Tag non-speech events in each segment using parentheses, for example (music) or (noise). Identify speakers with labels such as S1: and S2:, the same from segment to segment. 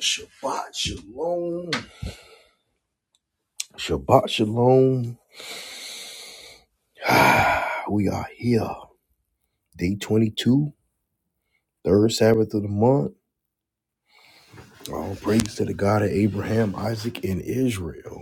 S1: Shabbat Shalom. Shabbat Shalom. We are here. Day 22, third Sabbath of the month. All praise to the God of Abraham, Isaac, and Israel.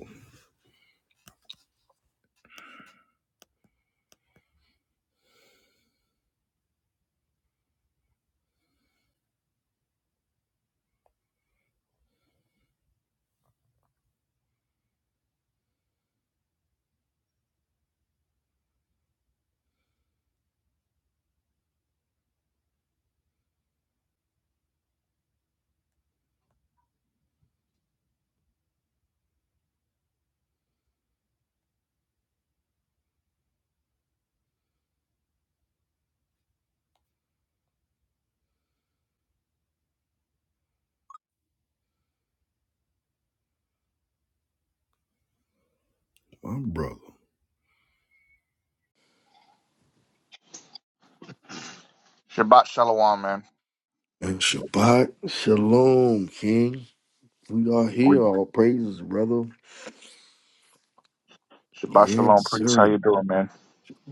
S1: My brother.
S2: Shabbat shalom, man.
S1: And Shabbat Shalom, King. We are
S2: We-
S1: here. All praises, brother.
S2: Shabbat
S1: Yes,
S2: shalom, priest. How you
S1: sir.
S2: doing, man?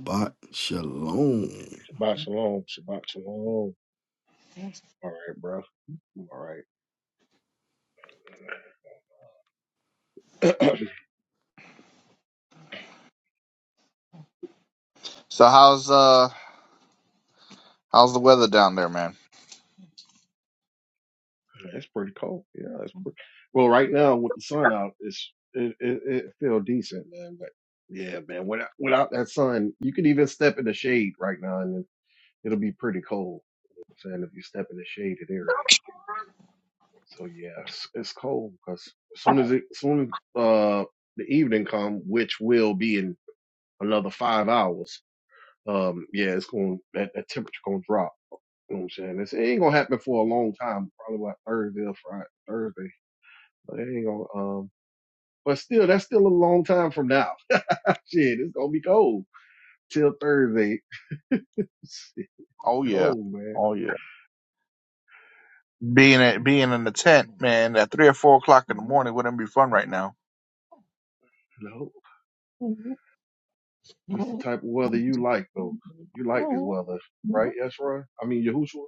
S1: Shabbat Shalom.
S3: Shabbat shalom. Shabbat shalom. All right, bro. All right. (clears throat) it's
S2: So how's uh how's the weather down there, man?
S3: pretty cold. Yeah, it's pretty. Well, right now with the sun out, it's it it, it feel decent, man. But yeah, man, without without that sun, you can even step in the shade right now, and it'll be pretty cold. I'm saying if you step in the shaded area. So yeah, it's, it's cold because as soon as it as soon as uh the evening come, which will be in another five hours. Um, yeah, it's going that, that temperature gonna drop. You know what I'm saying? It's, it ain't gonna happen for a long time, probably like Thursday or Friday, Thursday. But it ain't gonna, um, but still, that's still a long time from now. (laughs) Shit, it's gonna be cold till Thursday. (laughs) Shit,
S2: Oh yeah,
S3: cold, man.
S2: oh yeah. Being in, being in the tent, man, at three or four o'clock in the morning wouldn't be fun right now.
S3: No,
S2: Uh,
S3: this the type of weather you like, though. You like this weather, right, Ezra? I mean, Yahushua?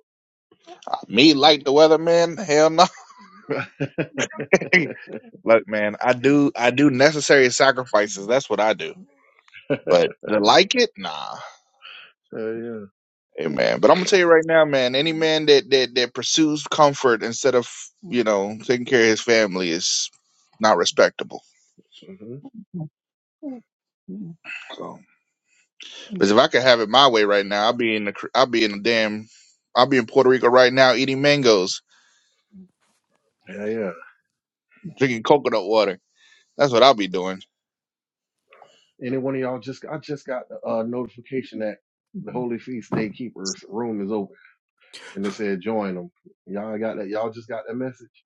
S2: Me like the weather, man? Hell no. (laughs) Look, man, I do I do necessary sacrifices. That's what I do.
S3: (laughs)
S2: But to like it, nah.
S3: Yeah, yeah.
S2: Amen. But I'm gonna tell you right now, man. Any man that that that pursues comfort instead of you know taking care of his family is not respectable.
S3: hmm
S2: So, because if I could have it my way right now, I'll be in the cr- I'll be in the damn I'll be in Puerto Rico right now eating mangoes,
S3: Yeah, yeah.
S2: drinking coconut water. That's what I'll be doing.
S3: Any one of y'all just I just got the uh, notification that the Holy Feast Day Keepers room is open. and it said join them. Y'all got that? Y'all just got that message?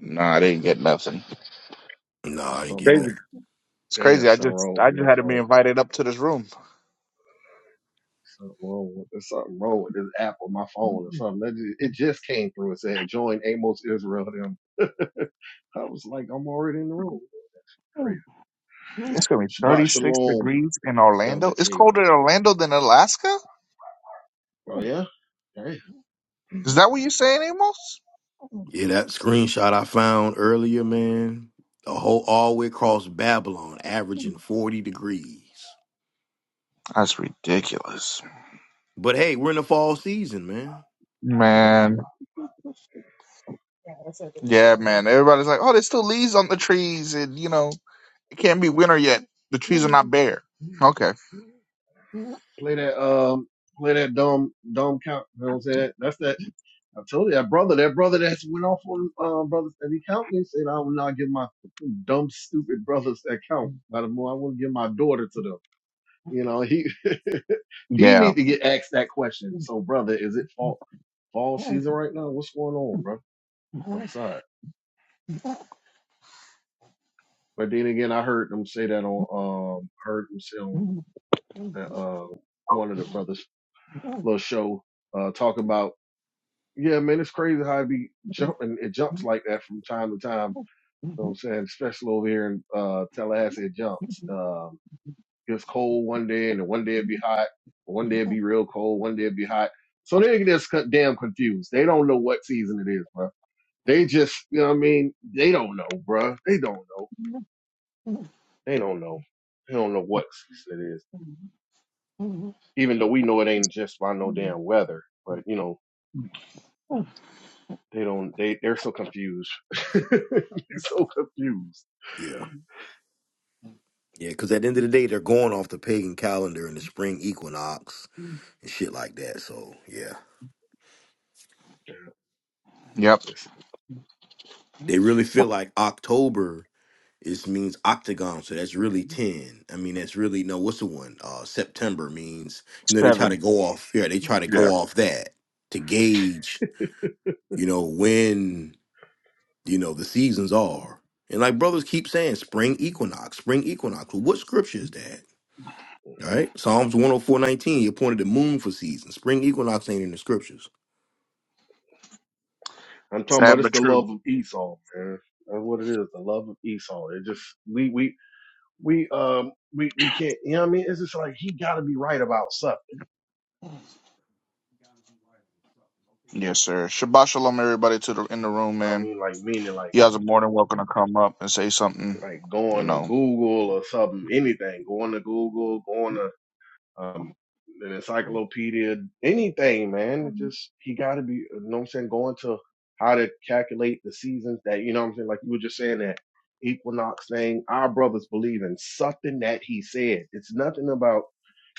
S2: Nah, I didn't get nothing.
S3: Yeah,
S1: Nah, I didn't
S3: something
S1: get
S2: Crazy.
S3: wrong.
S1: that.
S2: It's
S3: Damn,
S2: crazy. I
S3: something
S2: just
S3: wrong with
S2: I just
S3: my
S2: had to be
S3: phone.
S2: invited up to this room.
S3: Something wrong with there's something wrong with this app on my phone or something. That ju- it just came through. and said join Amos Israel. Them. (laughs) I was like, I'm already in the room. Crazy.
S2: It's gonna be
S3: Shabbat
S2: 36
S3: shalom,
S2: degrees in
S3: Elder
S2: Orlando. It's
S3: Caleb.
S2: colder in Orlando than Alaska.
S3: Oh yeah, Damn,
S2: Is that what you're saying, Amos?
S1: Yeah, that screenshot I found earlier, man. The whole all the way across Babylon, averaging 40 degrees.
S2: That's ridiculous,
S1: But hey, we're in the fall season, man.
S3: yeah.
S2: man. Yeah, man. Everybody's like, "Oh, there's still leaves on the trees, and you know it can't be winter yet. The trees are not bare." Okay.
S3: Play that um. Play that dumb, dumb count. You know what I'm saying? That's that. I told you that brother, that brother that went off on um, brother and he counting. Said, "I will not give my." dumb, stupid brothers that count. By the more I want to give my daughter to them. You know, he (laughs) he
S2: Yeah.
S3: need to get asked that question. So, brother, is it fall fall season right now? What's going on, bro? Outside. But then again, I heard them say that on um heard them say on uh one of the brothers' little show uh talk about yeah, man, it's crazy how it be jumping. It jumps like that from time to time. You know what I'm saying, especially over here in uh Tallahassee, it jumps. Um It was cold one day, and then one day it'd be hot. and One day it'd be real cold. One day it'd be hot. So they just co- damn confused. They don't know what season it is, bro. They just, you know what I mean? They don't know, bro. They don't know. They don't know. They don't know what season it is. Even though we know it ain't just by no damn weather, but you know they don't. They they're so confused. (laughs) they're so confused.
S1: Yeah. Yeah, because at the end of the day, they're going off the pagan calendar and the spring equinox and shit like that. So yeah,
S2: Yep.
S3: Listen,
S1: They really feel like October is means octagon, so that's really ten. I mean, that's really no. What's the one? Uh, September means you know they try to
S2: Seven.
S1: go off. Yeah, they try to go
S2: Yeah.
S1: off that to gauge you know when you know the seasons are. And like brothers keep saying, spring equinox, spring equinox. Well, what scripture is that? All right. Psalms 104.19, he appointed the moon for seasons. Spring equinox ain't in the scriptures.
S3: I'm talking about
S2: Sad
S3: it's
S2: but
S3: the
S2: true.
S3: love of Esau, man. That's what it is. The love of Esau. It just we we we um we we can't you know what I mean it's just like he gotta be right about something.
S2: Yes, sir. Shabbat shalom, everybody, to the in the room,
S3: You know what I
S2: man.
S3: mean like meaning like
S2: You guys are more than welcome to come up and say something.
S3: like
S2: You
S3: going to
S2: know.
S3: Google or something, anything, going to Google, going to um, an encyclopedia, anything, man. It just he got to be, you know what I'm saying, going to how to calculate the seasons that, you know what I'm saying, like you were just saying that equinox thing. Our brothers believe in something that he said. It's nothing about,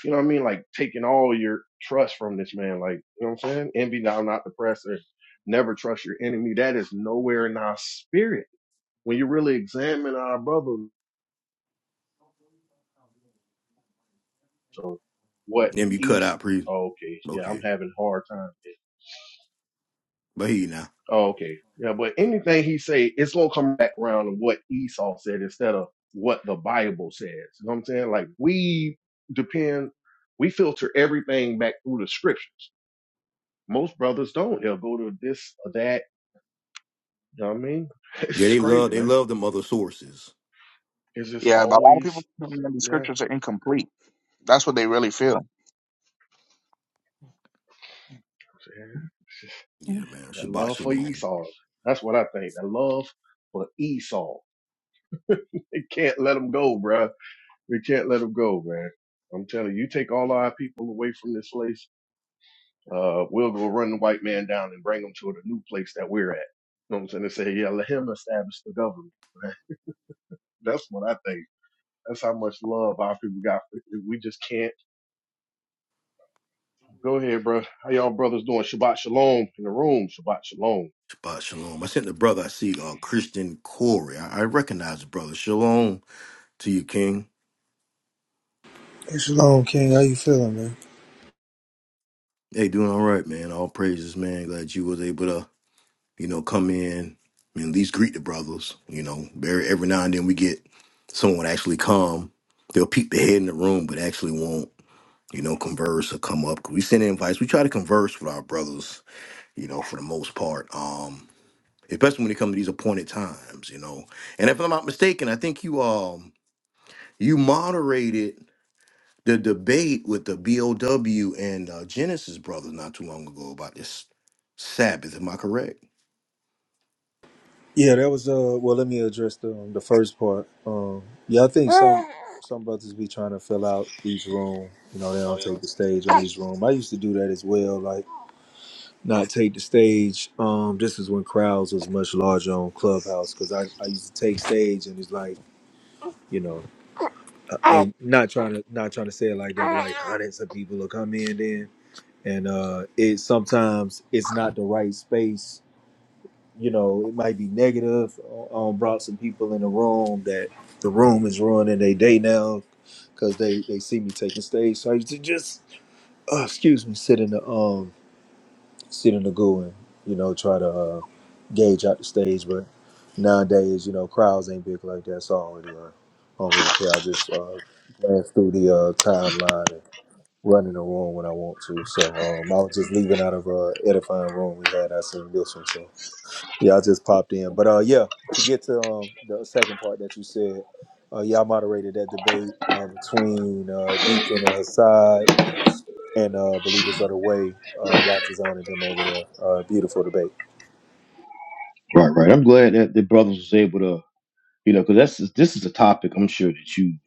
S3: you know what I mean, like taking all your trust from this man. Like, you know what I'm saying? Envy thou not the presser. Never trust your enemy. That is nowhere in our spirit. When you really examine our brothers, so what
S1: Then you cut
S3: he's,
S1: out pre
S3: oh, okay, yeah, I'm
S1: okay.
S3: having a hard time.
S1: But here you now.
S3: Oh, okay. Yeah, but anything he say, it's gonna come back around to what Esau said instead of what the Bible says. You know what I'm saying? Like we depend, we filter everything back through the scriptures. Most brothers don't. They'll go to this or that. You know what I mean? (laughs)
S1: Yeah,
S3: It's
S1: they
S3: crazy,
S1: love they
S3: man.
S1: love them other sources.
S3: It's just
S2: Yeah, but a lot of
S3: always
S2: people think that the
S3: yeah.
S2: scriptures are incomplete. That's what they really feel.
S3: It's just
S1: Yeah, man.
S3: that
S1: Shabbat
S3: love for
S1: Shalom.
S3: Esau. That's what I think. That love for Esau. It can't let him go, bruh. We can't let him go, man. I'm telling you, you take all our people away from this place. Uh, we'll go run the white man down and bring him to the new place that we're at. You know what I'm saying? They say, yeah, let him establish the government. man. That's what I think. That's how much love our people got. We just can't. Go ahead, bro. How y'all brothers doing? Shabbat shalom in the room. Shabbat shalom.
S1: Shabbat Shalom. I sent the brother I see, uh Christian Corey. I, I recognize the brother. Shalom to you, King.
S4: Hey, Shalom, King. How you feeling, man?
S1: Hey, doing all right, man. All praises, man. Glad you was able to, you know, come in and at least greet the brothers. You know, very every now and then we get someone actually come. They'll peek their head in the room, but actually won't you know, converse or come up. We send invites. We try to converse with our brothers, you know, for the most part. Um, especially when it comes to these appointed times, you know. And if I'm not mistaken, I think you um you moderated the debate with the BOW and uh, Genesis brothers not too long ago about this Sabbath. Am I correct?
S4: Yeah, that was uh. Well, let me address the um, the first part. Um, yeah, I think some some brothers be trying to fill out each room. You know, they don't take the stage on each room. I used to do that as well, like not take the stage. Um, this is when crowds was much larger on Clubhouse because I I used to take stage and it's like you know. uh, And not trying to not trying to say it like that, but like hundreds of people will come in then, and uh, it sometimes it's not the right space you know, it might be negative. uh, Um, brought some people in the room that the room is ruining their day now because they they see me taking stage. So I used to just, uh, excuse me, sit in the um sit in the goo and you know try to uh, gauge out the stage. But nowadays, you know, crowds ain't big like that, so I don't really, uh, I don't really care. I just uh, glance through the uh, timeline and run in the room when I want to. So um, I was just leaving out of a edifying room we had. I seen this one, so. Yeah, I just popped in. But uh yeah, to get to um the second part that you said, uh y'all moderated that debate uh, between uh Deacon and Hassad and uh Believers of the Way, uh Rotazan and them over there. Uh beautiful debate.
S1: Right, right. I'm glad that the brothers was able to, you know, because that's this is a topic I'm sure that you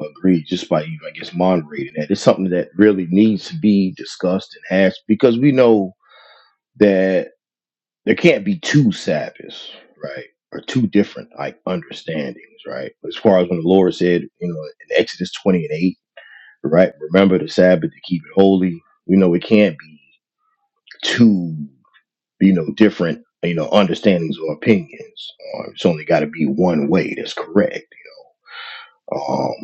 S1: agree just by you, I guess, moderating that. It's something that really needs to be discussed and hashed because we know that there can't be two Sabbaths, right? Or two different like understandings, right? As far as when the Lord said, you know, in Exodus twenty and eight, right? Remember the Sabbath to keep it holy. You know, it can't be two, you know, different, you know, understandings or opinions. Uh, it's only got to be one way that's correct. Um,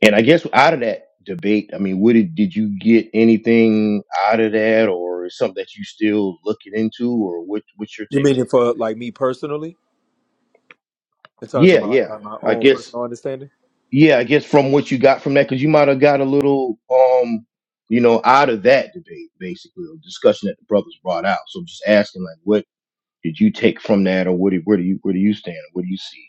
S1: And I guess out of that debate, I mean, what did did you get anything out of that, or is something that you still looking into, or what what's your
S4: You
S1: take on?
S4: meaning for like me personally? In terms of
S1: Yeah,
S4: my
S1: yeah.
S4: like my
S1: I
S4: own
S1: guess
S4: personal understanding?
S1: yeah, I guess from what you got from that, because you might have got a little um, you know, out of that debate basically, or discussion that the brothers brought out. So I'm just asking, like, what did you take from that, or what do, where do you where do you stand, what do you see?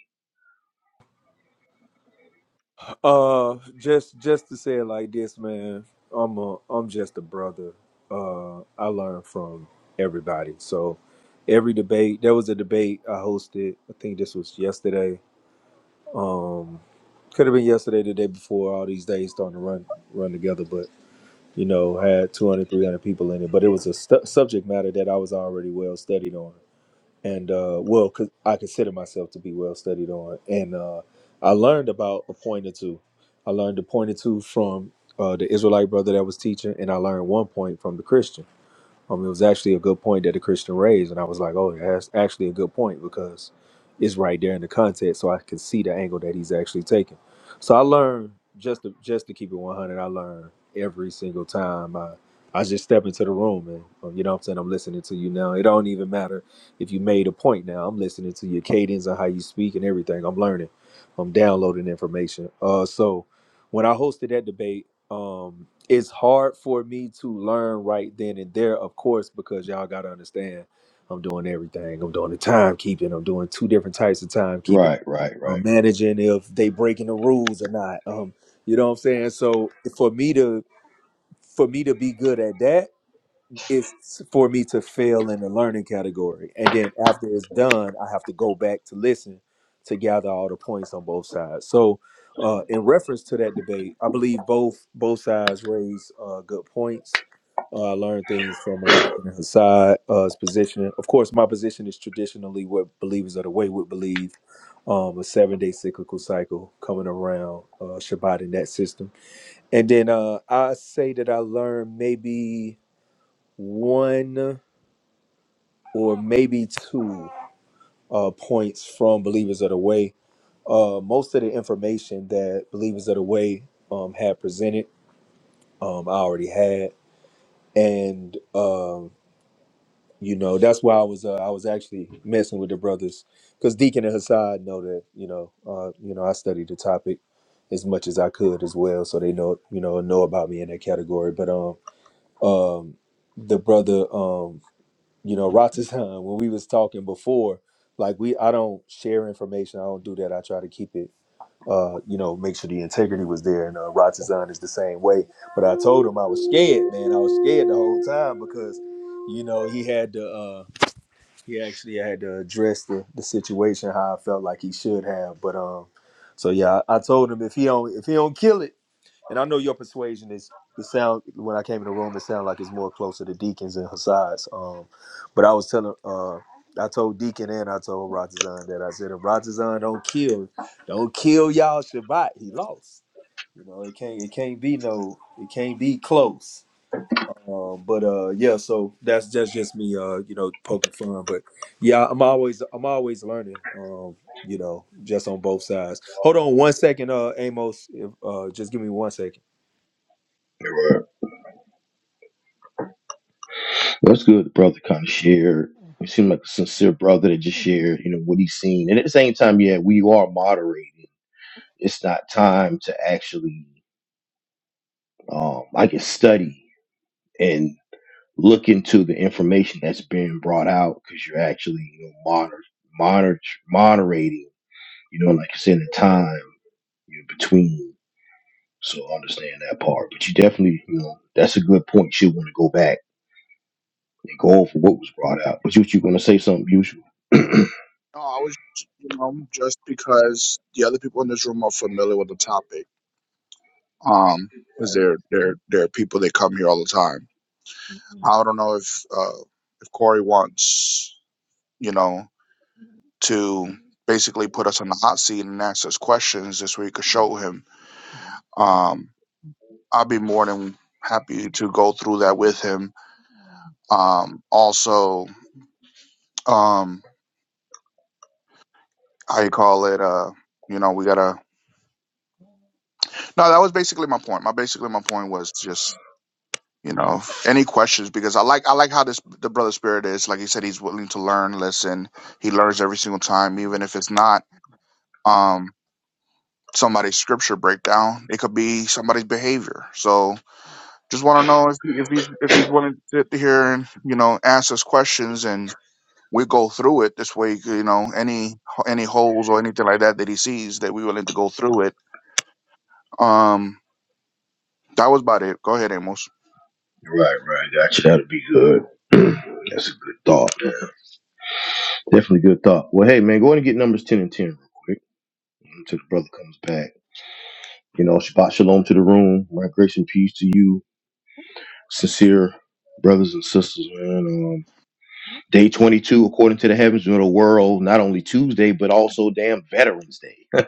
S4: Uh just just to say it like this, man, I'm a I'm just a brother. Uh I learn from everybody. So every debate. There was a debate I hosted. I think this was yesterday Could have been yesterday, the day before. All these days starting to run run together, but you know, had 200, 300 people in it. But it was a stu- subject matter that I was already well studied on, and uh, well, cause I consider myself to be well studied on, and uh, I learned about a point or two. I learned a point or two from uh, the Israelite brother that was teaching, and I learned one point from the Christian. Um, it was actually a good point that the Christian raised, and I was like, oh, yeah, that's actually a good point because it's right there in the context, so I can see the angle that he's actually taking. So I learned just to just to keep it one hundred. I learn every single time I I just step into the room and um, you know what I'm saying I'm listening to you now. It don't even matter if you made a point now. I'm listening to your cadence and how you speak and everything. I'm learning. I'm downloading information. Uh, so when I hosted that debate. Um, it's hard for me to learn right then and there, of course, because y'all gotta understand I'm doing everything. I'm doing the timekeeping, I'm doing two different types of timekeeping.
S1: Right, right, right.
S4: I'm managing if they breaking the rules or not. Um, you know what I'm saying? So for me to for me to be good at that, it's for me to fail in the learning category. And then after it's done, I have to go back to listen to gather all the points on both sides. So, uh, in reference to that debate, I believe both both sides raise uh, good points. Uh, I learned things from uh, Deacon Hassad, uh, his position. Of course, my position is traditionally what believers of the way would believe um, a seven day cyclical cycle coming around uh, Shabbat in that system. And then uh, I say that I learned maybe one or maybe two uh, points from Believers of the Way. Uh, most of the information that Believers of the Way um, had presented, um, I already had, and um, you know that's why I was uh, I was actually messing with the brothers because Deacon and Hassad know that you know uh, you know I studied the topic as much as I could as well, so they know you know know about me in that category. But um um the brother um you know, Ratasan, when we was talking before, like we I don't share information. I don't do that. I try to keep it uh, you know, make sure the integrity was there. And uh Ratasan is the same way. But I told him I was scared, man. I was scared the whole time because, you know, he had to uh he actually had to address the, the situation how I felt like he should have. But um so yeah, I, I told him if he don't if he don't kill it and I know your persuasion is it sound when I came in the room, it sounded like it's more closer to deacons and Hasides. Um, but I was telling uh I told Deacon and I told Ratazan that I said if Ratazan don't kill, don't kill y'all Shabbat, he lost. You know, it can't it can't be no it can't be close. Um, but uh, yeah, so that's that's just me, uh, you know, poking fun. But yeah, I'm always I'm always learning. Um, you know, just on both sides. Hold on one second, uh, Amos. If, uh, just give me one second.
S1: That's good. The brother kind of shared. He seemed like a sincere brother that just shared, you know, what he's seen. And at the same time, yeah, we are moderating. It's not time to actually, um, I guess, study and look into the information that's being brought out because you're actually, you know, monitor, monitor, moderating. You know, like you said, the time you know, between. So I understand that part. But you definitely, you know, that's a good point. You want to go back and go over what was brought out. But you, you're going to say something usual. (clears throat)
S2: No, I was, you know, just because the other people in this room are familiar with the topic. Um, because there there there are people that come here all the time. Mhm. I don't know if uh, if Corey wants you know to basically put us on the hot seat and ask us questions this week could show him. Um, I'll be more than happy to go through that with him. Um, also, um, how you call it? Uh, you know, we gotta. No, that was basically my point. My basically my point was just you know any questions because i like i like how this the brother spirit is like he said he's willing to learn listen he learns every single time even if it's not um somebody's scripture breakdown it could be somebody's behavior so just want to know if, if he's if he's willing to sit here and you know ask us questions and we go through it this way you know any any holes or anything like that that he sees that we're willing to go through it um that was about it go ahead amos
S1: Right, right. gotcha. that'd be good. (clears throat) That's a good thought, man. Definitely good thought. Well, hey, man, go ahead and get numbers 10 and 10 real quick until the brother comes back. You know, Shabbat Shalom to the room. My grace and peace to you, sincere brothers and sisters, man. Um, day 22, according to the heavens of the world, not only Tuesday, but also damn Veterans Day,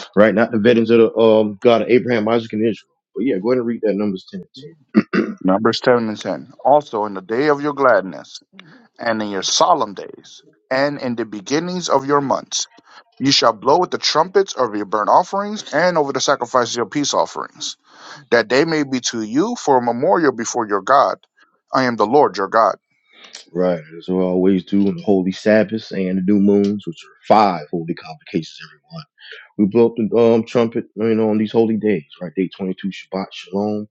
S1: (laughs) right? Not the veterans of the um, God of Abraham, Isaac, and Israel. But yeah, go ahead and read that numbers 10 and 10. (clears throat)
S2: numbers 7 and 10 also in the day of your gladness and in your solemn days, and in the beginnings of your months. You shall blow with the trumpets over your burnt offerings and over the sacrifices of your peace offerings, that they may be to you for a memorial before your God. I am the Lord your God.
S1: Right, as we always do on the holy Sabbaths and the new moons, which are five holy convocations every month. We blow up the um, trumpet, you know, on these holy days, right? Day 22, Shabbat, Shalom.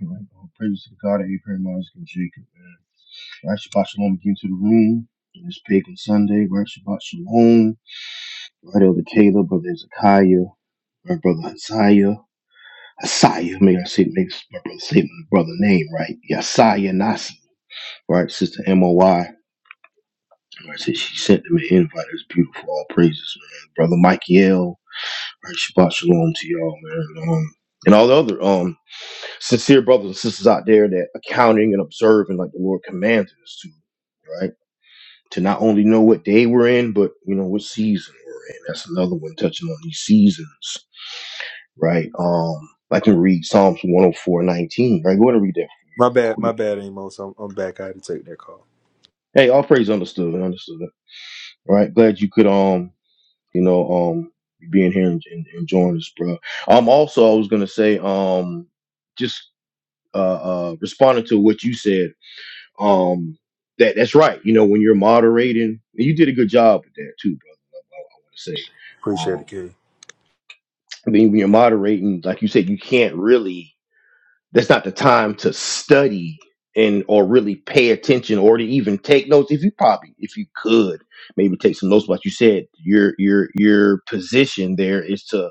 S1: Right, all praise to the God of Abraham, Isaac, and Jacob, man. Right, Shabbat Shalom again to the room. And it's Pagan Sunday, right? Shabbat Shalom. Right, Elder Caleb, Brother Ezekiah, my brother Isaiah. Isaiah, may I say, make my brother say my brother name right. Yasaya Nasi. right? Sister MOY, right? She, sent them an invite. It's beautiful. All praises, man. Brother Mikey L, right? Shabbat shalom to y'all, man. And, Um, and all the other um sincere brothers and sisters out there that accounting and observing like the Lord commanded us to, right? To not only know what day we're in, but you know what season we're in. That's another one touching on these seasons, right? Um, I can read Psalms 104, 19, right? Go ahead and read that
S4: My bad,
S1: for me
S4: my
S1: real quick.
S4: bad, Amos. I'm, I'm back. I had to take that call.
S1: Hey, all praise understood, understood. All right, glad you could um you know, um, being here and, and enjoying this, bro. Um, also, I was gonna say, um, just uh, uh, responding to what you said, um, that that's right. You know, when you're moderating, and you did a good job with that too, bro. I, I want to say,
S4: Appreciate
S1: um,
S4: it, King.
S1: I mean, when you're moderating, like you said, you can't really. That's not the time to study and or really pay attention or to even take notes. If you probably, if you could, maybe take some notes. But like you said your your your position there is to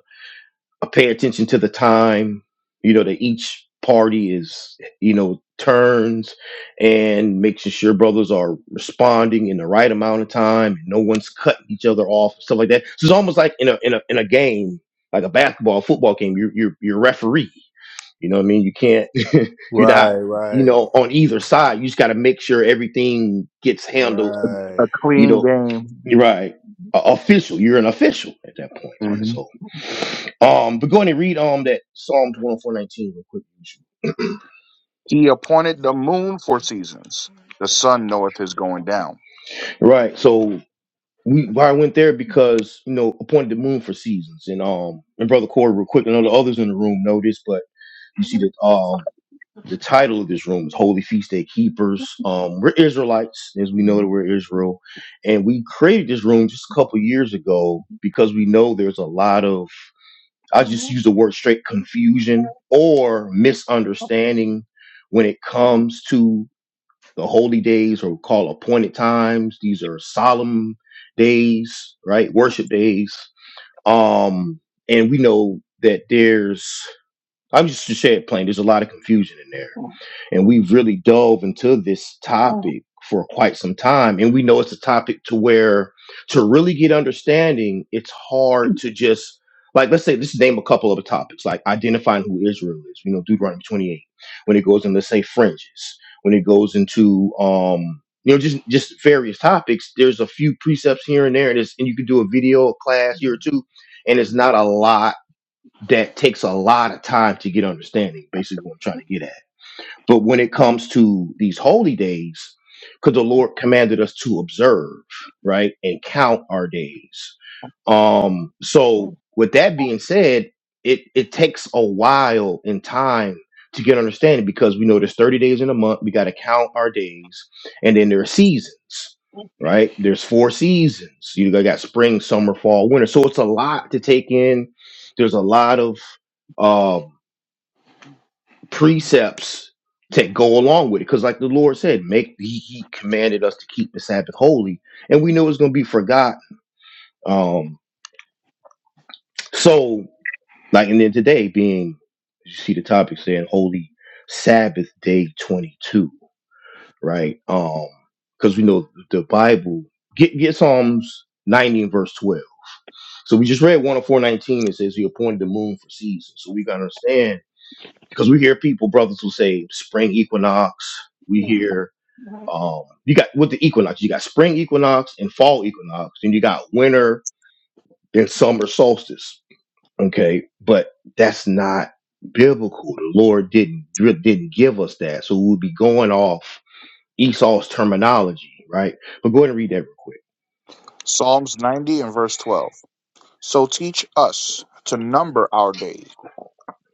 S1: I pay attention to the time, you know, that each party is, you know, turns and making sure brothers are responding in the right amount of time. And no one's cutting each other off, stuff like that. So it's almost like in a in a in a game, like a basketball, football game. You're you're you're referee. You know what I mean? You can't. (laughs) you're
S4: Right,
S1: not. You
S4: right,
S1: know, on either side, you just got to make sure everything gets handled.
S2: A
S4: right.
S1: You
S2: clean
S1: know,
S2: game.
S1: you're right. A- official. You're an official at that point, man.
S2: Mhm.
S1: So. Um, but go ahead and read um that Psalms 104:19 real quick.
S2: He appointed the moon for seasons. The sun knoweth his going down.
S1: Right. So we why I went there because you know appointed the moon for seasons and um and brother Corey real quick. I know the others in the room know this, but you see that um the title of this room is Holy Feast Day Keepers. Um, we're Israelites, as we know that we're Israel, and we created this room just a couple years ago because we know there's a lot of I just use the word straight confusion or misunderstanding when it comes to the holy days or call appointed times. These are solemn days, right? Worship days. Um, and we know that there's I'm just to say it plain. There's a lot of confusion in there. And we've really dove into this topic for quite some time. And we know it's a topic to where to really get understanding, it's hard to just like let's say let's name a couple of topics, like identifying who Israel is, you know, Deuteronomy 28, when it goes in let's say fringes, when it goes into um you know, just just various topics. There's a few precepts here and there, and, it's, and you can do a video a class here or two, and it's not a lot that takes a lot of time to get understanding. Basically, what I'm trying to get at. But when it comes to these holy days, because the Lord commanded us to observe, right, and count our days. Um, so with that being said, it it takes a while in time to get understanding because we know there's 30 days in a month, we gotta count our days, and then there are seasons, right? There's four seasons. You got spring, summer, fall, winter. So it's a lot to take in. There's a lot of um precepts to go along with it. Because like the Lord said, make he, he commanded us to keep the Sabbath holy, and we know it's gonna be forgotten. Um, so like and then today being you see the topic saying holy Sabbath day twenty two, right? Um, because we know the Bible get get Psalms ninety and verse twelve. So we just read one of four nineteen. It says he appointed the moon for seasons. So we gotta understand because we hear people, brothers, who say spring equinox. We hear um you got with the equinox you got spring equinox and fall equinox and you got winter and summer solstice okay but that's not biblical the lord didn't didn't give us that so we'll be going off esau's terminology right but go ahead and read that real quick
S2: Psalms 90 and verse 12. So teach us to number our days,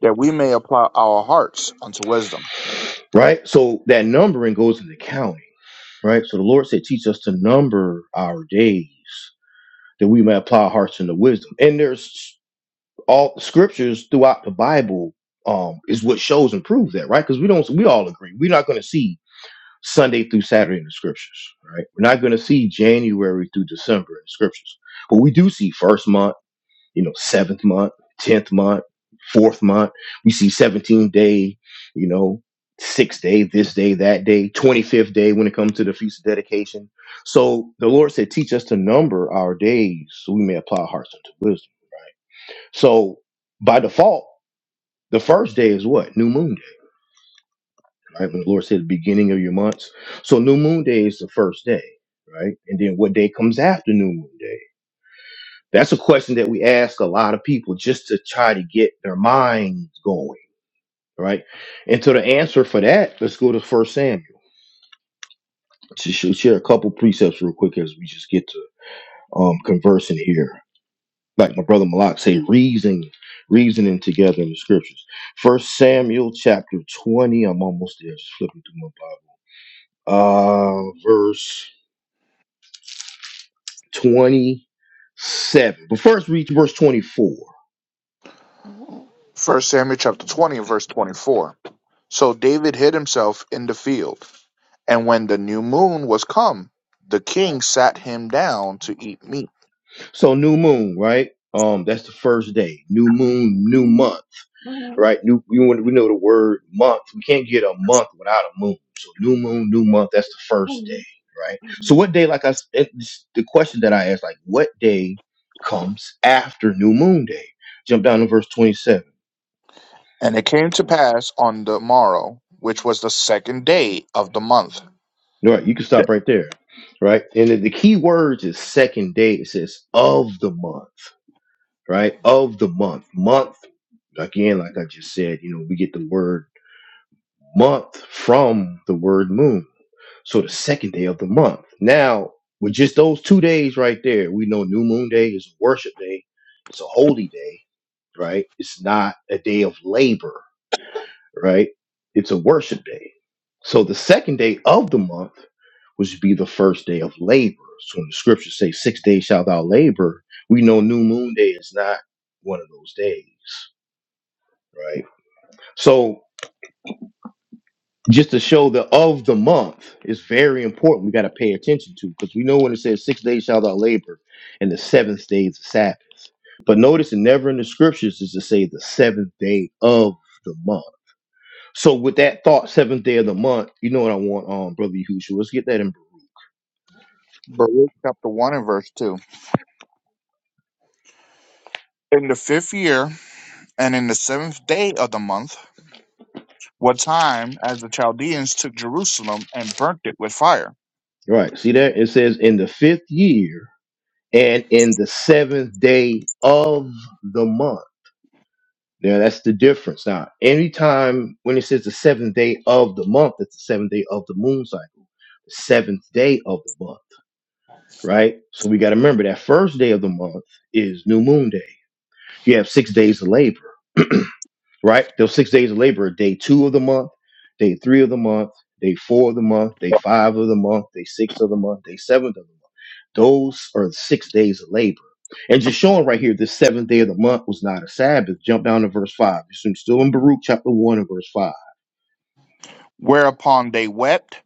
S2: that we may apply our hearts unto wisdom.
S1: right so that numbering goes into counting right so the lord said teach us to number our days that we may apply our hearts into wisdom and there's all scriptures throughout the Bible um, is what shows and proves that, right? Because we don't, we all agree, we're not going to see Sunday through Saturday in the scriptures, right? We're not going to see January through December in the scriptures, but we do see first month, you know, seventh month, tenth month, fourth month. We see seventeen day, you know, sixth day, this day, that day, twenty fifth day when it comes to the feast of dedication. So the Lord said, "Teach us to number our days, so we may apply our hearts unto wisdom." So by default the first day is what? New moon day, right? When the Lord said the beginning of your months. So new moon day is the first day, right? And then what day comes after new moon day? That's a question that we ask a lot of people just to try to get their minds going, right? And to the answer for that, let's go to First Samuel. To sh- share a couple precepts real quick as we just get to um, conversing here. Like my brother Malak say, reason, reasoning together in the scriptures. First Samuel chapter 20. I'm almost there. Just flipping through my Bible. uh, verse 27. But first, read verse 24.
S2: 1 Samuel chapter 20 verse 24. So David hid himself in the field, and when the new moon was come, the king sat him down to eat meat.
S1: So, new moon, right? Um, that's the first day. New moon, new month, right? New, we, want- we know the word month. We can't get a month without a moon. So, new moon, new month. That's the first day, right? So, what day? Like I, s- it's the question that I asked, like, what day comes after new moon day? Jump down to verse 27.
S2: And it came to pass on the morrow, which was the second day of the month.
S1: Right, you can
S2: Th-
S1: stop right there, right? And then the key words is second day. It says of the month, right? Of the month, month again, like I just said, you know, we get the word month from the word moon. So the second day of the month. Now, with just those two days right there, we know New Moon Day is a worship day. It's a holy day, right? It's not a day of labor right? It's a worship day. So the second day of the month, which would be the first day of labor. So when the scriptures say six days shalt thou labor, we know new moon day is not one of those days, right? So just to show the of the month is very important. We got to pay attention to because we know when it says six days shalt thou labor and the seventh day is the Sabbath. But notice it never in the scriptures is to say the seventh day of the month So with that thought, seventh day of the month, you know what I want, um, brother Yahushua. Let's get that in.
S2: Baruch chapter 1 and verse 2. In the fifth year, and in the seventh day of the month, what time as the Chaldeans took Jerusalem and burnt it with fire,
S1: Right. See that? It says in the fifth year and in the seventh day of the month. Now that's the difference. Now, anytime when it says the seventh day of the month, it's the seventh day of the moon cycle, the seventh day of the month, right? So we got to remember that first day of the month is new moon day. You have six days of labor. right? Those six days of labor, day two of the month, day three of the month, day four of the month, day five of the month, day six of the month, day seventh of the month. Those are the six days of labor. And just showing right here, this seventh day of the month was not a Sabbath. Jump down to verse five. It's in- still in Baruch chapter one and verse five.
S2: whereupon they wept,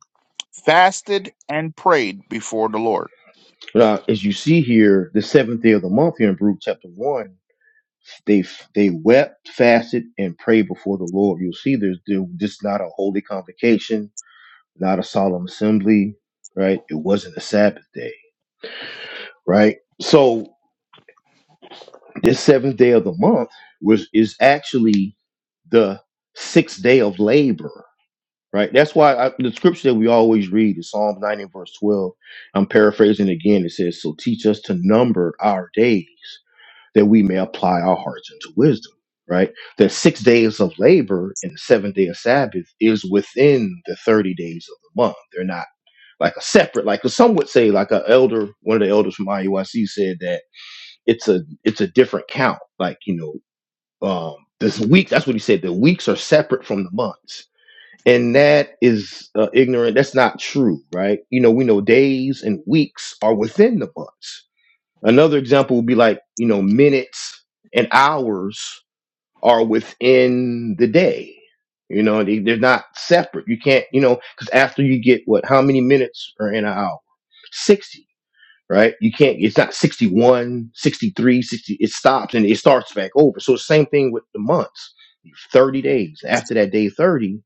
S2: fasted, and prayed before the Lord.
S1: Now, as you see here, the seventh day of the month here in Baruch chapter one, they they wept, fasted, and prayed before the Lord. You'll see there's there- this is not a holy convocation not a solemn assembly, right? It wasn't a Sabbath day, right? So this seventh day of the month was is actually the sixth day of labor, right? That's why I, the scripture that we always read is Psalm 90 verse 12. I'm paraphrasing again. It says, So teach us to number our days that we may apply our hearts unto wisdom, right? That six days of labor and the seventh day of Sabbath is within the 30 days of the month. They're not like a separate, like some would say, like a elder, one of the elders from IUIC said that it's a it's a different count. Like you know, um, this week that's what he said. The weeks are separate from the months, and that is uh, ignorant. That's not true, right? You know, we know days and weeks are within the months. Another example would be like you know minutes and hours are within the day. You know, they, they're not separate. You can't, you know, because after you get what, how many minutes are in an hour? 60 right you can't it's not 61, 63, 60. it stops and it starts back over so it's the same thing with the months 30 days after that day 30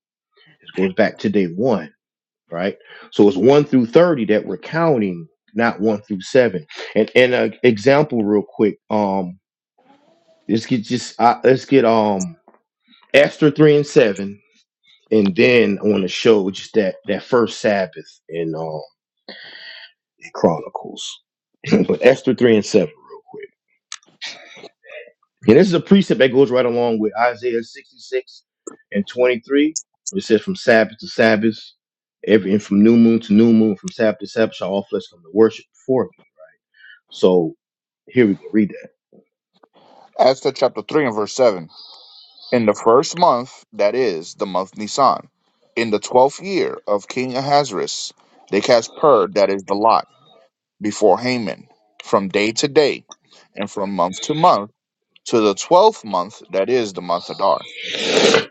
S1: it goes back to day one right so it's 1 through 30 that we're counting not 1 through 7 and and an example real quick um let's get just uh, let's get um esther 3 and 7 and then i want to show just that that first sabbath in um in chronicles (clears throat) but esther 3 and 7 real quick And this is a precept that goes right along with Isaiah 66 and 23. It says, From Sabbath to Sabbath, every and from new moon to new moon, from Sabbath to Sabbath, shall all flesh come to worship before me. So here we go, read that.
S2: Esther chapter 3 and verse 7. In the first month, that is, the month Nisan, in the twelfth year of King Ahasuerus, they cast pur, that is, the lot, before Haman, from day to day, and from month to month, to the twelfth month, that is, the month Adar.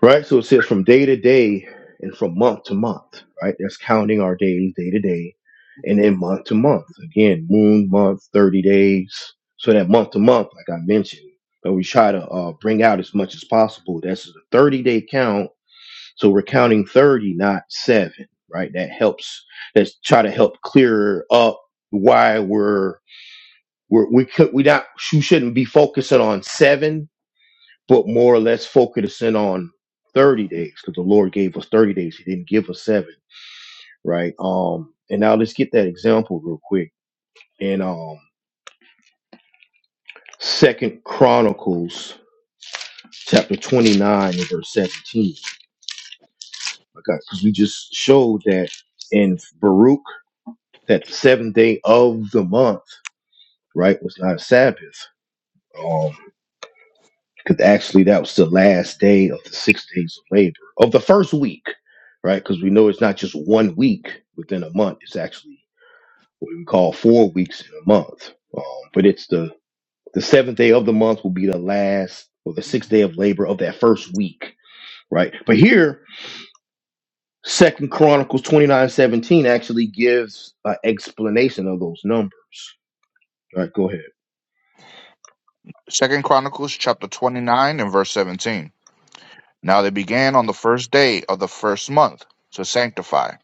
S1: right? So it says from day to day and from month to month, right? That's counting our days, day to day, and then month to month. Again, moon, month, 30 days. So that month to month, like I mentioned, that we try to uh, bring out as much as possible. That's a 30 day count. So we're counting 30, not seven, right? That helps. Let's try to help clear up why we're. We're, we could we not we shouldn't be focusing on seven but more or less focusing on 30 days because the Lord gave us 30 days. He didn't give us seven, right? Um, and now let's get that example real quick in um Second Chronicles chapter 29 and verse 17. Okay, because we just showed that in Baruch that the seventh day of the month, right, was not a Sabbath. Um, because actually that was the last day of the six days of labor of the first week, right? Because we know it's not just one week within a month; it's actually what we call four weeks in a month. Um, but it's the the seventh day of the month will be the last or the sixth day of labor of that first week, right? But here, Second Chronicles twenty nine seventeen actually gives an explanation of those numbers. All right, go ahead.
S2: Second Chronicles chapter 29 and verse 17. Now they began on the first day of the first month to sanctify,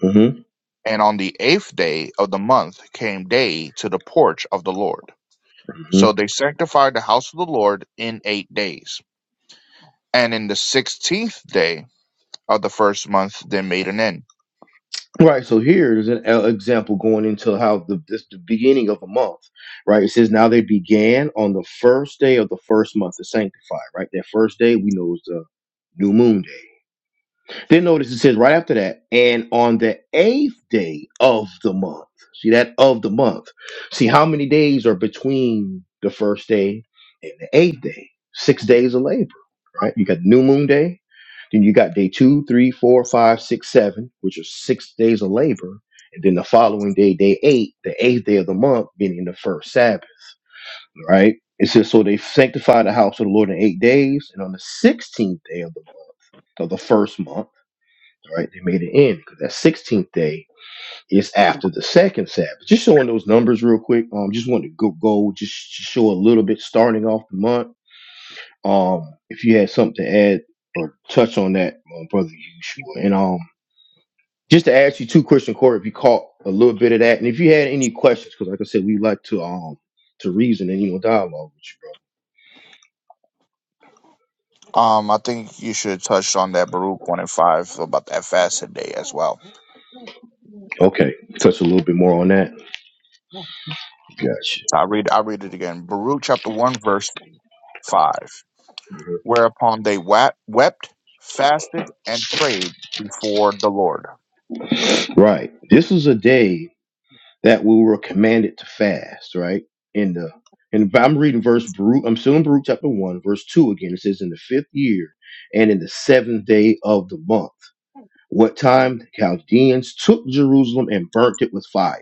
S1: hmm
S2: and on the eighth day of the month came day to the porch of the Lord. So they sanctified the house of the Lord in eight days. And in the sixteenth day of the first month, they made an end.
S1: Right, so here is an e- example going into how the this the beginning of a month, right? It says now they began on the first day of the first month to sanctify, right? That first day we know is the new moon day. Then notice it says right after that, and on the eighth day of the month. See that of the month. See how many days are between the first day and the eighth day? Six days of labor, right? You got new moon day, then you got day two, three, four, five, six, seven, which are six days of labor. And then the following day, day eight, the eighth day of the month, meaning the first Sabbath, right? It says, So they sanctified the house of the Lord in eight days, and on the 16th day of the month, of the first month, right? They made an end because that 16th day is after the second Sabbath. Just showing those numbers real quick. Um, just wanted to go go just show a little bit starting off the month. Um, if you had something to add or touch on that, um, brother Yeshua, and um, just to ask you two question Corey, if you caught a little bit of that, and if you had any questions, because like I said, we like to um to reason and you know dialogue with you, brother.
S2: Um, I think you should touch on that Baruch one and five about that fasted day as well. So
S1: Okay, touch a little bit more on that. Gotcha.
S2: I read, I read it again. Baruch chapter one verse five. Whereupon they wa- wept, fasted, and prayed before the Lord.
S1: Right. This is a day. that we were commanded to fast, right? In the and I'm reading verse Baruch, I'm still in Baruch chapter one, verse two again. It says, In the fifth year and in the seventh day of the month, what time the Chaldeans took Jerusalem and burnt it with fire.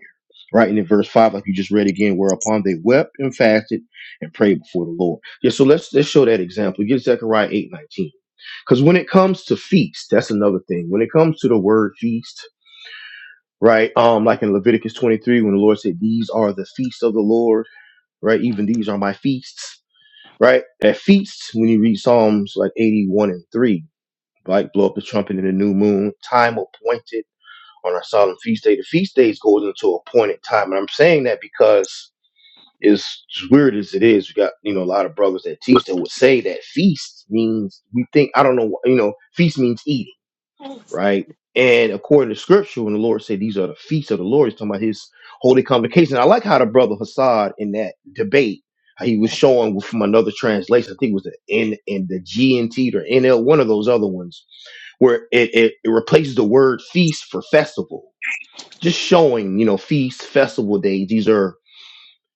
S1: Right. And in verse five, like you just read again, whereupon they wept and fasted and prayed before the Lord. Yeah, so let's let's show that example. Get Zechariah eight nineteen. Because when it comes to feast, that's another thing. When it comes to the word feast, right? Um, like in Leviticus 23, when the Lord said, These are the feasts of the Lord, right? Even these are my feasts, right? That feasts, when you read Psalms like 81 and 3, like blow up the trumpet in the new moon, time appointed on our solemn feast day. The feast days goes into appointed time. And I'm saying that because as weird as it is, we got, you know, a lot of brothers that teach that would say that feast means we think, I don't know, you know, feast means eating right? And according to scripture, when the Lord said these are the feasts of the Lord, he's talking about his holy convocation. I like how the brother Hassad in that debate, how he was showing from another translation, I think it was the N and the GNT or NL, one of those other ones, where it, it, it replaces the word feast for festival. Just showing, you know, feast, festival days. These are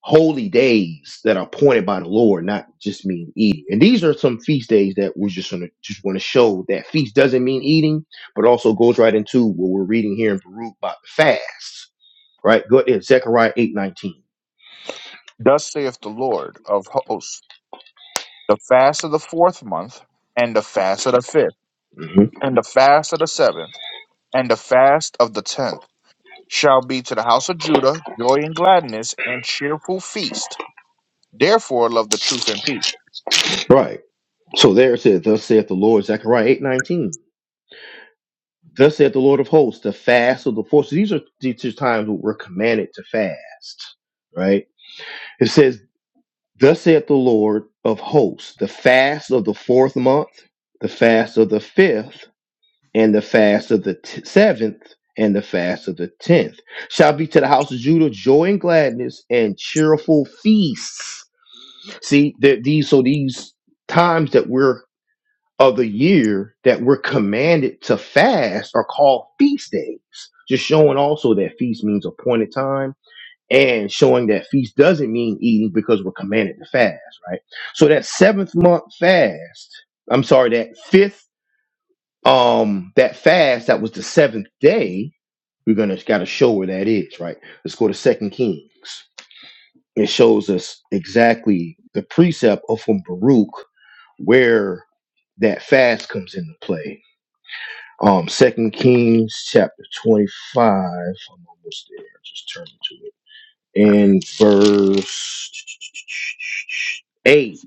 S1: holy days that are appointed by the Lord, not just mean eating. And these are some feast days that we just want to just want to show that feast doesn't mean eating, but also goes right into what we're reading here in Baruch about the fast. Right? Go ahead, Zechariah eight nineteen.
S2: Thus saith the Lord of hosts: the fast of the fourth month, and the fast of the fifth,
S1: mm Mm-hmm.
S2: and the fast of the seventh, and the fast of the tenth shall be to the house of Judah joy and gladness and cheerful feast. Therefore, love the truth and peace.
S1: Right. So there it says, Thus saith the Lord, Zechariah eight nineteen. Thus saith the Lord of hosts, the fast of the four. So these are these are times where we're commanded to fast. Right? It says Thus saith the Lord of hosts, the fast of the fourth month, the fast of the fifth, and the fast of the t- seventh, and the fast of the tenth shall be to the house of Judah joy and gladness and cheerful feasts. See, that these so these times that we're of the year that we're commanded to fast are called feast days, just showing also that feast means appointed time and showing that feast doesn't mean eating because we're commanded to fast, right? So that seventh month fast, I'm sorry, that fifth, um, that fast that was the seventh day, we're gonna gotta show where that is, right? Let's go to Second Kings. It shows us exactly the precept of from Baruch where that fast comes into play. Um, Second Kings chapter 25. I'm almost there. Just turn to it. in verse 8,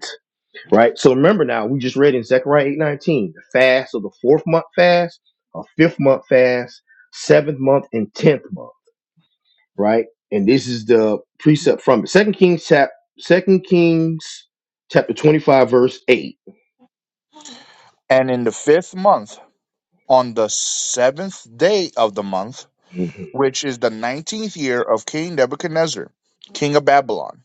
S1: right? So remember now, we just read in Zechariah 8 19 the fast of the fourth month fast, a fifth month fast, seventh month, and tenth month, right? And this is the precept from it. Second Kings chap Second Kings chapter 25, verse 8.
S2: And in the fifth month, on the seventh day of the month,
S1: Mm-hmm.
S2: which is the nineteenth year of King Nebuchadnezzar, king of Babylon,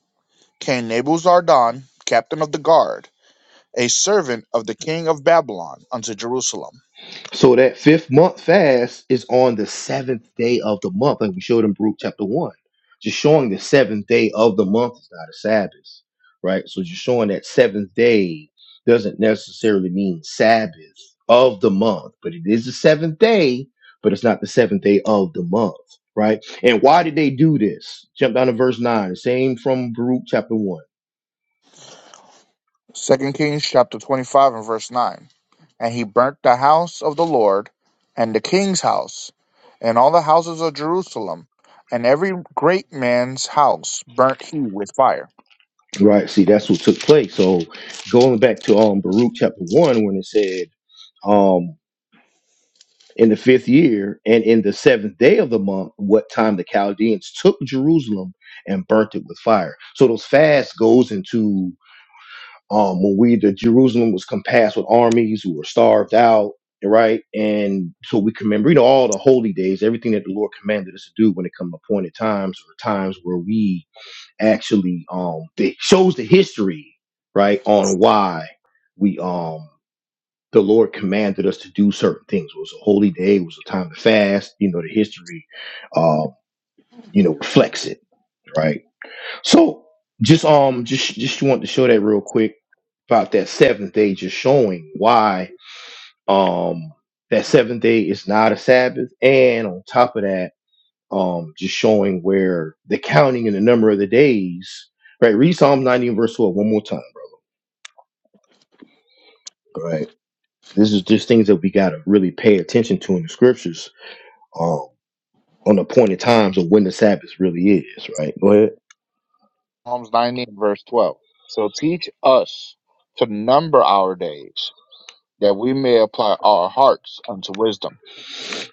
S2: came Nebuzaradan, captain of the guard, a servant of the king of Babylon, unto Jerusalem.
S1: So that fifth month fast is on the seventh day of the month, like we showed in Baruch chapter one. Just showing the seventh day of the month is not a Sabbath, right? So just showing that seventh day doesn't necessarily mean Sabbath of the month, but it is the seventh day, but it's not the seventh day of the month, right? And why did they do this? Jump down to verse nine, same from Baruch chapter one.
S2: Second Kings chapter 25 and verse 9. And he burnt the house of the Lord, and the king's house, and all the houses of Jerusalem, and every great man's house burnt he with fire.
S1: Right, see, that's what took place. So going back to um Baruch chapter one when it said, um in the fifth year and in the seventh day of the month, what time the Chaldeans took Jerusalem and burnt it with fire. So those fasts goes into um, when we the Jerusalem was compassed with armies who were starved out, right? And so we remember, you know, all the holy days, everything that the Lord commanded us to do when it comes to appointed times or times where we actually um it shows the history, right, on why we um the Lord commanded us to do certain things. It was a holy day. It was a time to fast. You know, the history, uh, you know, reflects it, right? So just um, just just want to show that real quick about that seventh day, just showing why um that seventh day is not a Sabbath, and on top of that, um, just showing where the counting and the number of the days, right? Read Psalm nineteen verse twelve one more time, right? This is just things that we gotta really pay attention to in the scriptures Um, on appointed times of when the Sabbath really is, right? Go ahead.
S2: Psalms 90 and verse 12. So teach us to number our days, that we may apply our hearts unto wisdom.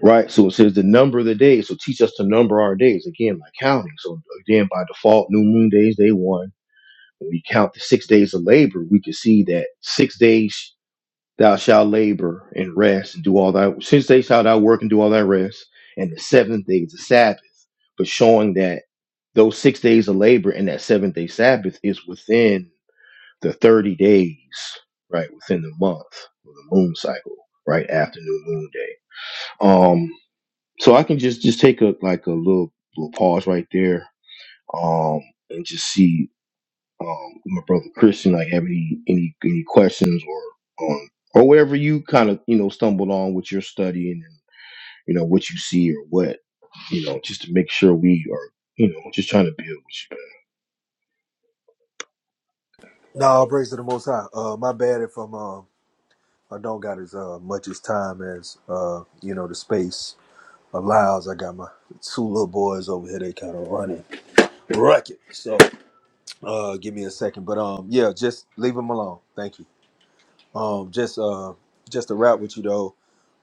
S1: Right. So it says the number of the days. So teach us to number our days again by counting. So again, by default, new moon days day one. When we count the six days of labor, we can see that six days thou shalt labor and rest and do all thy six days shalt thou work and do all thy rest, and the seventh day is the Sabbath. But showing that those six days of labor and that seventh day Sabbath is within the 30 days, right, within the month of the moon cycle, right, after new moon day. Um, so I can just just take a like a little little pause right there, um, and just see um my brother Christian like have any any any questions or on or whatever you kind of you know stumbled on with your studying and you know what you see or what you know just to make sure we are you know just trying to build with you.
S4: No, praise to the Most High. Uh, my bad if I'm um I don't got as uh, much as time as uh you know the space allows. I got my two little boys over here. They kind of running racket. So uh, give me a second. But um, yeah, just leave them alone. Thank you. Um, just uh, just to wrap with you though.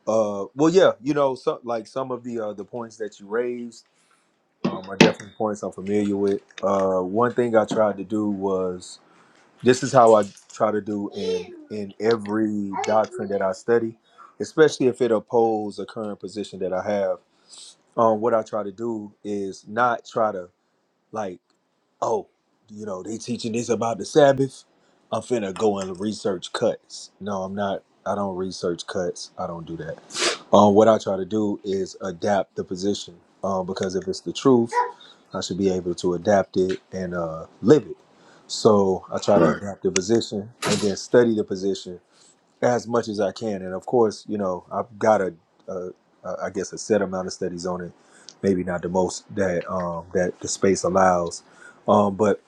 S4: Uh, well, yeah, you know, some like some of the uh the points that you raised Um, are definitely points I'm familiar with. Uh, one thing I tried to do was this is how I try to do in in every doctrine that I study, especially if it opposes a current position that I have. Um, what I try to do is not try to like, oh, you know, they teaching this about the Sabbath. I'm finna go and research cuts. No, I'm not. I don't research cuts. I don't do that. Um, what I try to do is adapt the position. Um, because if it's the truth, I should be able to adapt it and uh, live it. So I try
S1: Right.
S4: to adapt the position and then study the position as much as I can. And of course, you know, I've got a, a, a I guess a set amount of studies on it, maybe not the most that um, that the space allows. Um, but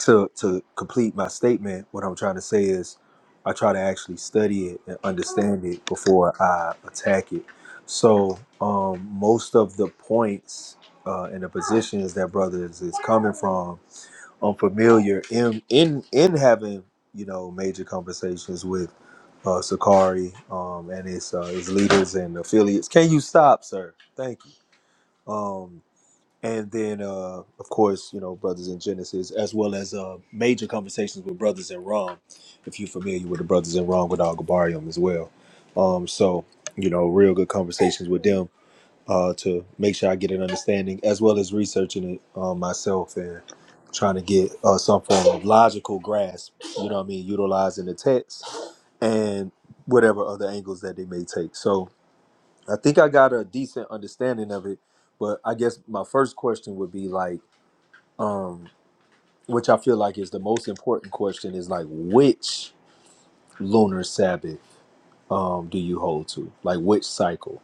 S4: to to complete my statement, what I'm trying to say is, I try to actually study it and understand it before I attack it. So um, most of the points uh, and the positions that brothers is coming from unfamiliar in in in having you know major conversations with uh, Sakari um, and its uh, its leaders and affiliates. Can you stop, sir? Thank you. Um, and then uh, of course you know brothers in Genesis as well as uh, major conversations with brothers in Rom, if you're familiar with the brothers in Rom with Al Gabarium as well. Um, so you know real good conversations with them uh, to make sure I get an understanding, as well as researching it um, myself and trying to get uh, some form of logical grasp. You know what I mean? Utilizing the text and whatever other angles that they may take. So I think I got a decent understanding of it, but I guess my first question would be like, um, which I feel like is the most important question is like, which lunar Sabbath um, do you hold to? Like, which cycle?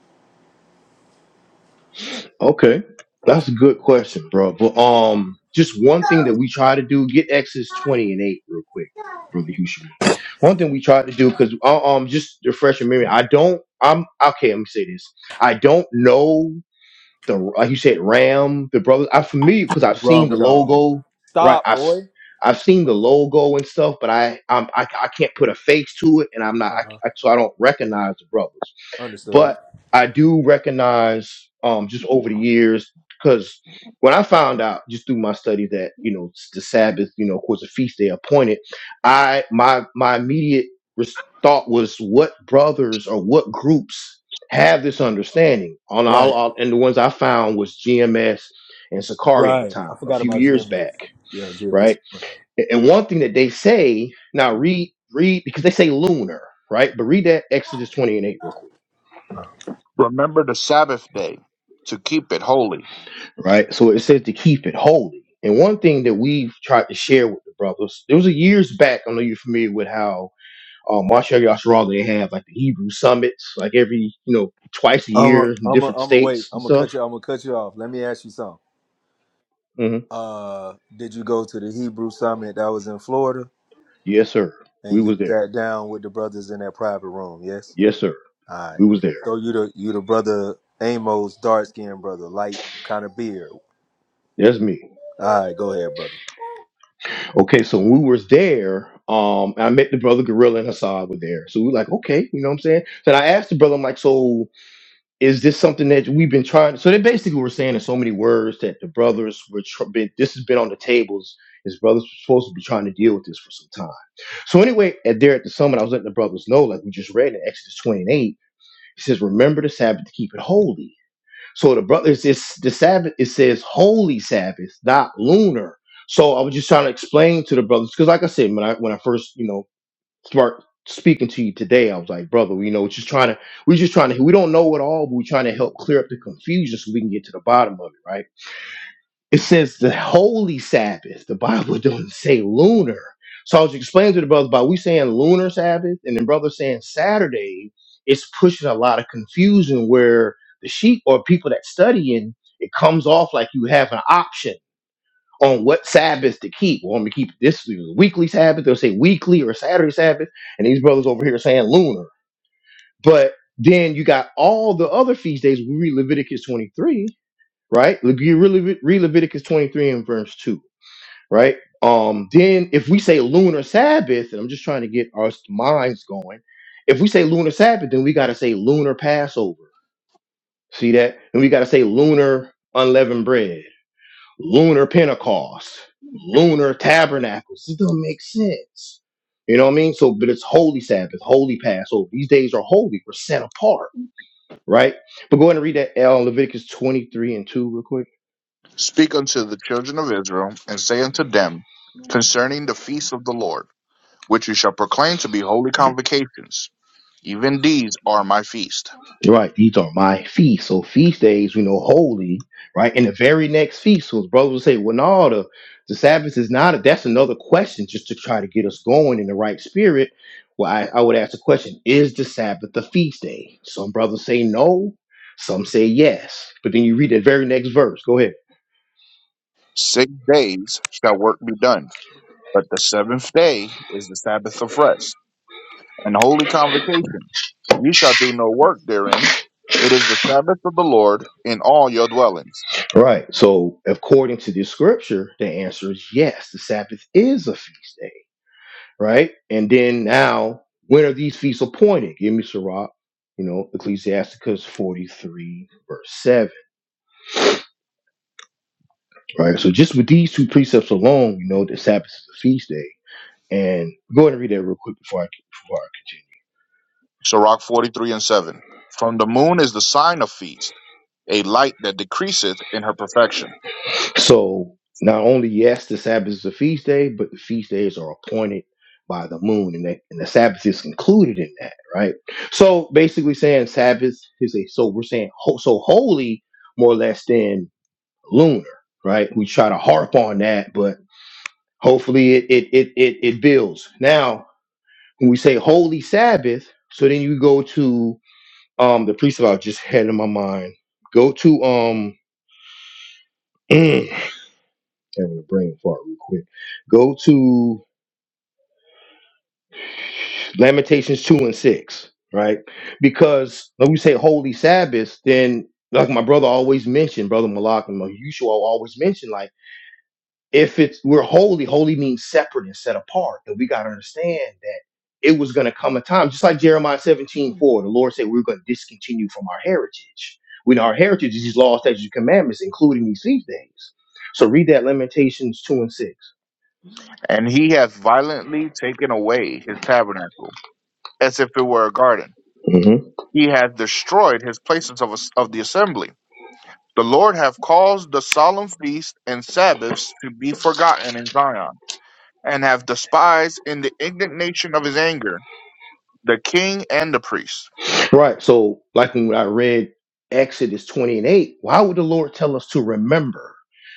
S1: Okay, that's a good question, bro. But um, just one thing that we try to do get Exodus twenty and eight real quick, brother Hushman. One thing we try to do because um, just to refresh your memory. I don't. I'm okay. Let me say this. I don't know the like you said Ram the brothers. I'm familiar because I've seen
S4: Wrong
S1: the
S4: with all.
S1: logo. Right.
S4: Stop,
S1: I. s-
S4: boy.
S1: I've seen
S4: Uh
S1: the logo and stuff, but I, I'm, I I can't put a face to it, and I'm not I,
S4: huh.
S1: I, so I don't recognize the brothers
S4: Understood.
S1: but I do recognize um, just over the years because when I found out just through my study that you know s- the Sabbath, you know, of course, a feast day appointed, I my my immediate res- thought was what brothers or what groups have this understanding on all,
S4: Right.
S1: all and the ones I found was GMS and Sakari at the
S4: Right.
S1: time
S4: I
S1: a
S4: forgot
S1: few
S4: about
S1: years
S4: Gemini.
S1: back,
S4: Yeah, Gemini.
S1: right? A- And one thing that they say now read read because they say lunar, right? But read that Exodus twenty and eight real quick
S2: Remember the Sabbath day, to keep it holy.
S1: right? So it says to keep it holy. And one thing that we've tried to share with the brothers, there was a years back. I know you're familiar with how um, Marshall Yashar they have like the Hebrew summits, like every you know twice a
S4: I'm a,
S1: year in
S4: I'm a,
S1: different
S4: I'm a wait.
S1: states and
S4: I'm gonna
S1: stuff.
S4: cut you. I'm gonna cut you off. Let me ask you something.
S1: hmm
S4: Uh, did you go to the Hebrew summit that was in Florida,
S1: Yes, sir.
S4: and
S1: We
S4: you
S1: was there.
S4: sat down with the brothers in that private room? Yes.
S1: Yes, sir.
S4: All right.
S1: We was there.
S4: So you the you the brother Amos, dark skinned brother, light kind of beard.
S1: That's me.
S4: All right, go ahead, brother.
S1: Okay, so when we was there, um, I met the brother Gorilla and Hassad were there. So we were like, okay, you know what I'm saying? So I asked the brother, I'm like, so is this something that we've been trying? So they basically were saying in so many words that the brothers were tr- been, this has been on the tables. His brothers were supposed to be trying to deal with this for some time. So anyway, at there at the summit, I was letting the brothers know, like we just read in Exodus 28, he says, "Remember the Sabbath to keep it holy." So the brothers, it's the Sabbath. It says holy Sabbath, not lunar. So I was just trying to explain to the brothers because, like I said, when I when I first you know start speaking to you today. I was like, brother, you know, just trying to, we're just trying to, we don't know it all, but we're trying to help clear up the confusion so we can get to the bottom of it, right? It says the holy Sabbath. The Bible (laughs) doesn't say lunar. So I was explaining to the brother about we saying lunar Sabbath and then brother saying Saturday. It's pushing a lot of confusion where the sheep or people that studying, it comes off like you have an option on what Sabbaths to keep. Well, I'm gonna keep this weekly Sabbath. They'll say weekly or Saturday Sabbath, and these brothers over here saying lunar. But then you got all the other feast days. We read Leviticus 23, right? Like, You really read Leviticus 23 and verse two, right? Um, then if we say lunar Sabbath, and I'm just trying to get our minds going. If we say lunar Sabbath, then we gotta say lunar Passover. See that? And we gotta say lunar unleavened bread lunar Pentecost, lunar tabernacles. This doesn't make sense. You know what I mean? So, but it's Holy Sabbath, Holy Passover. These days are holy. We're set apart, right? But go ahead and read that uh, Leviticus 23 and 2 real quick.
S2: Speak unto the children of Israel, and say unto them concerning the feast of the Lord. which you shall proclaim to be holy convocations. Even these are my feast.
S1: Right, these are my feasts. So feast days, we know, holy, right? And the very next feast, so brothers will say, well, no, the, the Sabbath is not. A, that's another question just to try to get us going in the right spirit. Well, I, I would ask the question, is the Sabbath a feast day? Some brothers say no, some say yes. But then you read the very next verse. Go ahead.
S2: Six days shall work be done, but the seventh day is the Sabbath of rest and holy convocation. Ye shall do no work therein. It is the Sabbath of the Lord in all your dwellings.
S1: Right. So according to the scripture, the answer is yes, the Sabbath is a feast day. right? And then now, when are these feasts appointed? Give me Sirach, you know, Ecclesiasticus 43, verse 7, right? So just with these two precepts alone, you know, the Sabbath is a feast day. And go ahead and read that real quick before I, before I
S2: Sirach 43 and 7. From the moon is the sign of feast, a light that decreaseth in her perfection.
S1: continue. So not only, yes, the Sabbath is a feast day, but the feast days are appointed by the moon and, that, and the Sabbath is included in that, right? So basically saying Sabbath is a, so we're saying ho- so holy more or less than lunar, right? We try to harp on that, but hopefully it it it it, it builds. Now, when we say holy Sabbath, so then you go to um the priest of I just had in my mind. Go to um (clears throat) having a brain fart real quick. Go to Lamentations two and six, right? Because when we say holy Sabbath, then like my brother always mentioned, brother Malak and Mal- you should always mention like if it's we're holy, holy means separate and set apart. And we got to understand that it was going to come a time, just like Jeremiah 17 4. the Lord said we are going to discontinue from our heritage. We know our heritage is these laws, statutes, and commandments, including these feast days. So read that Lamentations 2 and 6.
S2: And he hath violently taken away his tabernacle as if it were a garden. He hath destroyed his places of, as- of the assembly. The Lord hath caused the solemn feasts and Sabbaths to be forgotten in Zion, and hath despised in the indignation of his anger the king and the priest.
S1: Right. So, like when I read Exodus 20 and 8, why would the Lord tell us to remember?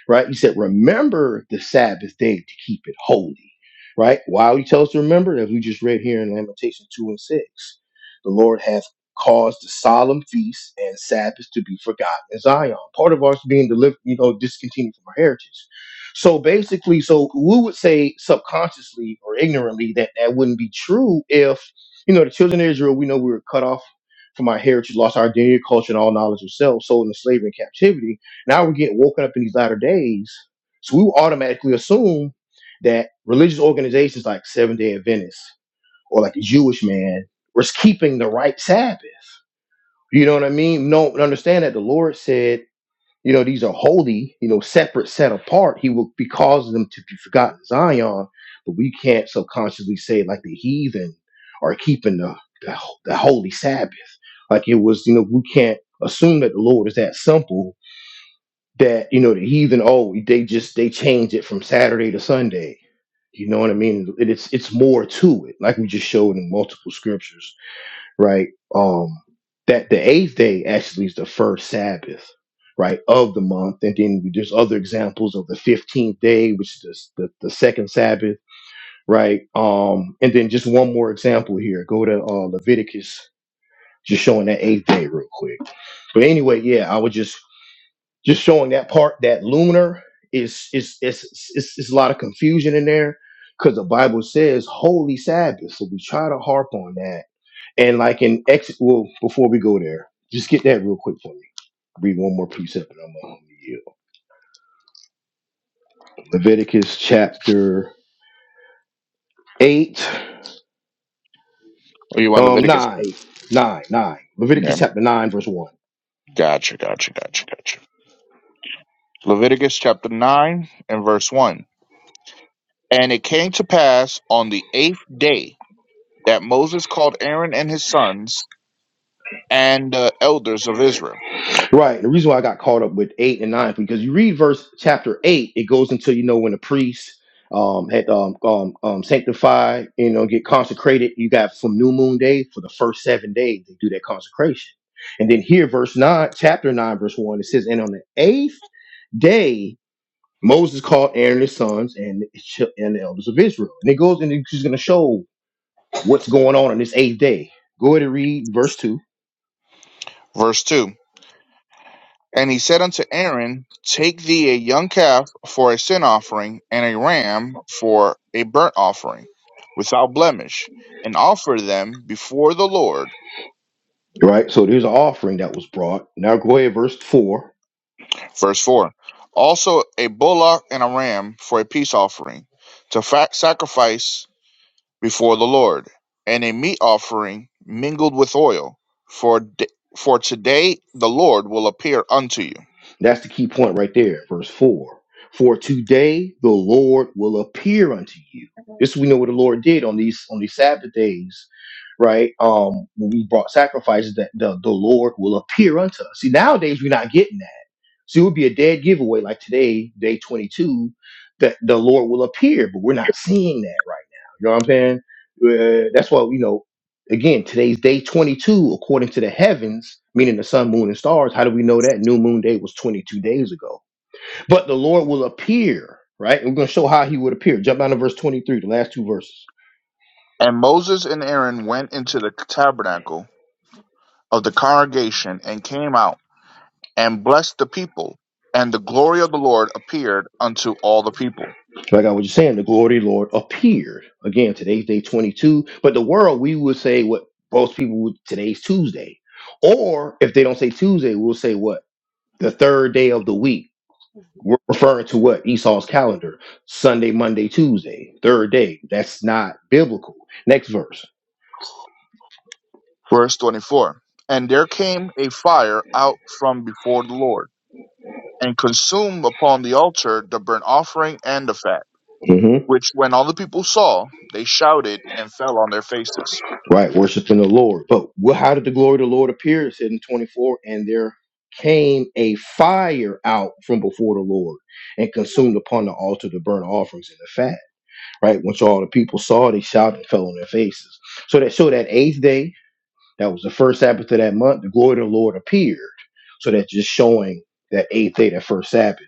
S1: Right? He said, Remember the Sabbath day to keep it holy. Right? Why would he tell us to remember? As we just read here in Lamentation 2 and 6. The Lord hath caused the solemn feasts and Sabbaths to be forgotten in Zion. Part of ours being delivered, you know, discontinued from our heritage. So basically, so we would say subconsciously or ignorantly that that wouldn't be true if you know, the children of Israel, we know we were cut off for my heritage, lost our identity, culture, and all knowledge of self, sold into slavery and captivity. Now we're getting woken up in these latter days. So we will automatically assume that religious organizations like Seventh Day Adventists or like the Jewish man was keeping the right Sabbath. You know what I mean? No, understand that the Lord said you know, these are holy, you know, separate, set apart. He will be causing them to be forgotten Zion, but we can't subconsciously say like the heathen are keeping the, the the holy Sabbath. Like it was, you know, we can't assume that the Lord is that simple that, you know, the heathen, oh, they just they change it from Saturday to Sunday. You know what I mean? It, it's it's more to it, like we just showed in multiple scriptures right? Um, that the eighth day actually is the first Sabbath, right, of the month. And then there's other examples of the 15th day, which is the, the second Sabbath, right? Um, and then just one more example here. Go to uh, Leviticus, just showing that eighth day real quick. But anyway, yeah, I was just just showing that part that lunar is is is is, is a lot of confusion in there because the Bible says holy Sabbath. So we try to harp on that and like in exit, well, before we go there, just get that real quick for me. Read one more precept, and I'm gonna yield. Leviticus chapter eight,
S2: Oh, you want
S1: um,
S2: Leviticus
S1: nine,
S2: 8?
S1: nine, nine.
S2: Yeah.
S1: Leviticus chapter nine, verse one.
S2: Gotcha, gotcha, gotcha, gotcha. Leviticus chapter 9 and verse 1. And it came to pass on the eighth day that Moses called Aaron and his sons and the elders of Israel.
S1: Right. The reason why I got caught up with eight and nine because you read verse chapter eight, it goes until you know when the priest um had um um, um sanctified, you know, get consecrated. You got from new moon day for the first seven days they do that consecration. And then here, verse nine, chapter nine, verse one, it says, and on the eighth. day, Moses called Aaron and his sons and and the elders of Israel. And it goes and he's going to show what's going on on this eighth day. Go ahead and read verse two.
S2: Verse 2. And he said unto Aaron, Take thee a young calf for a sin offering, and a ram for a burnt offering, without blemish, and offer them before the Lord.
S1: Right. So there's an offering that was brought. Now go ahead, verse four.
S2: Verse 4 Also a bullock and a ram for a peace offering, to fa- sacrifice before the Lord, and a meat offering mingled with oil, for, d- for today the Lord will appear unto you.
S1: That's the key point right there. Verse four. For today the Lord will appear unto you. This we know what the Lord did on these on these Sabbath days, right? Um, when we brought sacrifices, that the, the Lord will appear unto us. See, nowadays we're not getting that So it would be a dead giveaway, like today, day 22, that the Lord will appear, but we're not seeing that right now. You know what I'm saying? Uh, that's why, you know, again, today's day 22, according to the heavens, meaning the sun, moon, and stars. How do we know that? New moon day was 22 days ago. But the Lord will appear, right? And we're going to show how he would appear. Jump down to verse 23, the last two verses.
S2: And Moses and Aaron went into the tabernacle of the congregation, and came out, and blessed the people. And the glory of the Lord appeared unto all the people.
S1: So Like I was just saying, the glory of the Lord appeared. Again, today's day 22. But the world, we would say what most people would, today's Tuesday. Or if they don't say Tuesday, we'll say what? The third day of the week. We're referring to what? Esau's calendar. Sunday, Monday, Tuesday. Third day. That's not biblical. Next verse.
S2: Verse 24 And there came a fire out from before the Lord, and consumed upon the altar the burnt offering and the fat, which when all the people saw, they shouted and fell on their faces.
S1: Right, worshiping the Lord. But wh- how did the glory of the Lord appear? It said in 24, and there came a fire out from before the Lord and consumed upon the altar the burnt offerings and the fat. Right, once all the people saw, it, they shouted and fell on their faces. So that so that eighth day, that was the first Sabbath of that month, the glory of the Lord appeared. So that's just showing that eighth day, that first Sabbath.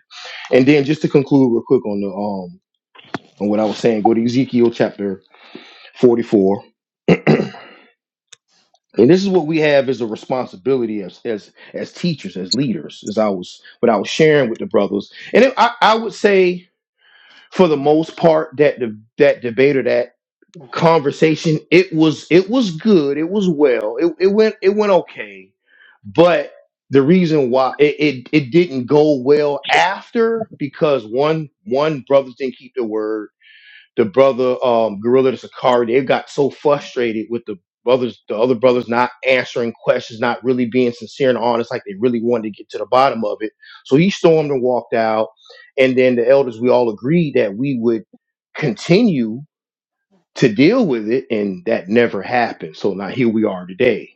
S1: And then just to conclude real quick on the um on what I was saying, go to Ezekiel chapter 44 And this is what we have as a responsibility as as as teachers, as leaders, as I was what I was sharing with the brothers. And it, I, I would say for the most part that the that debate or that conversation, it was it was good, it was well, it, it went it went okay. But the reason why it, it, it didn't go well after because one one brother didn't keep their word the brother um gorilla the Sakari, they got so frustrated with the brothers the other brothers not answering questions not really being sincere and honest like they really wanted to get to the bottom of it so he stormed and walked out and then the elders we all agreed that we would continue to deal with it and that never happened so now here we are today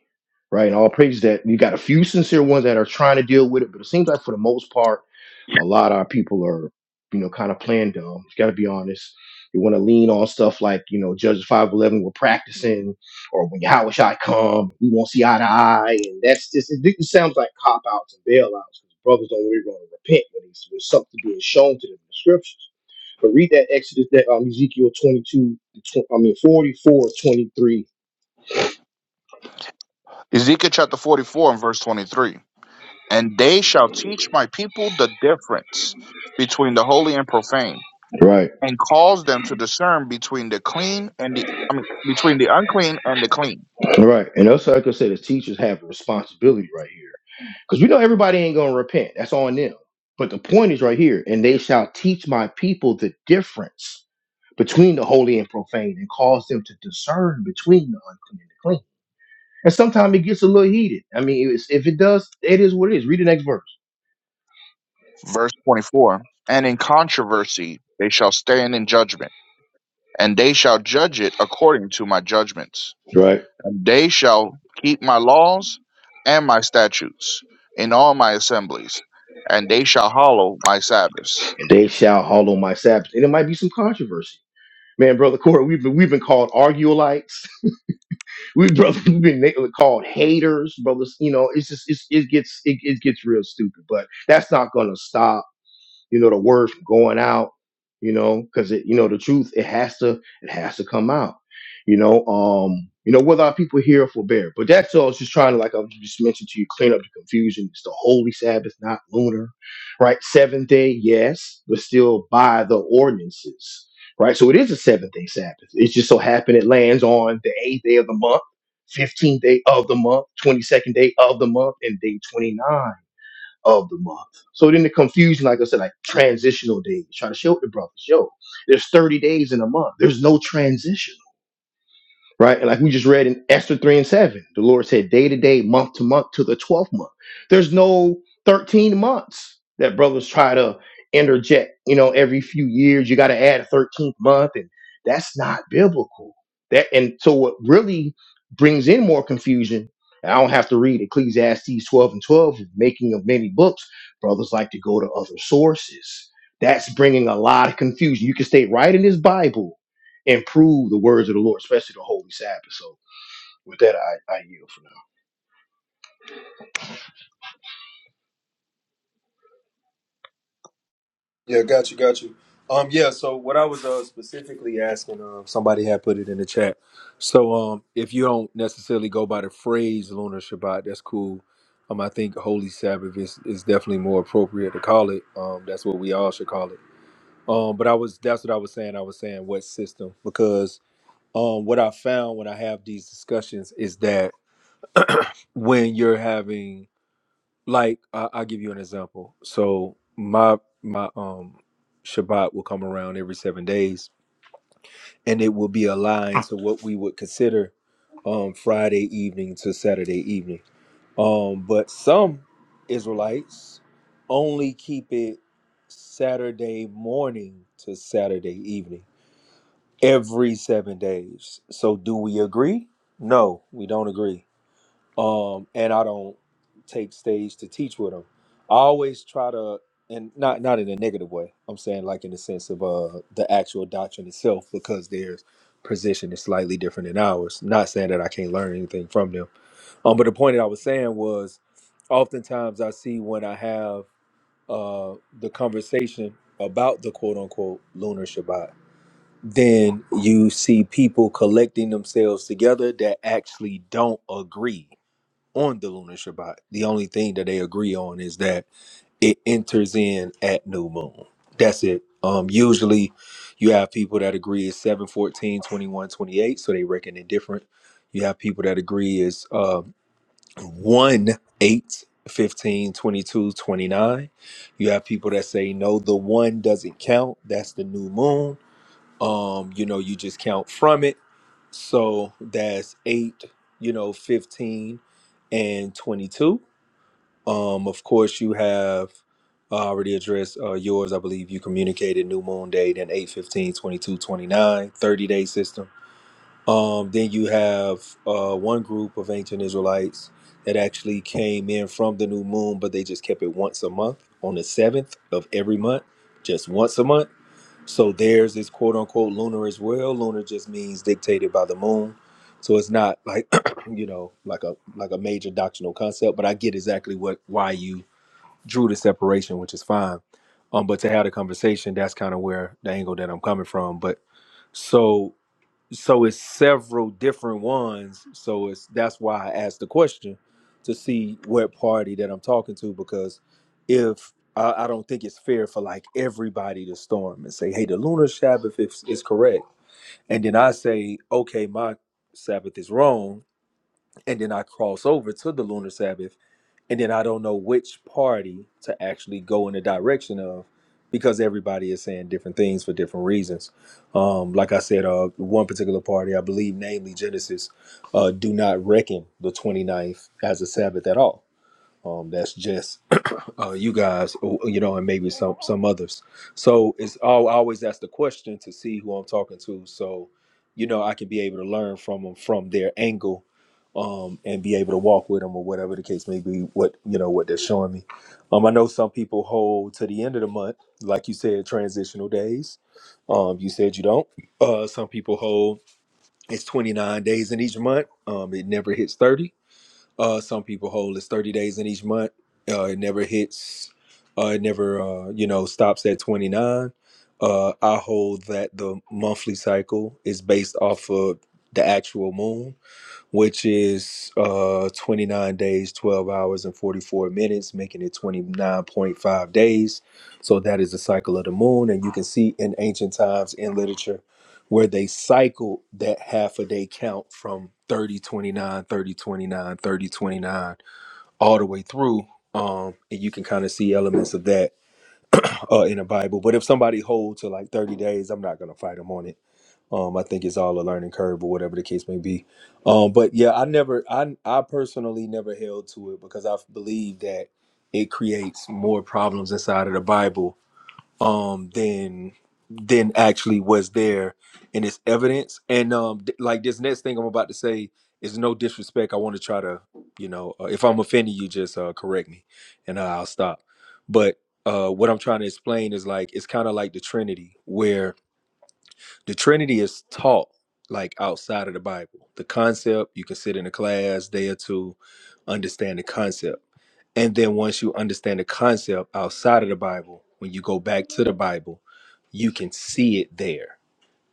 S1: right and all praise that we got a few sincere ones that are trying to deal with it but it seems like for the most part a lot of our people are, you know, kind of playing dumb. Got to be honest. You want to lean on stuff like, you know, Judges five eleven. We're practicing, or when Yahweh Shai come, we won't see eye to eye, and that's just it, it sounds like cop outs and bailouts. because Brothers don't really want to repent when it's- when something being shown to them in the scriptures. But read that Exodus, that um, Ezekiel twenty two, I mean forty four twenty three.
S2: Ezekiel chapter 44 and verse 23. And they shall teach my people the difference between the holy and profane
S1: Right.
S2: and calls them to discern between the clean and the I mean, between the unclean and the clean.
S1: Right. And also, like I said, the teachers have a responsibility right here. Because we know everybody ain't going to repent. That's on them. But the point is right here. And they shall teach my people the difference between the holy and profane and cause them to discern between the unclean and the clean. And sometimes it gets a little heated. I mean, it's, if it does, it is what it is. Read the next verse.
S2: Verse 24. And in controversy they shall stand in judgment, and they shall judge it according to my judgments.
S1: Right.
S2: And they shall keep my laws and my statutes in all my assemblies, and they shall hallow my Sabbaths.
S1: And they shall hallow my Sabbath. And it might be some controversy. Man, brother Corey, we've been, we've been called arguelites. we (laughs) brothers we've been na- called haters, brothers. You know, it's just it's, it gets it, it gets real stupid, but that's not gonna stop you know, the word from going out, you know, because it, you know, the truth, it has to, it has to come out, you know. Um, you know, whether our people hear or forbear. But that's all it's just trying to, like I just mentioned to you, clean up the confusion. It's the holy Sabbath, not lunar, right? Seventh day, yes, but still by the ordinances. Right, so it is a seventh day Sabbath. It just so happened it lands on the eighth day of the month, 15th day of the month, 22nd day of the month, and day 29 of the month. So then the confusion, like I said, like transitional days, trying to show the brothers, yo, there's 30 days in a month. There's no transition right? And like we just read in Esther 3 and 7, the Lord said day to day, month to month, to the 12th month. There's no 13 months that brothers try to interject. You know, every few years, you got to add a 13th month, and that's not biblical. That And so, what really brings in more confusion, and I don't have to read Ecclesiastes 12 and 12, making of many books, brothers like to go to other sources. That's bringing a lot of confusion. You can stay right in this Bible Improve the words of the Lord, especially the Holy Sabbath. So with that, I, I yield for now.
S4: Yeah, got you, got you. Um, yeah. So what I was uh, specifically asking, um, somebody had put it in the chat. So um, if you don't necessarily go by the phrase lunar Shabbat, that's cool. Um, I think Holy Sabbath is, is definitely more appropriate to call it. Um, that's what we all should call it. Um, but I was that's what I was saying. I was saying what system because um, what I found when I have these discussions is that when you're having like I, i'll give you an example so my my um shabbat will come around every seven days and it will be aligned to what we would consider um friday evening to saturday evening um but some israelites only keep it saturday morning to saturday evening every seven days so do we agree no we don't agree um, and I don't take stage to teach with them. I always try to, and not not in a negative way. I'm saying like in the sense of uh the actual doctrine itself, because their position is slightly different than ours. Not saying that I can't learn anything from them. Um, but the point that I was saying was, oftentimes I see when I have uh the conversation about the quote unquote lunar Shabbat, then you see people collecting themselves together that actually don't agree on the lunar Shabbat. The only thing that they agree on is that it enters in at new moon. That's it. Um, usually you have people that agree is 7, 14, 21, 28, so they reckon it different. You have people that agree is um, 1, 8, 15, 22, 29. You have people that say, no, the one doesn't count. That's the new moon um you know you just count from it so that's 8 you know 15 and 22 um of course you have I already addressed uh, yours i believe you communicated new moon date and eight fifteen, twenty-two, twenty-nine, thirty day system um then you have uh one group of ancient israelites that actually came in from the new moon but they just kept it once a month on the 7th of every month just once a month so theirs is quote unquote lunar as well. Lunar just means dictated by the moon. So it's not like (clears throat) you know, like a like a major doctrinal concept, but I get exactly what why you drew the separation, which is fine. Um, but to have the conversation, that's kind of where the angle that I'm coming from. But so so it's several different ones so it's that's why i asked the question to see what party that i'm talking to because if i, I don't think it's fair for like everybody to storm and say hey the lunar sabbath is, is correct and then i say okay my sabbath is wrong and then i cross over to the lunar sabbath and then I don't know which party to actually go in the direction of because everybody is saying different things for different reasons. Um, like I said, uh, one particular party, I believe, namely Genesis, uh, do not reckon the twenty ninth as a Sabbath at all. Um, that's just uh, you guys, or, you know, and maybe some some others. So it's all I always ask the question to see who I'm talking to, so you know I can be able to learn from them from their angle, um, and be able to walk with them or whatever the case may be. What you know what they're showing me. Um, I know some people hold to the end of the month, like you said, transitional days. Um, you said you don't. Uh, some people hold it's 29 days in each month. Um, it never hits 30 uh, some people hold it's 30 days in each month. Uh, it never hits. Uh, it never, uh, you know, stops at 29. Uh, I hold that the monthly cycle is based off of the actual moon which is uh 29 days 12 hours and 44 minutes making it 29.5 days so that is the cycle of the moon and you can see in ancient times in literature where they cycle that half a day count from 30 29 30 29 30 29 all the way through um and you can kind of see elements of that uh in the bible but if somebody holds to like 30 days i'm not gonna fight them on it um, I think it's all a learning curve or whatever the case may be. Um, but yeah, I never, I, I personally never held to it because I believe that it creates more problems inside of the Bible um, than than actually was there in its evidence. And um, th- like this next thing I'm about to say is no disrespect. I want to try to, you know, uh, if I'm offending you, just uh, correct me, and uh, I'll stop. But uh, what I'm trying to explain is like it's kind of like the Trinity, where the Trinity is taught like outside of the Bible. The concept, you can sit in a class day or two, understand the concept. And then once you understand the concept outside of the Bible, when you go back to the Bible, you can see it there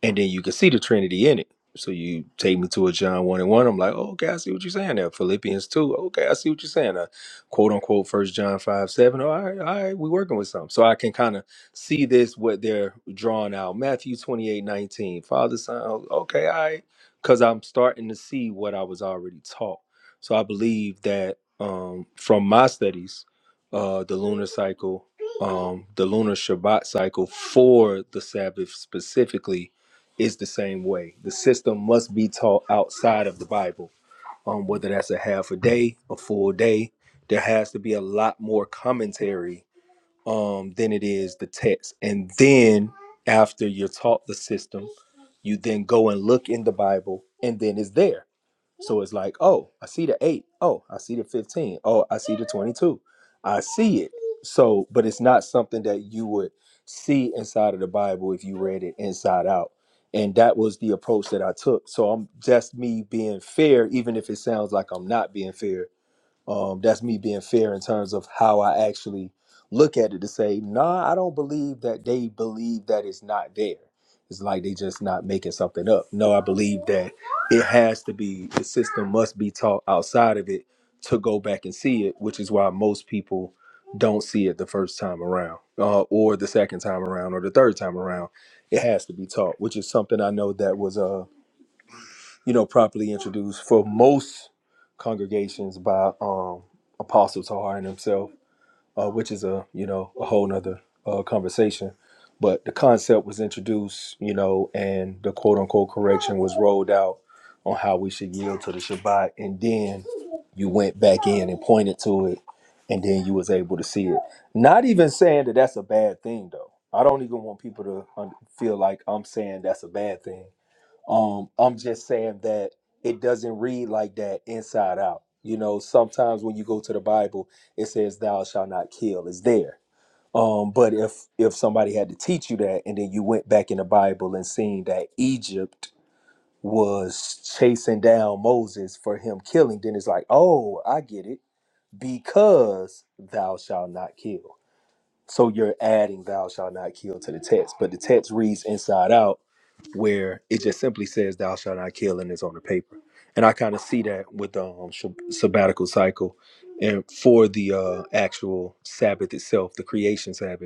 S4: and then you can see the Trinity in it. So you take me to a John one and one. I'm like, oh, okay, I see what you're saying there. Philippians two, okay, I see what you're saying. Uh, quote unquote, First John five seven. All right, all right, we're working with something. So I can kind of see this what they're drawing out. Matthew 28 19. Father, Son. oh, Okay, all right, because I'm starting to see what I was already taught. So I believe that um, from my studies, uh, the lunar cycle, um, the lunar Shabbat cycle for the Sabbath specifically is the same way. The system must be taught outside of the Bible, um, whether that's a half a day, a full day. There has to be a lot more commentary um, than it is the text. And then after you're taught the system, you then go and look in the Bible, and then it's there. So it's like, oh, I see the eight. Oh, I see the 15. Oh, I see the 22. I see it. So, but it's not something that you would see inside of the Bible if you read it inside out. And that was the approach that I took. So I'm just me being fair, even if it sounds like I'm not being fair um, that's me being fair in terms of how I actually look at it to say, nah, I don't believe that they believe that it's not there. It's like they just not making something up. No, I believe that it has to be, the system must be taught outside of it to go back and see it, which is why most people don't see it the first time around, uh, or the second time around, or the third time around. It has to be taught, which is something I know that was. uh you know, properly introduced for most congregations by um, Apostle Taharin himself, uh, which is a you know a whole nother uh, conversation. But the concept was introduced, you know, and the quote unquote correction was rolled out on how we should yield to the Shabbat, and then you went back in and pointed to it, and then you was able to see it. Not even saying that that's a bad thing, though. I don't even want people to um, feel like I'm saying that's a bad thing um, I'm just saying that it doesn't read like that inside out. You know, sometimes when you go to the Bible, it says thou shalt not kill. It's there. Um, but if if somebody had to teach you that and then you went back in the Bible and seen that Egypt was chasing down Moses for him killing, then it's like, oh, I get it. Because thou shalt not kill. So you're adding thou shalt not kill to the text. But the text reads inside out where it just simply says thou shalt not kill and it's on the paper. And I kind of see that with the um, sh- sabbatical cycle and for the uh, actual Sabbath itself, the creation Sabbath.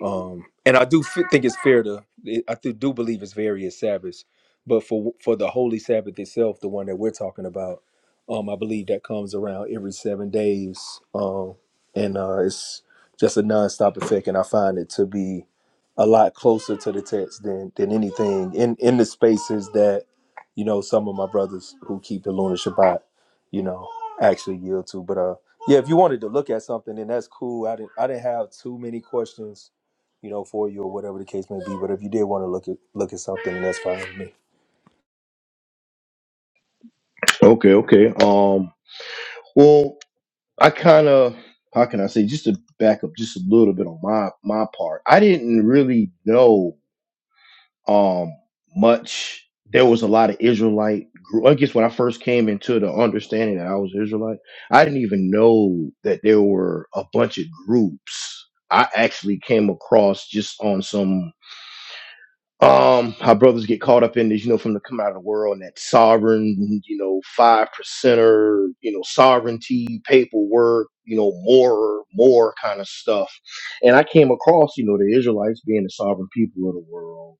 S4: Um, and I do f- think it's fair to, I do, do believe it's various Sabbaths, but for for the Holy Sabbath itself, the one that we're talking about, um, I believe that comes around every seven days, um, and uh, it's just a nonstop effect, and I find it to be a lot closer to the text than than anything in in the spaces that you know some of my brothers who keep the lunar Shabbat, you know, actually yield to. But uh, yeah, if you wanted to look at something, then that's cool. I didn't I didn't have too many questions you know, for you or whatever the case may be. But if you did want to look at look at something, then that's fine with me.
S1: Okay, okay. Um, well, I kind of how can I say just to back up just a little bit on my my part. I didn't really know um much. There was a lot of Israelite. gr- I guess when I first came into the understanding that I was Israelite, I didn't even know that there were a bunch of groups. I actually came across just on some um how brothers get caught up in this you know from the coming out of the world and that sovereign you know five percenter you know sovereignty paperwork you know more more kind of stuff and i came across you know the israelites being the sovereign people of the world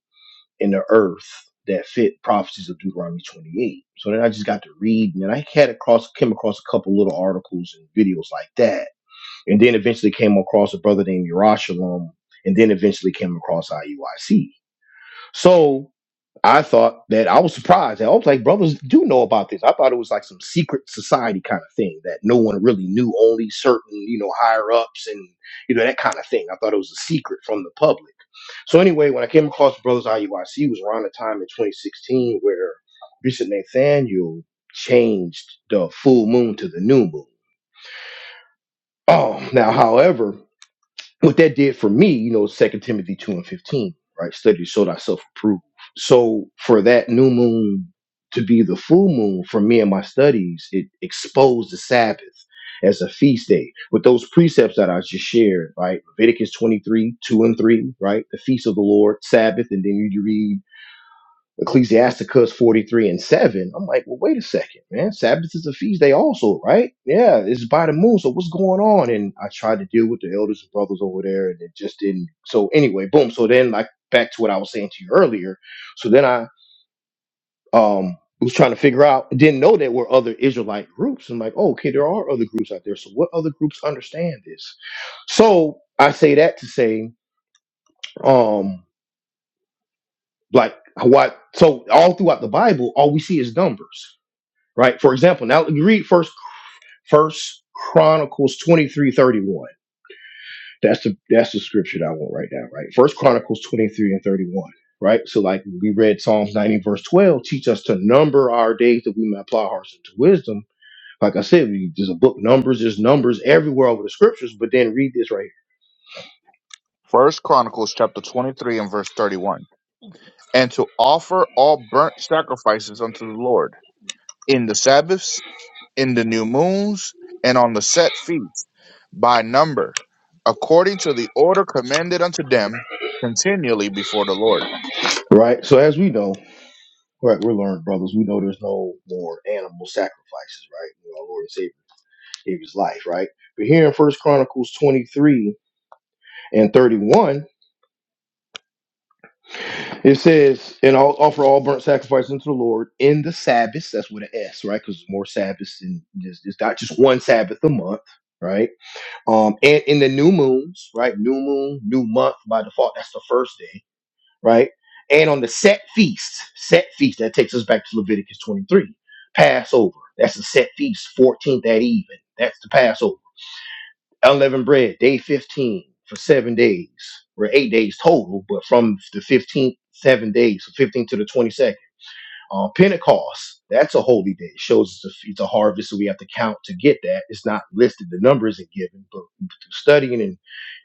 S1: and the earth that fit prophecies of deuteronomy 28 so then i just got to read and then i had across came across a couple little articles and videos like that and then eventually came across a brother named Yerushalayim, and then eventually came across iuic so I thought that I was surprised. I was like, brothers do know about this. I thought it was like some secret society kind of thing that no one really knew, only certain, you know, higher ups and, you know, that kind of thing. I thought it was a secret from the public. So anyway, when I came across Brothers IUIC, it was around the time in 2016 where Bishop Nathaniel changed the full moon to the new moon. Oh, now, however, what that did for me, you know, Second Timothy two and fifteen, right? Study to show thyself approved. So for that new moon to be the full moon for me and my studies, it exposed the Sabbath as a feast day with those precepts that I just shared, right? Leviticus twenty three two and three, right? The feast of the Lord, Sabbath, and then you read Ecclesiasticus 43 and 7. I'm like, well, wait a second, man. Sabbath is a feast day also, right? Yeah, it's by the moon. So what's going on? And I tried to deal with the elders and brothers over there and it just didn't. So anyway, boom. So then like back to what I was saying to you earlier. So then I um was trying to figure out, didn't know there were other Israelite groups. I'm like, oh, okay, there are other groups out there. So what other groups understand this? So I say that to say, um, like what so all throughout the Bible, all we see is numbers right? For example, now read first First Chronicles twenty three thirty one. That's the that's the scripture that I want right now, right? First Chronicles twenty three and thirty one, right? So like we read Psalms ninety verse twelve, teach us to number our days that we may apply our hearts into wisdom. Like I said, we, there's a book numbers, there's numbers everywhere over the scriptures, but then read this right here,
S2: First Chronicles chapter twenty three and verse thirty one. And to offer all burnt sacrifices unto the Lord in the Sabbaths, in the new moons, and on the set feasts, by number, according to the order commanded unto them continually before the Lord.
S1: right? So as we know, right, we're learned brothers. We know there's no more animal sacrifices, right? You know, our Lord and Savior gave His life, right? But here in First Chronicles twenty three and 31 It says, and I'll offer all burnt sacrifice unto the Lord in the Sabbaths. That's with an S, right? Because more Sabbaths and it's, it's not just one Sabbath a month, right? Um, and in the new moons, right? New moon, new month by default. That's the first day, right? And on the set feast, set feast that takes us back to Leviticus 23, Passover. That's a set feast, 14th at even. That's the Passover unleavened bread, day 15 for seven days, or eight days total, but from the 15th, seven days, so 15th to the 22nd. Uh, Pentecost, that's a holy day. It shows it's a, it's a harvest, so we have to count to get that. It's not listed, the number isn't given, but through studying and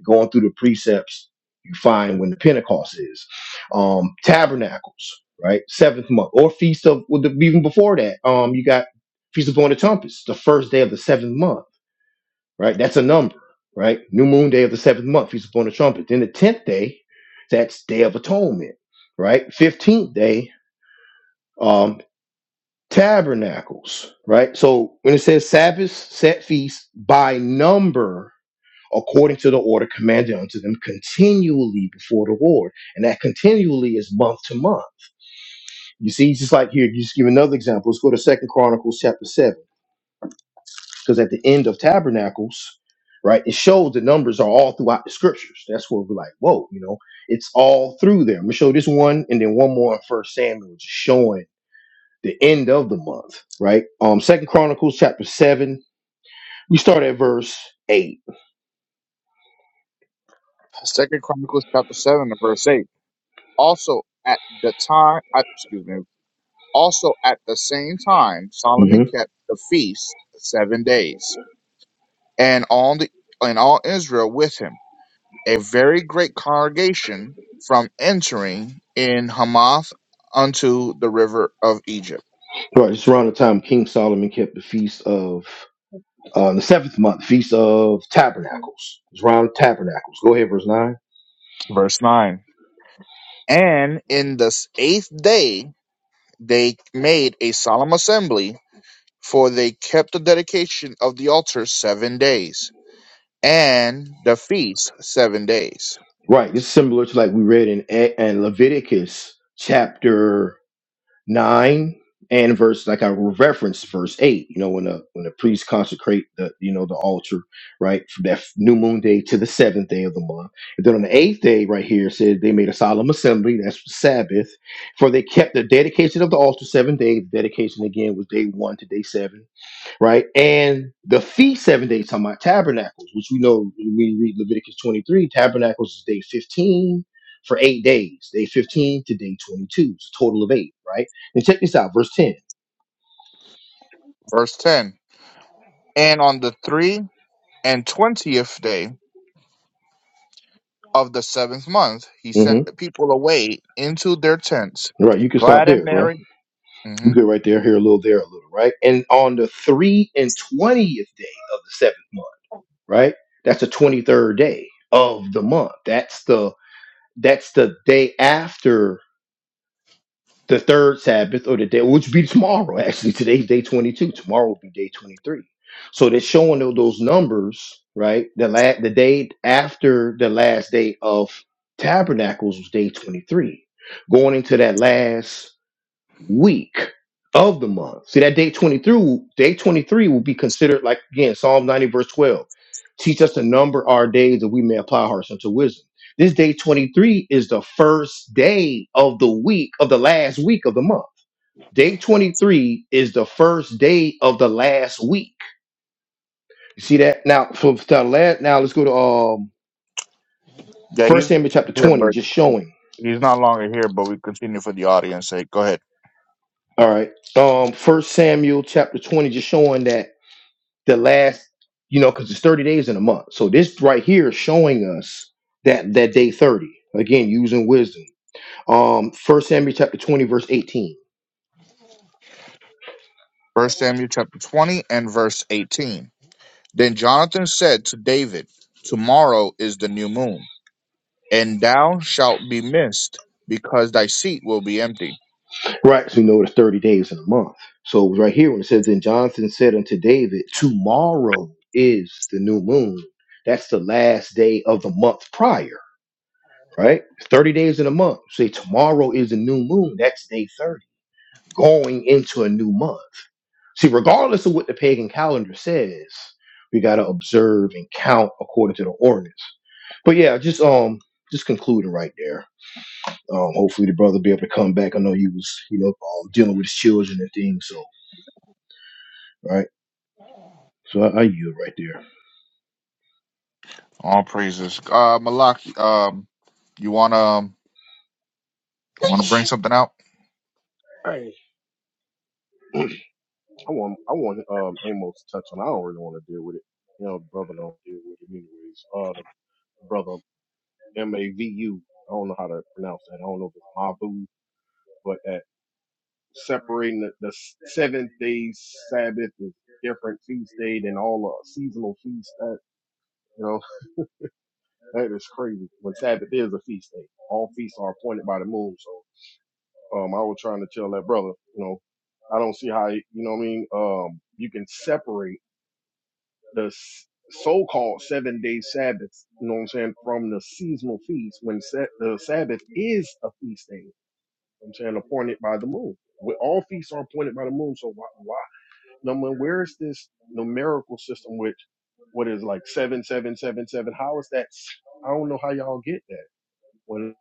S1: going through the precepts, you find when the Pentecost is. Um, tabernacles, right? Seventh month, or feast of, well, the, even before that, um, you got Feast of Unleavened Trumpets, the first day of the seventh month right? That's a number, right? New moon day of the seventh month, feast upon the trumpet. Then the tenth day, that's day of atonement, right? Fifteenth day, um, tabernacles, right? So when it says Sabbath set feast by number, according to the order commanded unto them continually before the Lord, and that continually is month to month. You see, just like here, you just give another example. Let's go to Second Chronicles chapter seven. because at the end of Tabernacles, right, it shows the numbers are all throughout the scriptures. That's where we're like, whoa, you know, it's all through there. I'm gonna show this one and then one more in First Samuel, just showing the end of the month, right? Um, Second Chronicles chapter seven, we start at verse 8
S2: Second Chronicles chapter seven and verse eight. Also at the time, I, excuse me. Also at the same time Solomon
S1: Mm-hmm.
S2: kept the feast seven days, and all the and all Israel with him, a very great congregation from entering in Hamath unto the river of Egypt.
S1: Right, it's around the time King Solomon kept the feast of uh, the seventh month, feast of Tabernacles. It's around Tabernacles. Go ahead, verse nine.
S2: Verse nine. And in the eighth day they made a solemn assembly, for they kept the dedication of the altar seven days, and the feast seven days.
S1: Right, it's similar to like we read in and Leviticus chapter 9 and verse like I referenced verse 8 you know when the when the priests consecrate the you know the altar right from that new moon day to the seventh day of the month and then on the eighth day right here it said they made a solemn assembly that's the Sabbath for they kept the dedication of the altar seven days dedication again was day one to day seven right? And the feast seven days talking about tabernacles, which we know when we read Leviticus 23, tabernacles is day 15 for eight days, day 15 to day 22. It's a total of eight, right? And check this out, verse 10.
S2: Verse ten. And on the three and twentieth day of the seventh month he
S1: hmm
S2: sent the people away into their tents,
S1: Right, you can stop
S2: glad and
S1: there, bro.
S2: merry.
S1: You
S2: hmm
S1: get right there, here a little, there a little, right? And on the three and twentieth day of the seventh month, right? That's the twenty third day of the month. That's the that's the day after the third Sabbath or the day, which be tomorrow. Actually, today's day 22. Tomorrow will be day 23. So they're showing tho- those numbers, right? The la- the day after the last day of tabernacles was day 23. Going into that last week of the month. See that day 23, day 23 will be considered like again Psalm 90 verse 12. Teach us to number our days that we may apply our hearts unto wisdom. This day 23 is the first day of the week of the last week of the month. Day 23 is the first day of the last week. You see that? Now for for last, now let's go to um
S2: Yeah, he's
S1: first Samuel chapter
S2: here,
S1: 20,
S2: but
S1: just showing.
S2: he's not longer here. But we continue for the audience sake. Go ahead.
S1: All right. Um first Samuel chapter 20, just showing that the last, you know, because it's 30 days in a month. So this right here is showing us that that day 30. Again, using wisdom. Um, First Samuel chapter 20, verse 18.
S2: First Samuel chapter twenty and verse eighteen. Then Jonathan said to David, Tomorrow is the new moon, and thou shalt be missed, because thy seat will be empty.
S1: Right, so we know it's 30 days in a month. So it was right here when it says, Then Jonathan said unto David, Tomorrow is the new moon. That's the last day of the month prior, right? 30 days in a month. Say tomorrow is the new moon. That's day 30, going into a new month. See, regardless of what the pagan calendar says, we gotta observe and count according to the ordinance. But yeah, just um, just concluding right there. Um, hopefully the brother be able to come back. I know you was, you know, um, dealing with his children and things. So right, so I, I yield right there.
S2: All praises. Uh, Malak, um, you wanna you wanna bring something out?
S3: Hey, I want I want um Amos to touch on. I don't really want to deal with it. You know, brother don't deal with it anyways. Uh, the brother M A V U. I don't know how to pronounce that. I don't know if it's Mavu, but separating the, the seventh day Sabbath is different feast day than all uh, seasonal feast. That you know (laughs) that is crazy. When Sabbath is a feast day, all feasts are appointed by the moon. So um, I was trying to tell that brother, you know, I don't see how you know what I mean. Um, you can separate the s- so-called seven day Sabbath, you know what I'm saying, from the seasonal feast when set, the Sabbath is a feast day. You know what I'm saying appointed by the moon. We, all feasts are appointed by the moon. So why, why No man, where is this numerical system with what is like seven, seven, seven, seven? How is that? I I don't know how y'all get that. When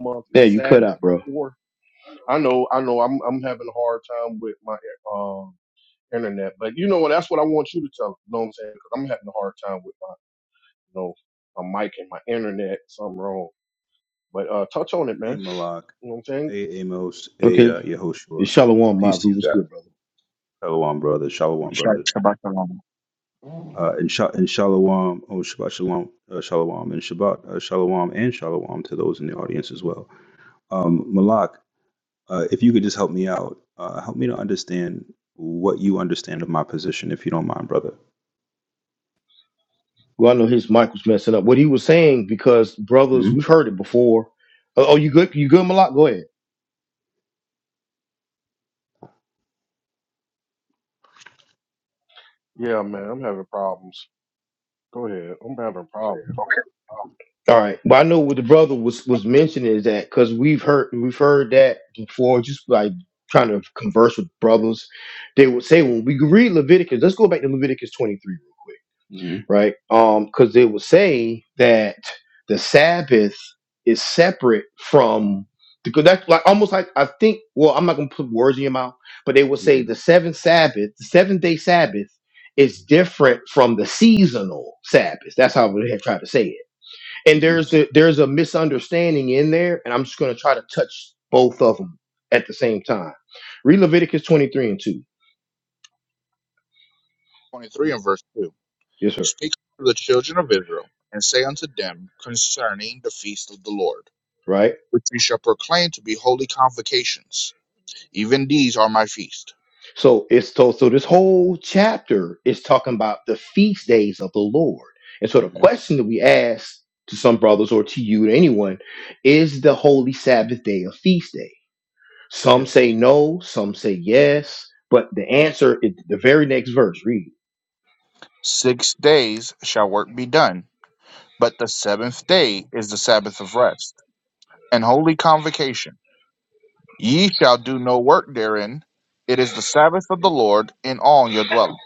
S3: month, your
S1: Yeah, you cut
S3: Sabbath,
S1: out,
S3: your
S1: bro.
S3: fourth. I know, I know. I'm I'm having a hard time with my um internet, but you know what? That's what I want you to tell. 'em, You know what I'm saying because 'Cause I'm having a hard time with my, you know, my mic and my internet. Something wrong. But uh, touch on it,
S5: Hey
S3: man.
S5: Malak,
S3: You know what I'm saying?
S5: hey Amos, hey
S1: Okay,
S5: uh, Yehoshua.
S1: it's Shalom Mob.
S5: Peace to
S1: Who
S5: you
S1: was
S5: guys.
S1: good, brother?
S5: Shalom, brother. Shalom,
S2: Sure.
S5: brother.
S2: Shabbat shalom.
S5: Uh, and, sha- and shalom, oh Shabbat shalom, uh, shalom, and Shabbat uh, shalom, and shalom to those in the audience as well. Um, Malak, uh, if you could just help me out, uh, help me to understand what you understand of my position, if you don't mind, brother.
S1: Well, I know his mic was messing up. What he was saying because brothers,
S5: hmm
S1: we've heard it before. Oh, oh, you good? You good, Malak? Go ahead.
S3: Yeah, man. I'm having problems. Go ahead. I'm having problems.
S1: All right. Well, I know what the brother was was mentioning is that because we've heard we've heard that before, just like trying to converse with brothers, they would say when we read Leviticus, let's go back to Leviticus twenty three real quick,
S5: hmm
S1: right? Um, because they would say that the Sabbath is separate from because that's like almost like I think. Well, I'm not gonna put words in your mouth, but they would say
S5: hmm
S1: the seventh Sabbath, the seventh day Sabbath, is different from the seasonal Sabbath. That's how they have tried to say it and
S5: hmm
S1: there's a, there's a misunderstanding in there, and I'm just going to try to touch both of them at the same time. Read Leviticus 23 and 2.
S2: 23 and verse 2
S1: Yes, sir.
S2: Speak unto the children of Israel, and say unto them concerning the feast of the Lord,
S1: Right.
S2: which ye shall proclaim to be holy convocations. Even these are my feast.
S1: So it's told. So this whole chapter is talking about the feast days of the Lord. And so the
S5: hmm
S1: question that we ask to some brothers or to you to anyone is the holy Sabbath day a feast day? Some
S5: Yes.
S1: say no. Some say yes. But the answer is the very next verse. Read.
S2: Six days shall work be done, but the seventh day is the Sabbath of rest, and holy convocation. Ye shall do no work therein. It is the Sabbath of the Lord in all your dwelling.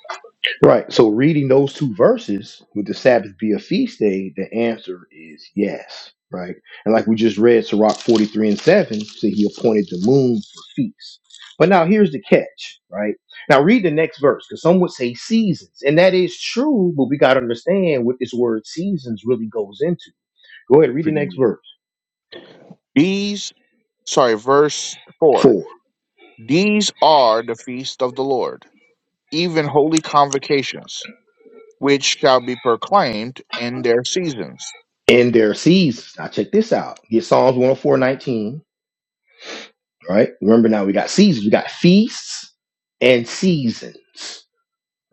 S1: Right. So reading those two verses, would the Sabbath be a feast day? The answer is yes. Right. And like we just read, Sirach 43 and 7 said he appointed the moon for feasts. But now here's the catch, right? Now read the next verse, because some would say seasons. And that is true, but we got to understand what this word seasons really goes into. Go ahead,
S5: F-
S1: read the
S5: forgive
S1: next
S5: me.
S1: verse.
S5: Oh, go ahead.
S2: These, sorry, verse 4.
S1: Four.
S2: These are the feast of the Lord, even holy convocations which shall be proclaimed in their seasons.
S1: In their seasons. Now check this out. Get Psalms 104 19. right? Remember now we got seasons. We got feasts and seasons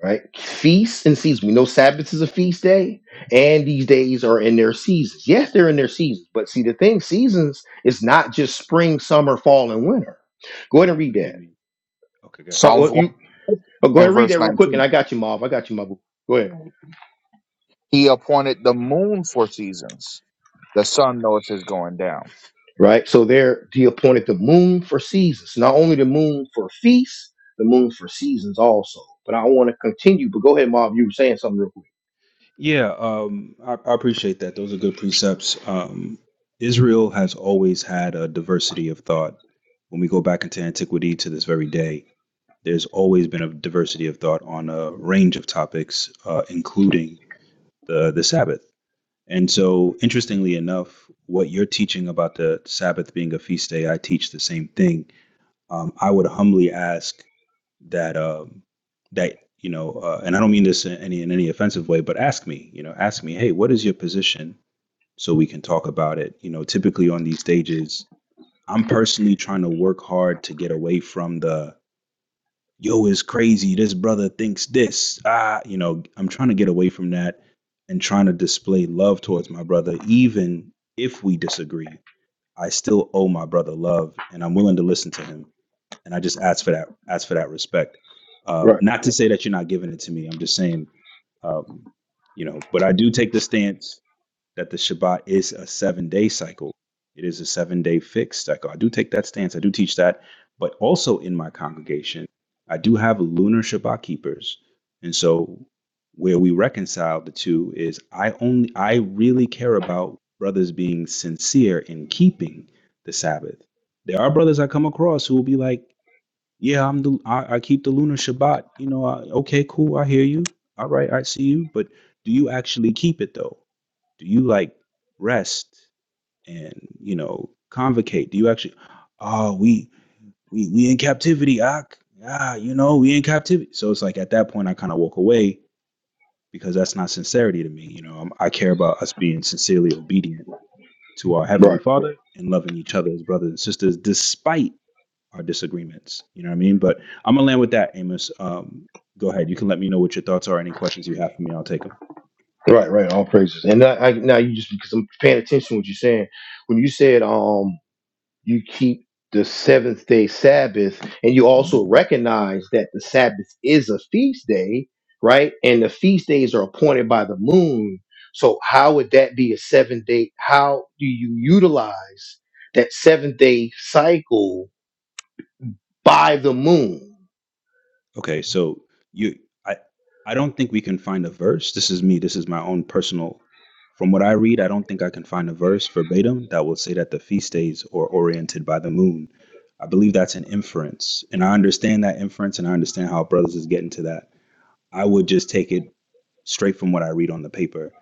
S1: right? Feasts and seasons. We know Sabbath is a feast day, and these days are in their seasons. Yes, they're in their seasons, but see, the thing, seasons is not just spring, summer, fall, and winter. Go ahead
S5: F-
S1: and read
S5: forgive
S1: that.
S5: me. Okay, go ahead.
S1: Uh,
S2: Psalms
S1: well,
S2: 1
S1: you uh, go ahead
S2: and
S1: and read
S2: verse
S1: that real quick, and
S2: 19.
S1: I got you, Mom. I got you, my boo. Go ahead.
S2: He appointed the moon for seasons. The sun knoweth his going down.
S1: Right. So there, he appointed the moon for seasons, not only the moon for feasts, the moon for seasons also. But I want to continue. But go ahead, Mom. You were saying something real quick.
S5: Yeah, um, I, I appreciate that. Those are good precepts. Um, Israel has always had a diversity of thought. When we go back into antiquity to this very day, there's always been a diversity of thought on a range of topics, uh, including the the Sabbath. And so, interestingly enough, what you're teaching about the Sabbath being a feast day, I teach the same thing. Um, I would humbly ask that um, that you know, uh, and I don't mean this in any in any offensive way, but ask me, you know, ask me, hey, what is your position, so we can talk about it. You know, typically on these stages, I'm personally trying to work hard to get away from the yo is crazy. This brother thinks this. Ah, you know, I'm trying to get away from that and trying to display love towards my brother, even if we disagree. I still owe my brother love, and I'm willing to listen to him and I just ask for that ask for that respect. Uh,
S1: Right.
S5: not to say that you're not giving it to me. I'm just saying, um, you know. But I do take the stance that the Shabbat is a seven day cycle. It is a seven day fixed cycle. I do take that stance. I do teach that. But also in my congregation, I do have lunar Shabbat keepers, and so where we reconcile the two is I only I really care about brothers being sincere in keeping the Sabbath. There are brothers I come across who will be like yeah, I'm the I, I keep the lunar Shabbat. You know, I, okay, cool. I hear you. All right, I see you. But do you actually keep it though? Do you like rest and you know convocate? Do you actually? Oh, we we we in captivity. Ak. Ah, you know, we in captivity. So it's like at that point, I kind of walk away because that's not sincerity to me. You know, I'm, I care about us being sincerely obedient to our
S1: Right.
S5: heavenly Father and loving each other as brothers and sisters, despite our disagreements. You know what I mean? But I'm gonna land with that, Amos. Um, go ahead. You can let me know what your thoughts are. Any questions you have for me, I'll take them.
S1: Right, right. All praises. And I, I, now you just because I'm paying attention to what you're saying. When you said um you keep the seventh day Sabbath, and you
S5: Mm-hmm.
S1: also recognize that the Sabbath is a feast day, right? And the feast days are appointed by the moon. So how would that be a seven day? How do you utilize that seven day cycle by the moon?
S5: Okay, so you, I, I don't think we can find a verse. This is me. This is my own personal. From what I read, I don't think I can find a verse verbatim that will say that the feast days are oriented by the moon. I believe that's an inference, and I understand that inference, and I understand how brothers is getting to that. I would just take it straight from what I read on the paper,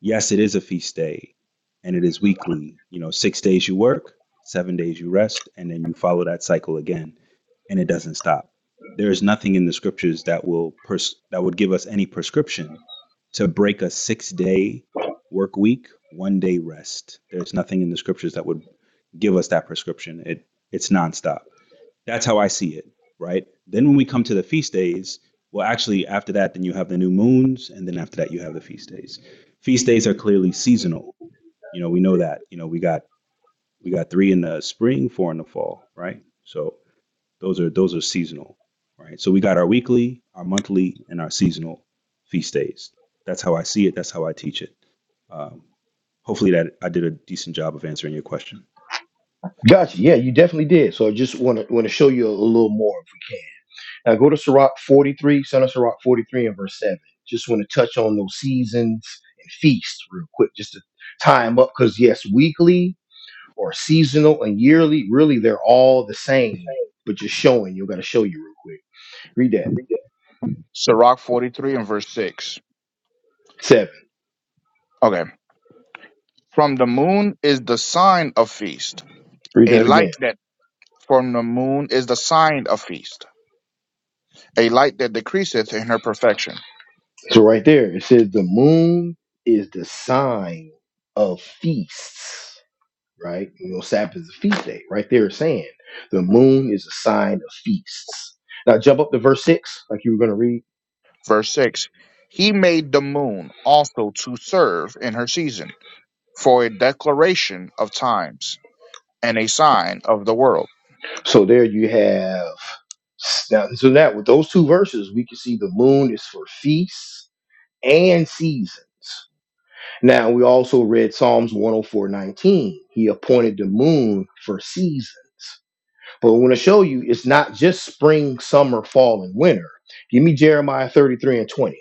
S5: yes, it is a feast day and it is weekly. You know, six days you work, seven days you rest, and then you follow that cycle again, and it doesn't stop. There is nothing in the scriptures that will pers- that would give us any prescription to break a six day work week, one day rest. There's nothing in the scriptures that would give us that prescription. It it's nonstop. That's how I see it, right? Then when we come to the feast days, well, actually, after that, then you have the new moons, and then after that, you have the feast days. Feast days are clearly seasonal. You know, we know that. You know, we got we got three in the spring, four in the fall, right? So those are those are seasonal, right? So we got our weekly, our monthly, and our seasonal feast days. That's how I see it. That's how I teach it. Um, hopefully, that I did a decent job of answering your question.
S1: Gotcha. Yeah, you definitely did. So I just want to want to show you a, a little more. Now go to Sirach 43, Son of Sirach 43 and verse 7. Just want to touch on those seasons and feasts real quick, just to tie them up. Because, yes, weekly or seasonal and yearly, really, they're all the same, but just showing. you got to show you real quick. Read that.
S2: Sirach 43 and verse 6.
S1: Seven.
S2: Okay. From the moon is the sign of feast.
S1: Read
S2: A
S1: that
S2: light
S1: again.
S2: that from the moon is the sign of feast. A light that decreaseth in her perfection.
S1: So, right there, it says, The moon is the sign of feasts, right? You know, Sabbath is a feast day. Right there, it's saying, The moon is a sign of feasts. Now, jump up to verse 6, like you were going to read.
S2: Verse 6. He made the moon also to serve in her season for a declaration of times and a sign of the world
S1: So there you have now. So that with those two verses, we can see the moon is for feasts and seasons. Now we also read Psalms 104:19. He appointed the moon for seasons. But I want to show you it's not just spring, summer, fall, and winter. Give me Jeremiah 33 and 20,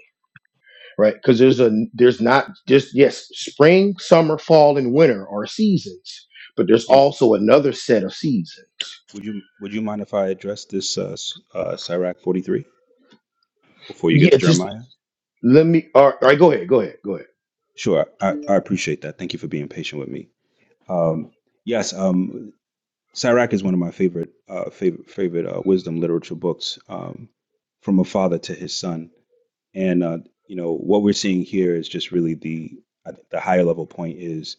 S1: right? Because there's a there's not just yes, spring, summer, fall, and winter are seasons, but there's
S5: And
S1: also another set of seasons
S5: would you would you mind if I address this uh, s- uh, Sirach forty three? before you get
S1: yeah,
S5: to
S1: just
S5: Jeremiah?
S1: Let me. All right, go ahead. Go ahead. Go ahead.
S5: Sure. I, I appreciate that. Thank you for being patient with me. Um, yes, um, Sirach is one of my favorite uh, favorite favorite uh, wisdom literature books, um, from a father to his son. And uh, you know what we're seeing here is just really the I think the higher level point is,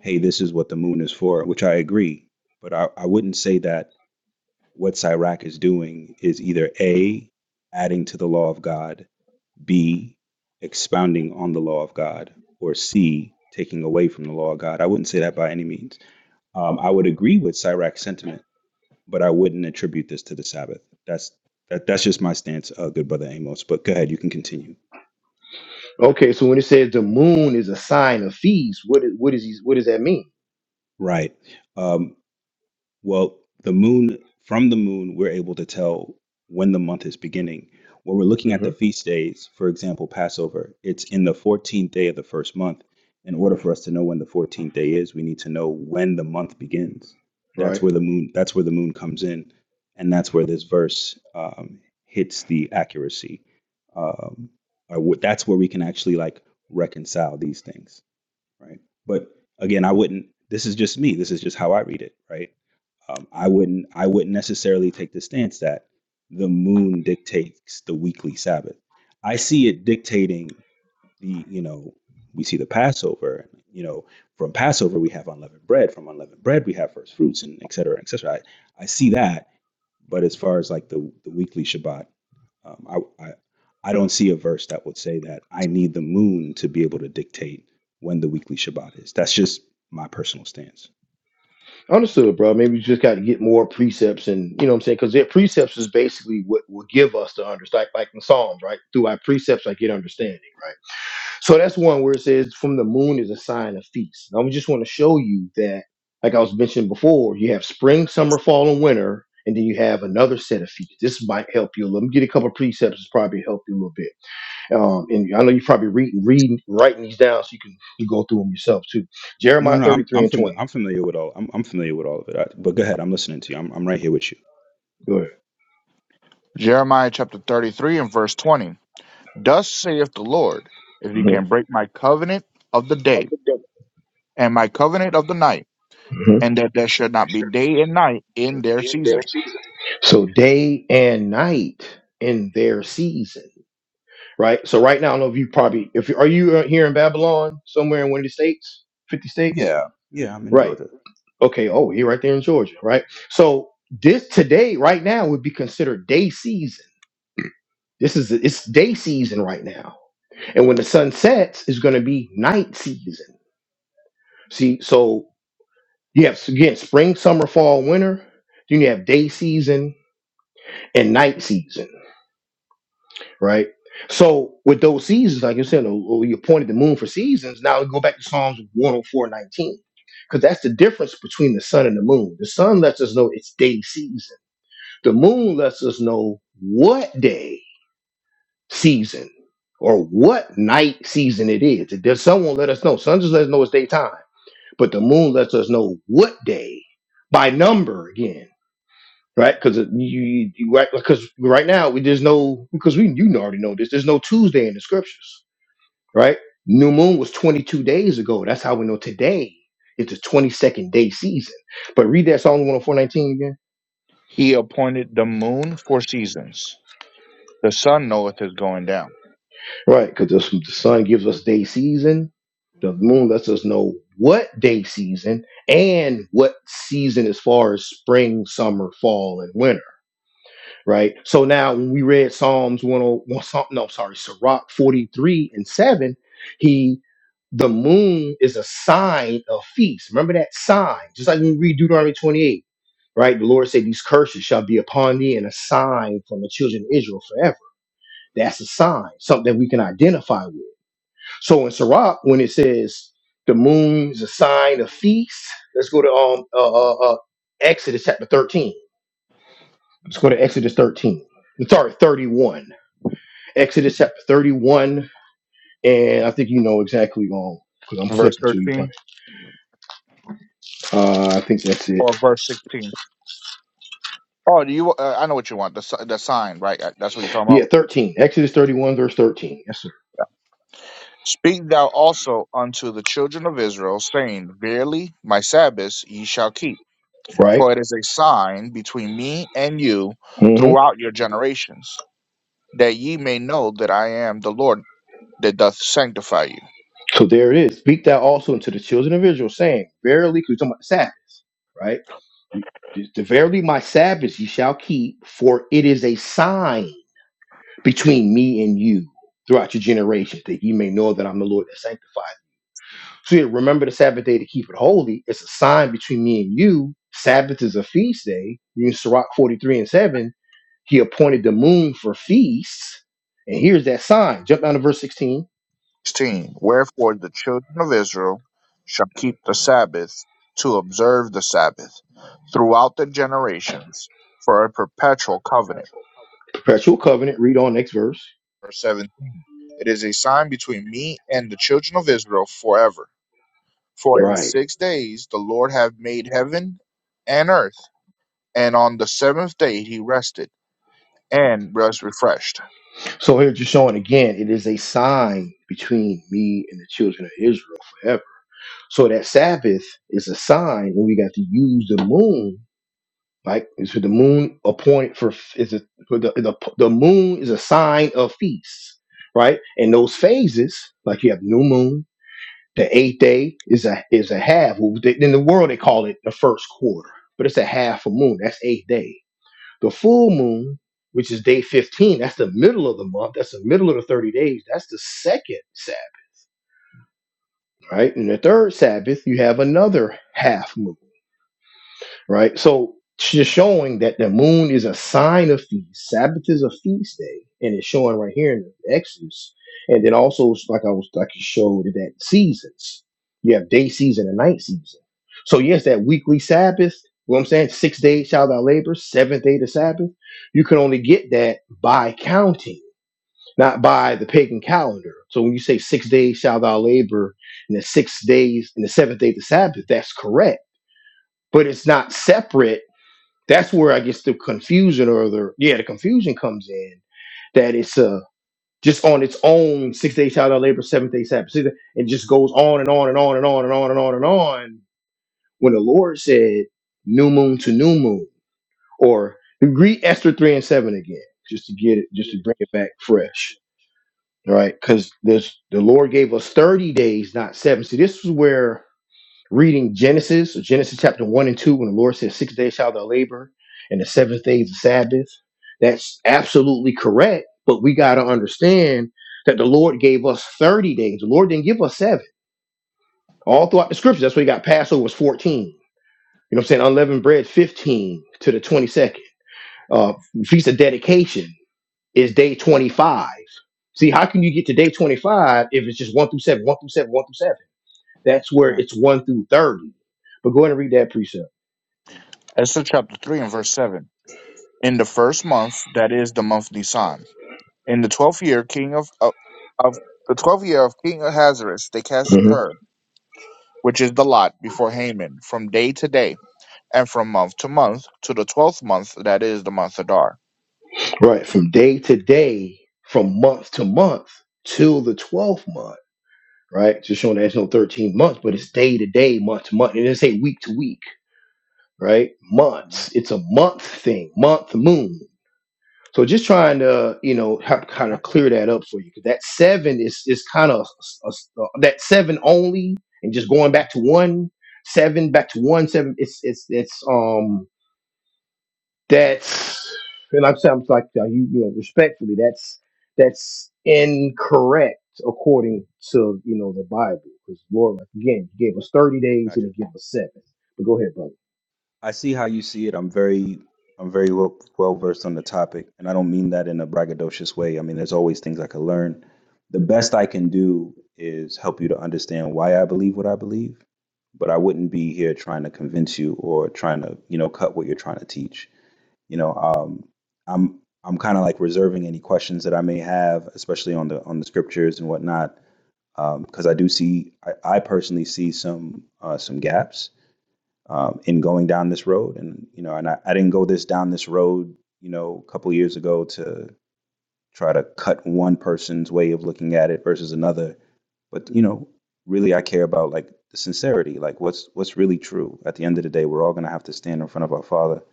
S5: hey, this is what the moon is for, which I agree. But I, I wouldn't say that what Sirach is doing is either a adding to the law of God B, expounding on the law of God, or C, taking away from the law of God. I wouldn't say that by any means. Um, I would agree with Sirach's sentiment, but I wouldn't attribute this to the Sabbath. That's that, that's just my stance, uh, good brother Amos. But go ahead, you can continue.
S1: Okay. So when it says the moon is a sign of feast, what is what is he, what does that mean?
S5: Right. Um, Well, the moon, from the moon, we're able to tell when the month is beginning. When we're looking at
S1: hmm
S5: the feast days, for example, Passover, it's in the 14th day of the first month. In order for us to know when the 14th day is, we need to know when the month begins. That's
S1: Right.
S5: where the moon, that's where the moon comes in. And that's where this verse um, hits the accuracy. Um, or what, that's where we can actually like reconcile these things, right? But again, I wouldn't, this is just me. This is just how I read it, right? Um, I wouldn't I wouldn't necessarily take the stance that the moon dictates the weekly Sabbath. I see it dictating the you know we see the Passover. You know from Passover we have unleavened bread. From unleavened bread we have first fruits and et cetera, et cetera. I, I see that, but as far as like the the weekly Shabbat, um, I, I I don't see a verse that would say that I need the moon to be able to dictate when the weekly Shabbat is. That's just my personal stance.
S1: Understood, bro. Maybe you just got to get more precepts, and you know what I'm saying, because their precepts is basically what will give us the understanding, like like in Psalms, right? Through our precepts, I get understanding, right? So that's one where it says, "From the moon is a sign of feast." Now I just want to show you that, like I was mentioning before, you have spring, summer, fall, and winter, and then you have another set of feasts. This might help you a little. Let me get a couple of precepts. It's probably help you a little bit. Um, and I know you're probably reading, reading, writing these down so you can you go through them yourself too.
S5: No,
S1: Jeremiah
S5: no, I'm
S1: 33
S5: I'm
S1: and
S5: familiar.
S1: 20.
S5: I'm familiar with all. I'm I'm familiar with all of it. I, but go ahead. I'm listening to you. I'm I'm right here with you.
S1: Go
S2: Jeremiah chapter 33 and verse 20. Thus saith the Lord, if ye
S1: ahead.
S2: can break my covenant of the day and my covenant of the night,
S1: hmm
S2: and that there should not be day and night in their season.
S1: So day and night in their season, right? So right now, I don't know if you probably if you- are you uh, here in Babylon somewhere in one of the states, 50 states,
S5: Yeah, yeah. I'm in
S1: right?
S5: Georgia.
S1: Okay. Oh, you're right there in Georgia, right? So this today, right now, would be considered day season. This is it's day season right now, and when the sun sets, it's going to be night season. See, so You have again spring, summer, fall, winter. Then you have day season and night season, right? So with those seasons, like you said, oh, oh, you pointed the moon for seasons. Now we go back to Psalms 104, 19. Because that's the difference between the sun and the moon. The sun lets us know it's day season. The moon lets us know what day season or what night season it is. It does sun won't let us know. Sun just lets us know it's daytime. But the moon lets us know what day by number again right? Because you, you right because right now we, there's no because we you already know this. There's no Tuesday in the scriptures, right? New moon was 22 days ago. That's how we know today is the 22nd day season. But read that Psalm 104:19 again,
S2: He appointed the moon for seasons. The sun knoweth his going down.
S1: right? Because the, the sun gives us day season, the moon lets us know what day season and what season as far as spring, summer, fall, and winter right? So now when we read Psalms 101, Psalm- no, sorry, Sirach 43 and 7, he the moon is a sign of feast. Remember that sign, just like when we read Deuteronomy 28, right? The Lord said, These curses shall be upon thee and a sign from the children of Israel forever. That's a sign, something that we can identify with. So in Sirach, when it says the moon is a sign of feast, let's go to um uh, uh, uh, Exodus chapter 13. Let's go to Exodus 13. i I'm Sorry, 31 Exodus chapter 31, and I think you know exactly um because I'm
S2: Verse
S1: flipping to you. Probably.
S2: 13
S1: Uh, I think that's it.
S2: or verse 16. Oh, do you? Uh, I know what you want. The, si- the sign, right? Uh, That's what you're talking
S1: Yeah,
S2: about.
S1: 13. Exodus 31, verse 13. Yes, sir.
S2: Speak thou also unto the children of Israel, saying, Verily, my Sabbaths ye shall keep
S1: Right?
S2: for it is a sign between me and you
S1: hmm
S2: throughout your generations, that ye may know that I am the Lord that doth sanctify you.
S1: So there it is. Speak thou also unto the children of Israel, saying, Verily, because you're talking about the Sabbaths, right? You- the- the Verily, my Sabbaths ye shall keep, for it is a sign between me and you throughout your generations, that ye may know that I'm the Lord that sanctifies. So yeah, remember the Sabbath day to keep it holy. It's a sign between me and you. Sabbath is a feast day. You in Sirach 43 and 7, he appointed the moon for feasts. And here's that sign. Jump down to verse 16.
S2: 16. Wherefore the children of Israel shall keep the Sabbath to observe the Sabbath throughout the generations for a perpetual covenant.
S1: Perpetual covenant. Read on next verse.
S2: Verse 17. It is a sign between me and the children of Israel forever. For in
S1: Right.
S2: six days the Lord hath made heaven and earth, and on the seventh day he rested and was refreshed.
S1: So here just showing again, it is a sign between me and the children of Israel forever. So that Sabbath is a sign, and we got to use the moon Right, is for the moon a point for is it for the the the moon is a sign of feasts, right? And those phases, like you have new moon, the eighth day is a is a half. Well, they- In the world, they call it the first quarter, but it's a half a moon. That's eighth day. The full moon, which is day fifteen, that's the middle of the month. That's the middle of the thirty days. That's the second Sabbath, right? And the third Sabbath, you have another half moon. right? So it's just showing that the moon is a sign of feast. Sabbath is a feast day, and it's showing right here in the Exodus. And then also, like I was like you showed that seasons. You have day season and night season. So yes, that weekly Sabbath. You know what I'm saying? Six days shall thou labor, seventh day the Sabbath. You can only get that by counting, not by the pagan calendar. So when you say six days shall thou labor, and the six days and the seventh day the Sabbath, that's correct. But it's not separate that's where I guess the confusion or the yeah, the confusion comes in that it's uh just on its own six day Sabbath labor, seventh day Sabbath. See, It just goes on and on and on and on and on and on and on. When the Lord said new moon to new moon, or read Esther three and seven again, just to get it, just to bring it back fresh, all right? Because this the Lord gave us thirty days, not seven. See, this is where reading Genesis, Genesis chapter one and two, when the Lord says, Six days shall thou labor, and the seventh day is the Sabbath. That's absolutely correct, but we got to understand that the Lord gave us 30 days. The Lord didn't give us seven. All throughout the scriptures, that's why you got Passover was 14. You know what I'm saying? Unleavened bread, 15 to the 22nd. Uh, Feast of dedication is day 25. See, how can you get to day 25 if it's just 1 through 7, 1 through 7, 1 through 7? That's
S5: Can
S1: where
S5: I?
S1: it's 1 through 30. But go ahead and read that precept.
S5: Mm-hmm,
S2: Esther chapter 3 and verse 7. In the first month, that is the month Nisan, in the twelfth year, king of, of, of the twelfth year of King Ahasuerus, they cast
S1: Mhm.
S2: Pur, which is the lot, before Haman, from day to day, and from month to month, to the twelfth month, that is the month Adar.
S1: Right. From day to day, from month to month, till the 12th month, right? Just showing that it's no 13 months, but it's day to day, month to month. And it doesn't say week to week, right?
S5: hmm
S1: Months. It's a month thing, month, moon. So just trying to, you know,
S5: I
S1: have,
S5: no.
S1: kind
S5: I,
S1: of clear that up for you. 'Cause That seven is, is kind of a- a- that seven only and just going
S5: hmm
S1: back to one, seven, back to one, seven. It's, it's, it's, um, That's and I'm saying like uh, you, you know respectfully, that's that's incorrect according to you know the Bible because Lord like, again he gave us 30 days
S5: Gotcha.
S1: and he gave us seven. But go ahead, brother.
S5: I see how you see it. I'm very I'm very well well versed on the topic, and I don't mean that in a braggadocious way. I mean, there's always things I could learn. The best I can do is help you to understand why I believe what I believe, but I wouldn't be here trying to convince you or trying to you know cut what you're trying to teach. you know um i'm i'm kind of like reserving any questions that i may have especially on the on the scriptures and whatnot because i do see I, I personally see some uh, some gaps um, in going down this road and you know and I, I didn't go this down this road you know a couple years ago to try to cut one person's way of looking at it versus another but you know really i care about like the sincerity like what's what's really true at the end of the day we're all going to have to stand in front of our father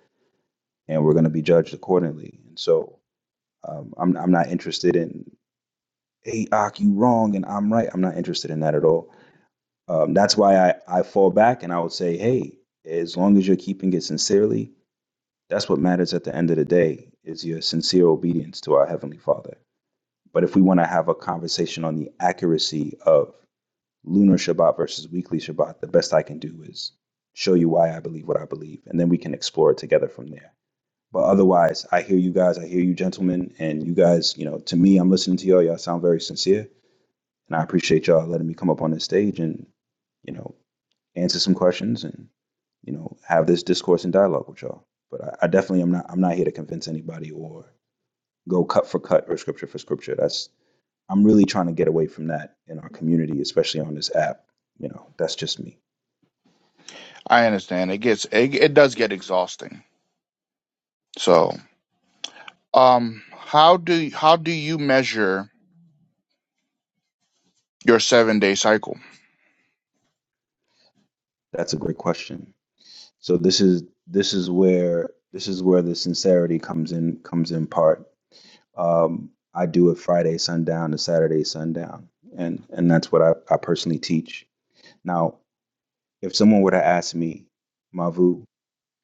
S5: and we're going to be judged accordingly. And so um, I'm I'm not interested in hey Ak, you wrong and I'm right. I'm not interested in that at all. Um, that's why I, I fall back and I would say, hey, as long as you're keeping it sincerely, that's what matters at the end of the day is your sincere obedience to our heavenly Father. But if we want to have a conversation on the accuracy of lunar Shabbat versus weekly Shabbat, the best I can do is show you why I believe what I believe, and then we can explore it together from there. But otherwise, I hear you guys. I hear you, gentlemen. And you guys, you know, to me, I'm listening to y'all. Y'all sound very sincere. And I appreciate y'all letting me come up on this stage and, you know, answer some questions and, you know, have this discourse and dialogue with y'all. But I, I definitely am not, I'm not here to convince anybody or go cut for cut or scripture for scripture. That's, I'm really trying to get away from that in our community, especially on this app. You know, that's just me.
S2: I understand. It gets it, it does get exhausting. So, um, how do how do you measure your seven day cycle?
S5: That's a great question. So this is, this is where, this is where the sincerity comes in, comes in part Um, I do it Friday sundown to Saturday sundown, and and that's what I, I personally teach. Now, if someone were to ask me, Mavu,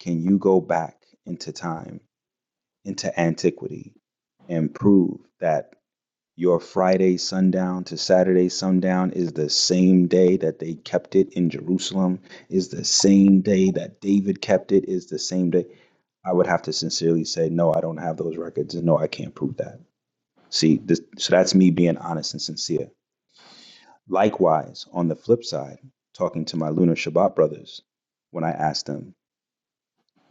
S5: can you go back into time, into antiquity, and prove that your Friday sundown to Saturday sundown is the same day that they kept it in Jerusalem, is the same day that David kept it, is the same day? I would have to sincerely say, no, I don't have those records, and no, I can't prove that. See, this, so that's me being honest and sincere. Likewise, on the flip side, talking to my Lunar Shabbat brothers, when I asked them,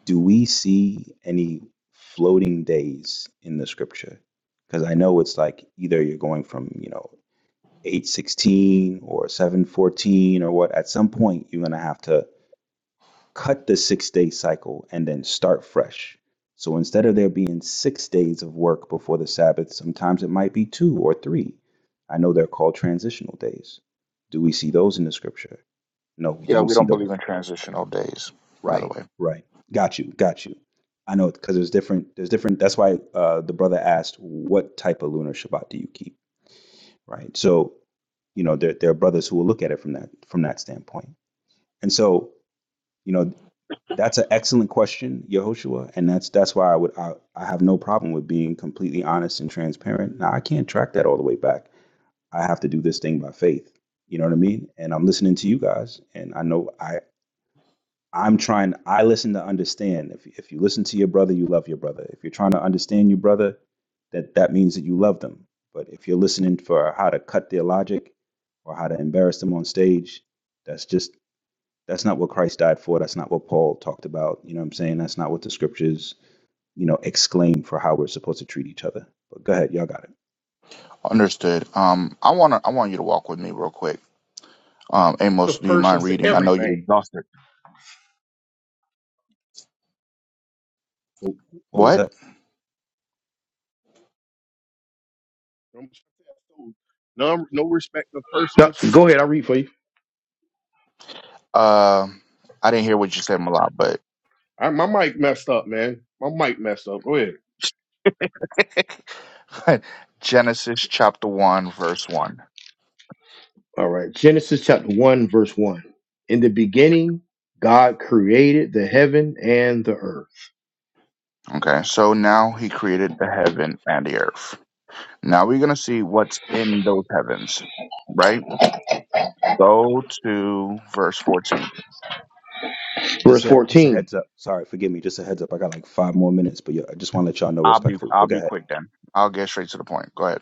S5: do we see any floating days in the scripture? Because I know it's like either you're going from, you know, 816 or 714 or what, at some point you're going to have to cut the six day cycle and then start fresh. So instead of there being six days of work before the Sabbath, sometimes it might be two or three. I know they're called transitional days. Do we see those in the scripture? No, we
S2: Yeah,
S5: don't
S2: we
S5: see
S2: don't believe
S5: those.
S2: in transitional days, by the
S5: Right,
S2: way.
S5: right. Got you, got you. I know because there's different, there's different. That's why uh, the brother asked, "What type of lunar Shabbat do you keep?" Right. So, you know, there, there are brothers who will look at it from that from that standpoint. And so, you know That's an excellent question, Yehoshua, and that's that's why I would I, I have no problem with being completely honest and transparent. Now I can't track that all the way back. I have to do this thing by faith. You know what I mean? And I'm listening to you guys, and I know I I'm trying. I listen to understand. If if you listen to your brother, you love your brother. If you're trying to understand your brother, that that means that you love them. But if you're listening for how to cut their logic or how to embarrass them on stage, that's just that's not what Christ died for. That's not what Paul talked about. You know what I'm saying? That's not what the scriptures, you know, exclaim for how we're supposed to treat each other. But go ahead, y'all got it.
S2: Understood. Um, I want to. I want you to walk with me real quick. Um,
S3: The
S2: Amos, do you mind
S3: person's
S2: reading? I know you're
S3: everything.
S2: exhausted.
S5: What was
S2: What?
S5: that?
S3: I'm just saying, so, No, no respect of persons.
S1: No, go ahead. I'll read for you.
S2: Uh, I didn't hear what you said, Malak, but
S3: I, my mic messed up, man. My mic messed up. Go ahead.
S2: (laughs) Genesis chapter one, verse one.
S1: All right, Genesis chapter one, verse one. In the beginning, God created the heaven and the earth.
S2: Okay, so now he created the heaven and the earth. Now we're gonna see what's in those heavens, right? Go to verse fourteen.
S1: Verse
S5: Just a just a
S1: 14.
S5: heads up. Sorry, forgive me. Just a heads up. I got like five more minutes, but yeah, I just want to let y'all know
S2: I'll be
S5: respectfully.
S2: I'll
S5: But go
S2: be
S5: ahead.
S2: quick then. I'll get straight to the point. Go ahead.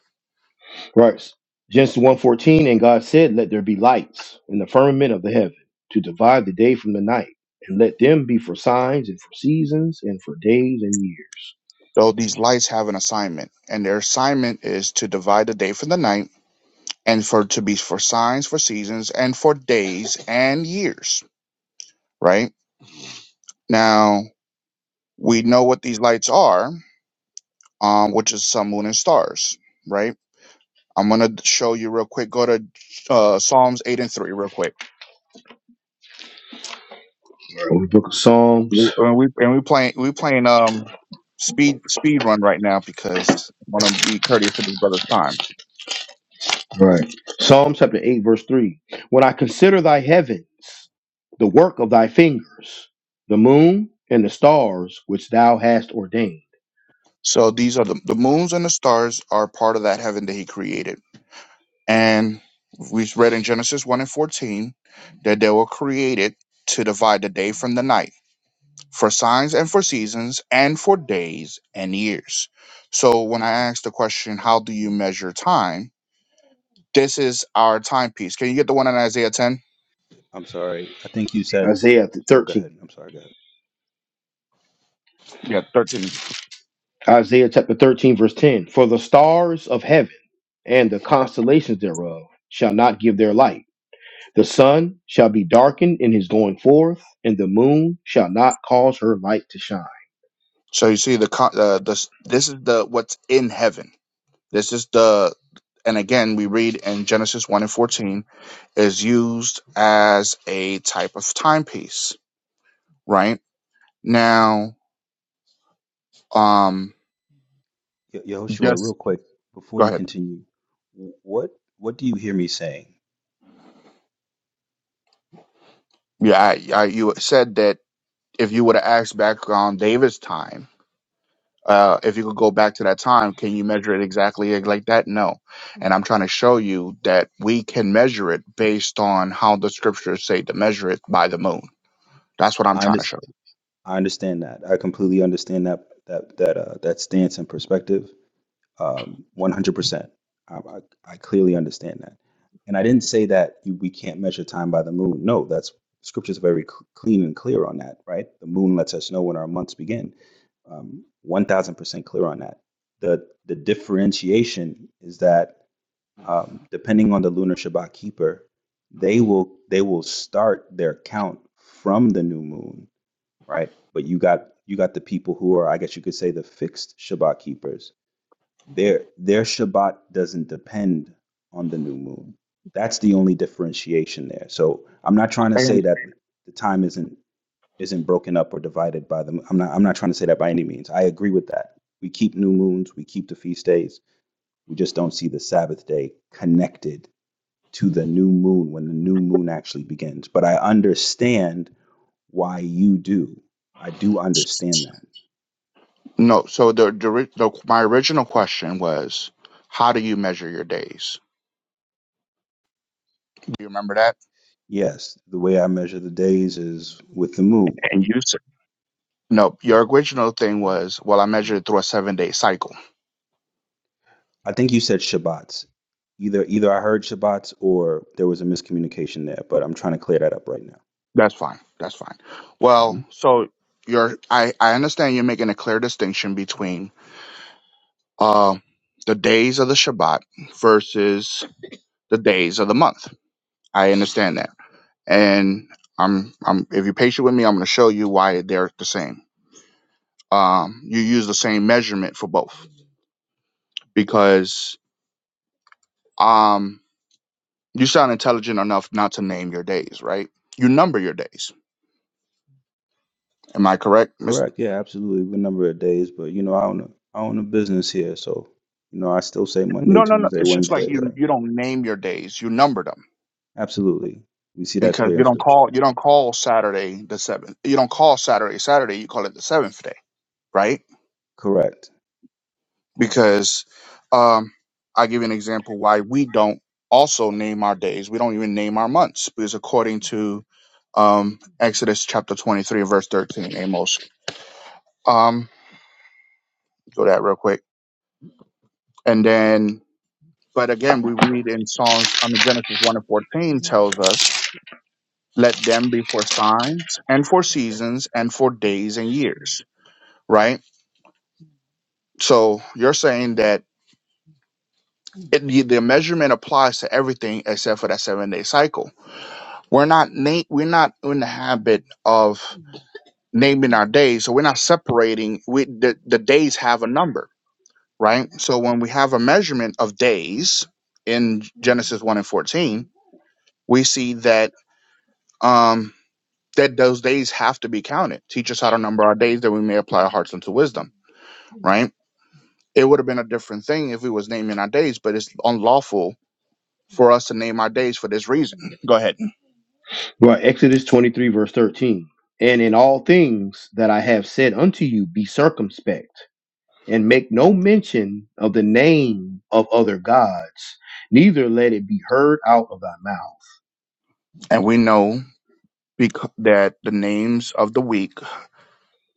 S1: Right. Genesis one fourteen, and God said, Let there be lights in the firmament of the heaven to divide the day from the night, and let them be for signs and for seasons and for days and years.
S2: So these lights have an assignment, and their assignment is to divide the day from the night and for to be for signs for seasons and for days and years right now we know what these lights are um which is sun moon and stars right i'm gonna show you real quick go to uh psalms 8 and 3 real quick
S1: From the book of
S2: we,
S1: Psalms.
S2: and we and we playing we playing um speed speed run right now because i want to be courteous to this brother's time
S1: All Right. Psalm chapter 8, verse 3. When I consider thy heavens, the work of thy fingers, the moon and the stars which thou hast ordained.
S2: so these are the, the moons and the stars are part of that heaven that he created And we read in Genesis 1 and 14 that they were created to divide the day from the night, for signs and for seasons, and for days and years. So when I asked the question, how do you measure time? This is our timepiece. Can you get the one in Isaiah 10?
S5: I'm sorry. I think you said.
S1: Isaiah
S5: Oh, go
S1: 13.
S5: ahead. I'm sorry. Go
S2: Yeah, 13.
S1: Isaiah chapter 13, verse 10. For the stars of heaven and the constellations thereof shall not give their light The sun shall be darkened in his going forth, and the moon shall not cause her light to shine.
S2: So you see the co- uh, this this is the what's in heaven. This is the and again we read in Genesis 1 and 14 is used as a type of timepiece, right? Now, um,
S5: ahead. Yo, Yehoshua, real
S2: just
S5: quick before
S2: go
S5: you
S2: ahead.
S5: continue, what what do you hear me saying?
S2: Yeah, I, I, you said that if you would have asked back on David's time, uh, if you could go back to that time, can you measure it exactly like like that? No. And I'm trying to show you that we can measure it based on how the scriptures say to measure it by the moon. That's what I'm
S5: I
S2: trying to
S5: understand.
S2: show. you.
S5: I understand that. I completely understand that that that uh, that stance and perspective. um, 100%. I, I, I clearly understand that. And I didn't say that you, we can't measure time by the moon. No, that's scripture's very cl- clean and clear on that, right? The moon lets us know when our months begin. Um, 1000% clear on that. The, the differentiation is that um, depending on the lunar Shabbat keeper, they will they will start their count from the new moon, right? But you got you got the people who are, I guess you could say, the fixed Shabbat keepers their their Shabbat doesn't depend on the new moon. That's the only differentiation there. So I'm not trying to say that the time isn't isn't broken up or divided by the. I'm not I'm not trying to say that by any means. I agree with that. We keep new moons. We keep the feast days. We just don't see the Sabbath day connected to the new moon when the new moon actually begins. But I understand why you do. I do understand that.
S2: No. So the, the, ri- the my original question was, how do you measure your days? Do you remember that?
S5: Yes, the way I measure the days is with the moon.
S2: And you said no. Your original thing was, well, I measured it through a seven day cycle.
S5: I think you said Shabbats. Either either I heard Shabbats or there was a miscommunication there, but I'm trying to clear that up right now.
S2: That's fine. That's fine.
S5: hmm
S2: Well, so you're I, I understand you're making a clear distinction between uh, the days of the Shabbat versus the days of the month. I understand that. And I'm I'm if you're patient with me, I'm gonna show you why they're the same. Um you use the same measurement for both because um you sound intelligent enough not to name your days, right? You number your days. Am I correct, Miss?
S5: Correct. Yeah, absolutely. The number of days, but you know, I own a, I own a business here, so you know, I still say Monday,
S2: No, no, no.
S5: Tuesday,
S2: It's just like
S5: Wednesday,
S2: you
S5: right?
S2: you don't name your days, you number them
S5: Absolutely. We see that
S2: because
S5: clear
S2: you
S5: in
S2: don't
S5: scripture.
S2: call you don't
S5: Yes.
S2: call Saturday the seventh. You don't call Saturday Saturday. You call it the seventh day, right?
S5: Correct.
S2: Because um, I give you an example why we don't also name our days. We don't even name our months because according to um, Exodus chapter twenty three verse thirteen, Amos. Um, go that real quick, and then. But again, we read in Psalms, I mean, Genesis 1 and 14 tells us, let them be for signs and for seasons and for days and years, right? So you're saying that it, the, the measurement applies to everything except for that seven day cycle. We're not na- we're not in the habit of naming our days, so we're not separating. We the, the days have a number, right? So when we have a measurement of days in Genesis one and fourteen, we see that um that those days have to be counted. Teach us how to number our days that we may apply our hearts unto wisdom, right? It would have been a different thing if we was naming our days, but it's unlawful for us to name our days for this reason. Go ahead.
S1: Right, Exodus 23, verse 13. And in all things that I have said unto you, be circumspect, and make no mention of the name of other gods, neither let it be heard out of thy mouth.
S2: And we know because that the names of the week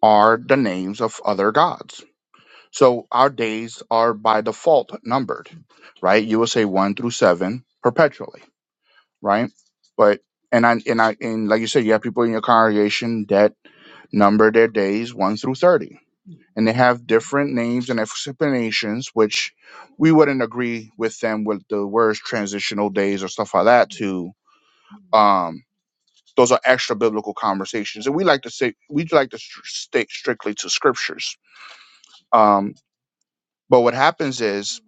S2: are the names of other gods. So our days are by default numbered, right? You will say one through seven perpetually, right? But and I and I and like you said, you have people in your congregation that number their days one through thirty. And they have different names and explanations, which we wouldn't agree with them with the words transitional days or stuff like that to um Those are extra biblical conversations, and we like to say we like to str- stay strictly to scriptures. Um, but what happens is,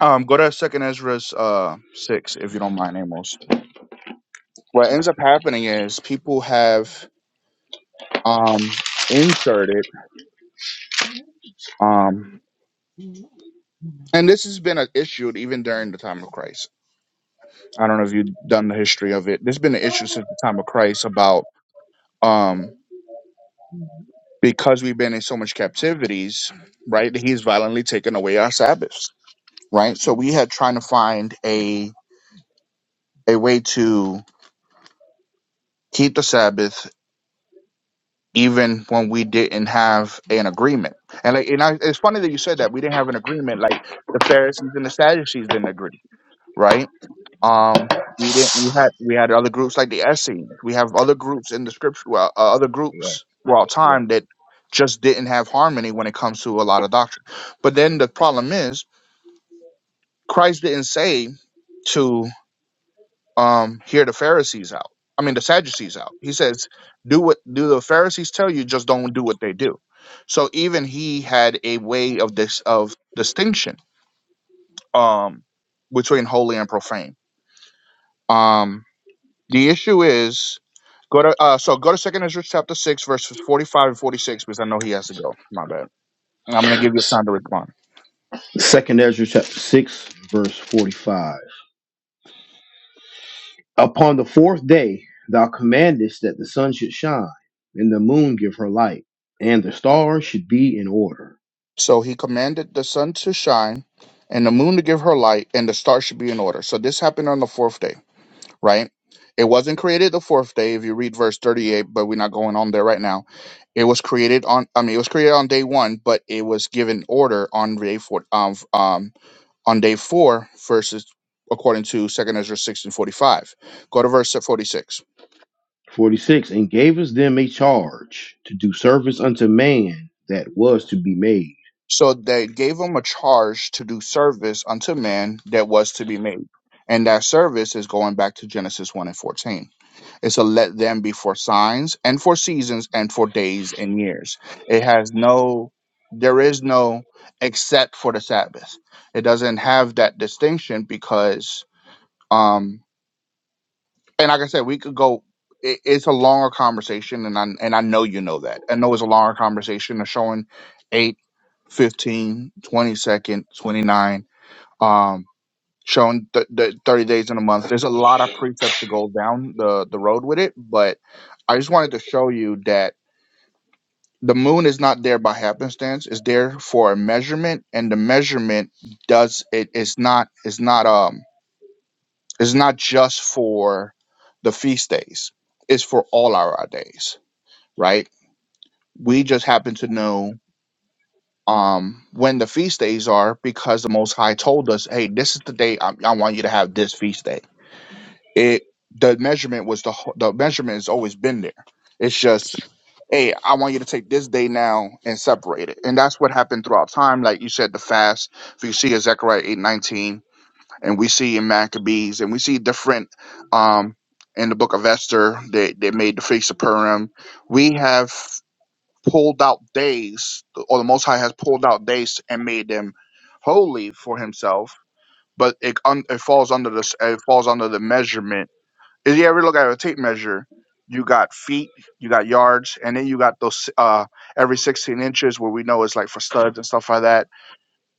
S2: um, go to Second Ezra uh, six if you don't mind, Amos. What ends up happening is people have um, inserted, um, and this has been an issue even during the time of Christ. I don't know if you've done the history of it. There's been an issue since the time of Christ about um, because we've been in so much captivities, right? He's violently taken away our Sabbaths right? So we had trying to find a a way to keep the Sabbath even when we didn't have an agreement. And like, and I, it's funny that you said that we didn't have an agreement. Like the Pharisees and the Sadducees didn't agree, right? Um, we didn't. We had we had other groups like the Essenes. We have other groups in the scripture, well, uh, other
S5: Correct.
S2: groups throughout
S5: Correct.
S2: time that just didn't have harmony when it comes to a lot of doctrine. But then the problem is Christ didn't say to um hear the Pharisees out. I mean the Sadducees out. He says, do what do the Pharisees tell you, just don't do what they do. So even he had a way of this of distinction um between holy and profane. Um the issue is go to uh so go to second Ezra chapter six verses forty five and forty six because I know he has to go. My bad. I'm gonna give you time to respond.
S1: Second Ezra chapter 6, verse 45. Upon the fourth day, thou commandest that the sun should shine, and the moon give her light, and the stars should be in order.
S2: So he commanded the sun to shine and the moon to give her light and the stars should be in order. So this happened on the fourth day right? It wasn't created the fourth day, if you read verse 38, but we're not going on there right now. It was created on, I mean, it was created on day one, but it was given order on day four, um, f- um, on day four, verses according to Second Ezra 16 45. Go to verse 46.
S1: 46. And gavest them a charge to do service unto man that was to be made.
S2: So they gave him a charge to do service unto man that was to be made. And that service is going back to Genesis 1 and 14 It said, let them be for signs and for seasons and for days and years. It has no, there is no except for the Sabbath. It doesn't have that distinction because, um, and like I said, we could go. It, it's a longer conversation, and I and I know you know that. I know it's a longer conversation. they showing eight, fifteen, twenty 15, 20 second, 29. Um, showing th- the 30 days in a month. There's a lot of precepts to go down the, the road with it, but I just wanted to show you that the moon is not there by happenstance. It's there for a measurement, and the measurement does it. It's not. It's not. Um. It's not just for the feast days. It's for all our days, right? We just happen to know um when the feast days are because the Most High told us, "Hey, this is the day I, I want you to have this feast day." It the measurement was the wh- the measurement has always been there. It's just, hey, I want you to take this day now and separate it, and that's what happened throughout time. Like you said, the fast. If you see in Zechariah eight nineteen, and we see in Maccabees, and we see different um in the book of Esther, they they made the feast of Purim. We have pulled out days, or the Most High has pulled out days and made them holy for Himself but it un- it falls under this it falls under the measurement if you ever look at a tape measure, you got feet, you got yards, and then you got those uh every 16 inches where we know it's like for studs and stuff like that.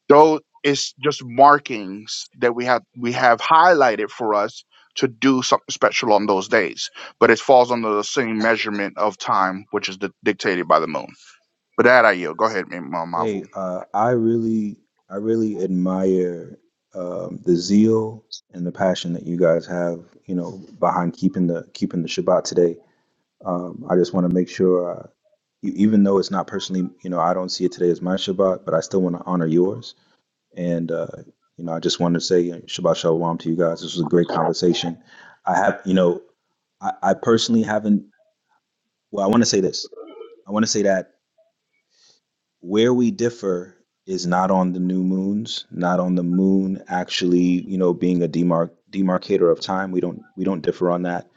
S2: Though it's just markings that we have we have highlighted for us to do something special on those days. But it falls under the same measurement of time, which is di- dictated by the moon. But that I yield. Go ahead, Ma- Ma- Mavu.
S5: Hey, uh, I really I really admire um, the zeal and the passion that you guys have, you know, behind keeping the keeping the Shabbat today Um, I just want to make sure, uh, you, even though it's not personally, you know, I don't see it today as my Shabbat, but I still want to honor yours. And, uh, you know, I just wanted to say you Shabbat Shalom to you guys. This was a great conversation. I have, you know, I, I personally haven't, well, I want to say this. I want to say that where we differ is not on the new moons, not on the moon actually, you know, being a demarc- demarcator of time. We don't we don't differ on that.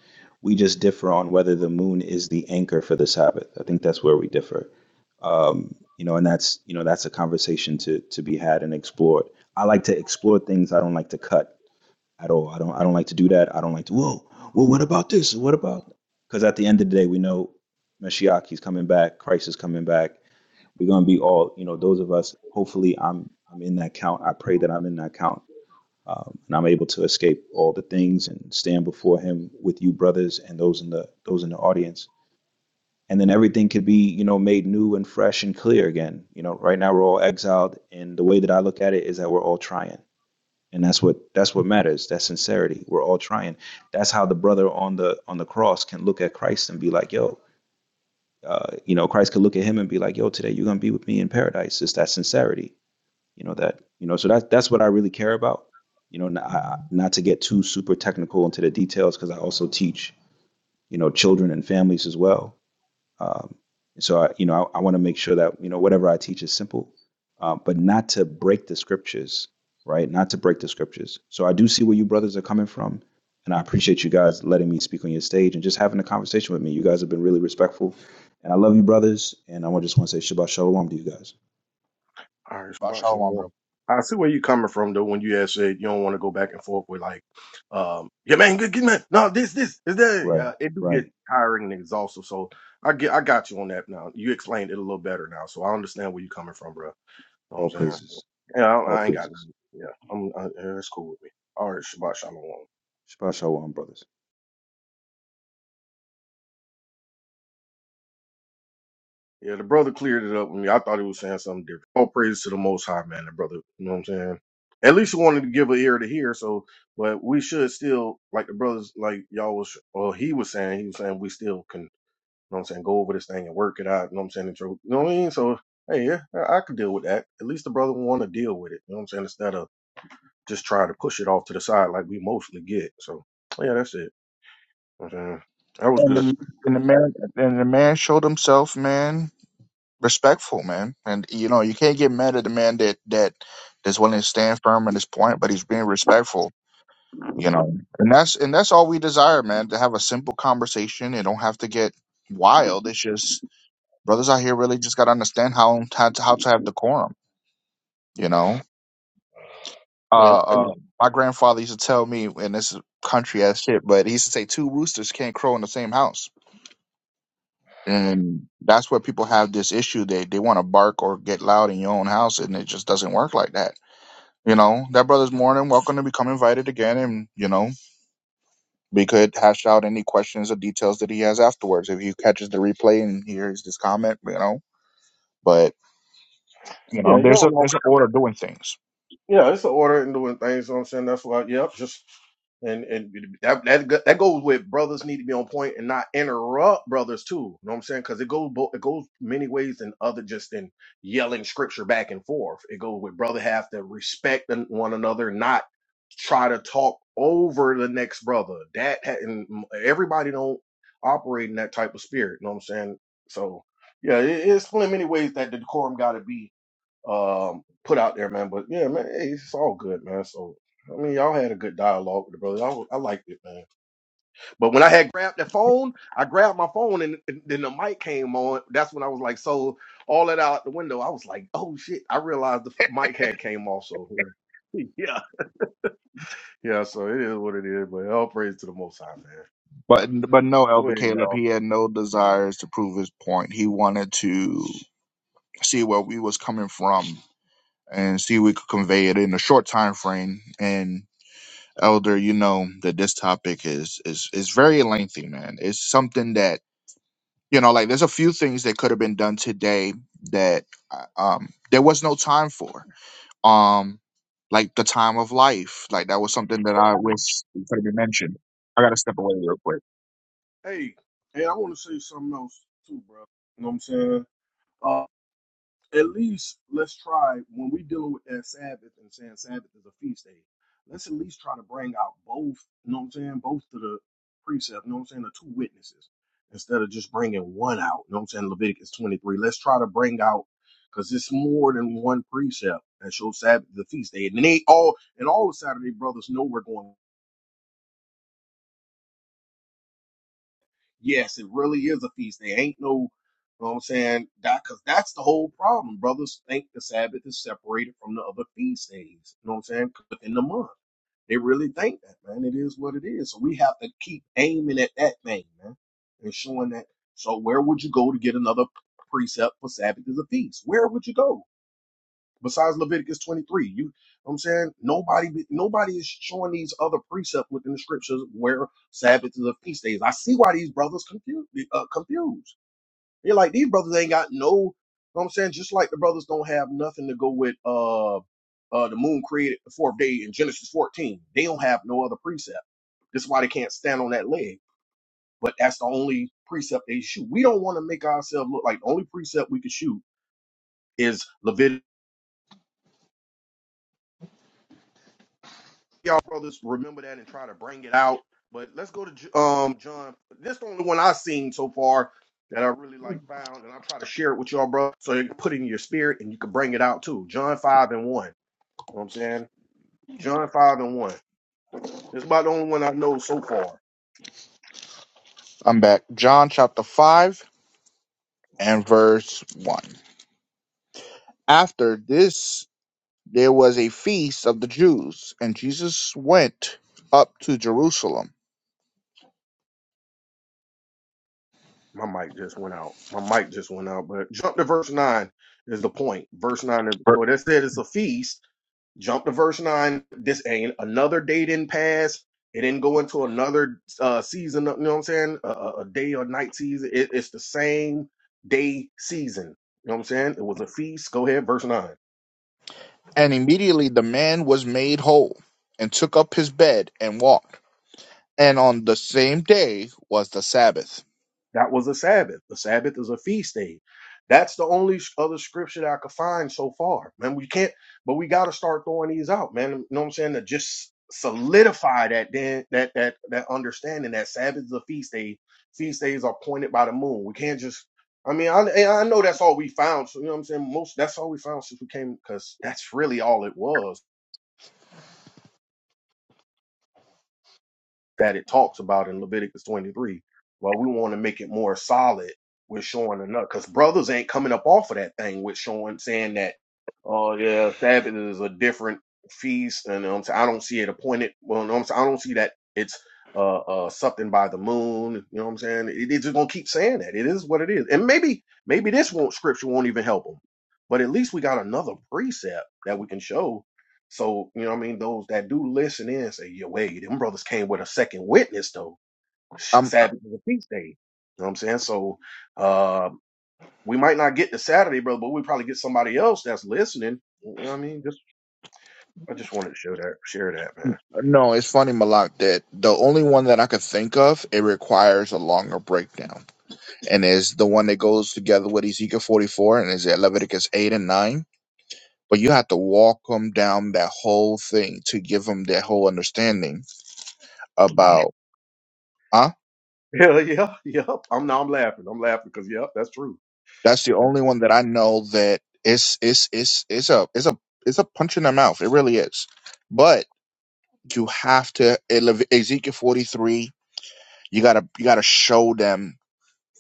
S5: We just differ on whether the moon is the anchor for the Sabbath. I think that's where we differ. Um, you know, and that's you know that's a conversation to to be had and explored. I like to explore things. I don't like to cut at all. I don't I don't like to do that. I don't like to whoa, well what about this? What about because at the end of the day we know Mashiach he's coming back, Christ is coming back. We're gonna be all, you know, those of us, hopefully I'm I'm in that count. I pray that I'm in that count. Um, and I'm able to escape all the things and stand before him with you brothers and those in the those in the audience. And then everything could be, you know, made new and fresh and clear again. You know, right now we're all exiled and the way that I look at it is that we're all trying and that's what that's what matters that sincerity we're all trying that's how the brother on the on the cross can look at christ and be like yo uh, you know christ could look at him and be like yo today you're gonna be with me in paradise it's that sincerity you know that you know so that that's what i really care about you know not, not to get too super technical into the details because i also teach you know children and families as well um, so I, you know, I, I want to make sure that you know whatever I teach is simple, uh, but not to break the scriptures, right? Not to break the scriptures. So I do see where you brothers are coming from, and I appreciate you guys letting me speak on your stage and just having a conversation with me. You guys have been really respectful, and I love you, brothers. And I just want to say Shabbat Shalom to you guys.
S3: All right,
S2: Ba
S3: Shabbat
S2: Shalom, bro.
S3: Shalom. I see where you're coming from though when you had said you don't want to go back and forth with like, um, yeah, man, good, good man. No, this, this, is that.
S5: Right,
S3: Uh, it do get
S5: right.
S3: tiring and exhausting. So I get, I got you on that now. You explained it a little better now, so I understand where you're coming from, bro. You know what
S5: All
S3: I'm saying? So,
S5: praises,
S3: yeah,
S5: all
S3: I, I ain't got
S5: praises.
S3: nothing. Yeah, I'm. Uh, yeah, that's cool with me. All right, Shabbat Shalom.
S5: Shabbat Shalom, brothers.
S3: Yeah, the brother cleared it up with me. I thought he was saying something different. All praise to the Most High, man. The brother, you know what I'm saying. At least he wanted to give an ear to hear. So, but we should still, like the brothers, like y'all was, or he was saying, he was saying we still can, you know what I'm saying, go over this thing and work it out. You know what I'm saying? intro- You know what I mean? So, hey, yeah, I, I could deal with that. At least the brother want to deal with it. You know what I'm saying? Instead of just trying to push it off to the side like we mostly get. So, yeah, that's it. You know what I'm saying? That was
S2: And
S3: good.
S2: the, and the man and the man showed himself, man. respectful, man. And you know, you can't get mad at the man that that that's willing to stand firm on his point, but he's being respectful. You know, and that's and that's all we desire, man. To have a simple conversation and don't have to get wild. It's just brothers out here really just got to understand how how to, how to have decorum. You know,
S3: Yeah,
S2: uh, uh, my grandfather used to tell me, and this is country as shit, but he used to say two roosters can't crow in the same house. And that's where people have this issue. They they want to bark or get loud in your own house, and it just doesn't work like that You know, that brother's more than welcome to become invited again, and you know, we could hash out any questions or details that he has afterwards if he catches the replay and hears this comment. You know, but you
S3: yeah,
S2: know, there's
S3: y'all
S2: a
S3: know
S2: there's an order of doing things.
S3: Yeah, it's the order and doing things. You know what I'm saying? That's why, yep, just and and that that go- that goes with brothers need to be on point and not interrupt brothers too. You know what I'm saying? Because it goes bo- it goes many ways than other just in yelling scripture back and forth. It goes with brother have to respect an- one another, not try to talk over the next brother. That ha- and m- everybody don't operate in that type of spirit. You know what I'm saying? So yeah, it, it's plenty many ways that the decorum got to be um, put out there, man. But yeah, man, hey, it's all good, man. So I mean, y'all had a good dialogue with the brother. you I liked it, man. But when I had grabbed the phone, I grabbed my phone, and, and then the mic came on. That's when I was like, so all that out the window. I was like, oh shit! I realized the mic had came off. So yeah, (laughs) yeah, yeah. So it is what it is. But all praise to the Most High, man.
S2: But but no,
S3: Go
S2: Elder
S3: ahead,
S2: Caleb,
S3: y'all.
S2: he had no desires to prove his point. He wanted to see where we was coming from and see if we could convey it in a short time frame. And Elder, you know that this topic is is is very lengthy, man. It's something that You know, like there's a few things that could have been done today that uh, um, there was no time for. Um, like the time of life, like that was something that I wish could have been mentioned. I gotta step away real quick.
S3: Hey, hey, I want to say something else too, bro. You know what I'm saying? Uh, at least let's try when we dealing with that Sabbath and saying Sabbath is a feast day. Let's at least try to bring out both. You know what I'm saying? Both to the precept. You know what I'm saying? The two witnesses instead of just bringing one out. You know what I'm saying? Leviticus 23. Let's try to bring out because it's more than one precept that shows Sabbath the feast day, and they all and all the Saturday brothers know we're going. Yes, it really is a feast. day. ain't no, you know what I'm saying? That, cause that's the whole problem. Brothers think the Sabbath is separated from the other feast days. You know what I'm saying? Within the month. They really think that, man. It is what it is. So we have to keep aiming at that thing, man, and showing that. So where would you go to get another precept for Sabbath is a feast? Where would you go? Besides Leviticus 23, you know what I'm saying nobody nobody is showing these other precepts within the scriptures where Sabbath is a feast days. I see why these brothers confused. Uh, confused. They're like these brothers ain't got no. You know what I'm saying just like the brothers don't have nothing to go with uh uh the moon created the fourth day in Genesis 14. They don't have no other precept. This is why they can't stand on that leg. But that's the only precept they shoot. We don't want to make ourselves look like the only precept we can shoot is Leviticus. y'all brothers remember that and try to bring it out. But let's go to J- um John. This the only one I've seen so far that I really like found, and I'll try to share it with y'all, bro, so you can put it in your spirit and you can bring it out too. John five and one. You know what I'm saying? John five and one. It's about the only one I know so far.
S2: I'm back. John chapter five and verse one. After this, there was a feast of the Jews, and Jesus went up to Jerusalem.
S3: My mic just went out. My mic just went out. But jump to verse nine is the point. Verse nine. is- So that said, it's a feast Jump to verse 9. This ain't another day didn't pass. It didn't go into another uh, season, you know what I'm saying? A, a a day or night season. It, it's the same day season. You know what I'm saying? It was a feast. Go ahead, verse 9.
S2: And immediately the man was made whole, and took up his bed and walked. and on the same day was the Sabbath.
S3: That was a Sabbath. The Sabbath is a feast day. That's the only other scripture that I could find so far. Man, we can't, but we got to start throwing these out, man. You know what I'm saying? To just solidify that then that that that understanding that Sabbath is a feast day. Feast days are pointed by the moon. We can't just. I mean, I and I know that's all we found. So you know what I'm saying. Most that's all we found since we came because that's really all it was that it talks about in Leviticus 23. Well, we want to make it more solid with showing another, because brothers ain't coming up off of that thing with showing saying that, oh yeah, Sabbath is a different feast, and um, so I don't see it appointed. Well, no, I'm saying, I don't see that it's uh, uh something by the moon. You know what I'm saying? It, it's just gonna keep saying that. It is what it is, and maybe maybe this won't scripture won't even help them, but at least we got another precept that we can show so, you know what I mean? Those that do listen in say, "Yo, wait, them brothers came with a second witness, though. Sh-
S2: Um,
S3: Sabbath is a feast day. You know what I'm saying? So, uh, we might not get to Saturday, brother, but we probably get somebody else that's listening. You know what I mean? Just, I just wanted to show that, share that,
S2: no, it's funny, Malak, that the only one that I could think of, it requires a longer breakdown, and is the one that goes together with Ezekiel 44 and is at Leviticus 8 and 9. But you have to walk them down that whole thing to give them that whole understanding
S3: man. (laughs)
S2: about, huh?
S3: Yeah, yeah, yep. I'm now I'm laughing. I'm laughing because, yep, that's true.
S2: That's the only one that I know that it's it's it's it's a it's a it's a punch in the mouth. It really is. But you have to Ele- Ezekiel 43 You gotta you gotta show them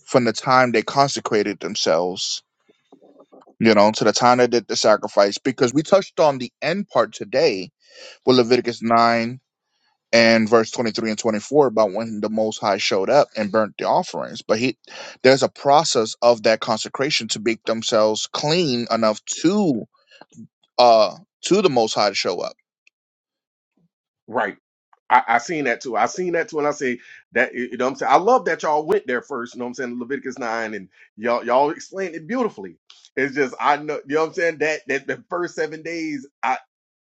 S2: from the time they consecrated themselves, you know, to the time they did the sacrifice. Because we touched on the end part today with Leviticus nine and verse twenty three and twenty four about when the Most High showed up and burnt the offerings. But he there's a process of that consecration to make themselves clean enough to uh to the Most High to show up.
S3: Right. I, I seen that too. I seen that too, and I say that you know what I'm saying. I love that y'all went there first, you know what I'm saying, Leviticus nine, and y'all y'all explained it beautifully. It's just I know you know what I'm saying, that that the first seven days I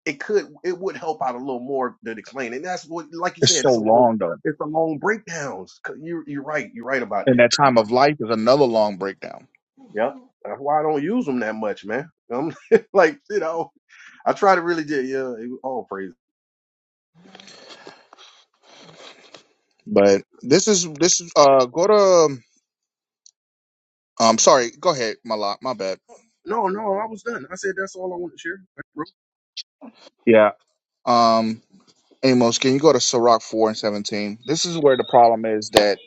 S3: it could it would help out a little more than explain. And that's what like you
S2: It's
S3: said,
S2: so
S3: it's a long
S2: long though.
S3: it's a long breakdowns. C- You you're right, you're right about
S2: And
S3: that.
S2: that
S3: You're
S2: time of
S3: right.
S2: life is another long breakdown.
S3: Yep. That's why I don't use them that much, man. I'm (laughs) like, you know, I try to really do yeah, it- oh praise
S2: But
S3: shit.
S2: this is this is uh go to um, Um, sorry, go ahead, my lot, my bad.
S3: No, no, I was done. I said that's all I wanted to share.
S2: Yeah. Um, Amos, can you go to Sirach four and seventeen? This is where the problem is that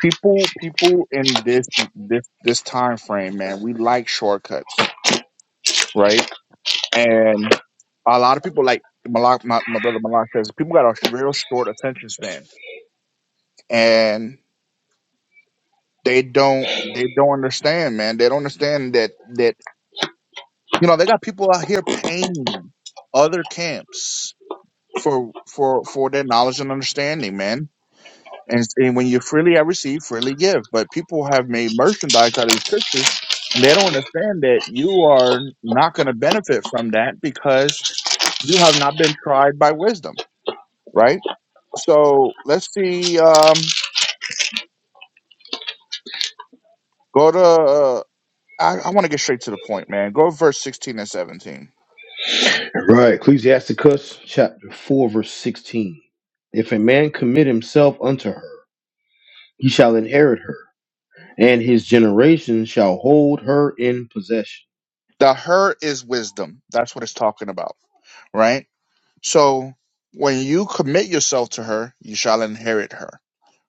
S2: people, people in this this this time frame, man, we like shortcuts, right? And a lot of people like Malak, my, my brother Malak says, people got a real short attention span, and they don't they don't understand, man. They don't understand that that you know they got people out here paying other camps for for for their knowledge and understanding, man. And, and when you freely I receive, freely give. But people have made merchandise out of these scriptures, and they don't understand that you are not going to benefit from that because you have not been tried by wisdom, right? So let's see. Um, go to uh, I, I want to get straight to the point, man. Go verse 16 and 17.
S1: Right. Ecclesiasticus chapter 4, verse 16. If a man commit himself unto her, he shall inherit her, and his generation shall hold her in possession.
S2: The her is wisdom. That's what it's talking about, right? So when you commit yourself to her, you shall inherit her,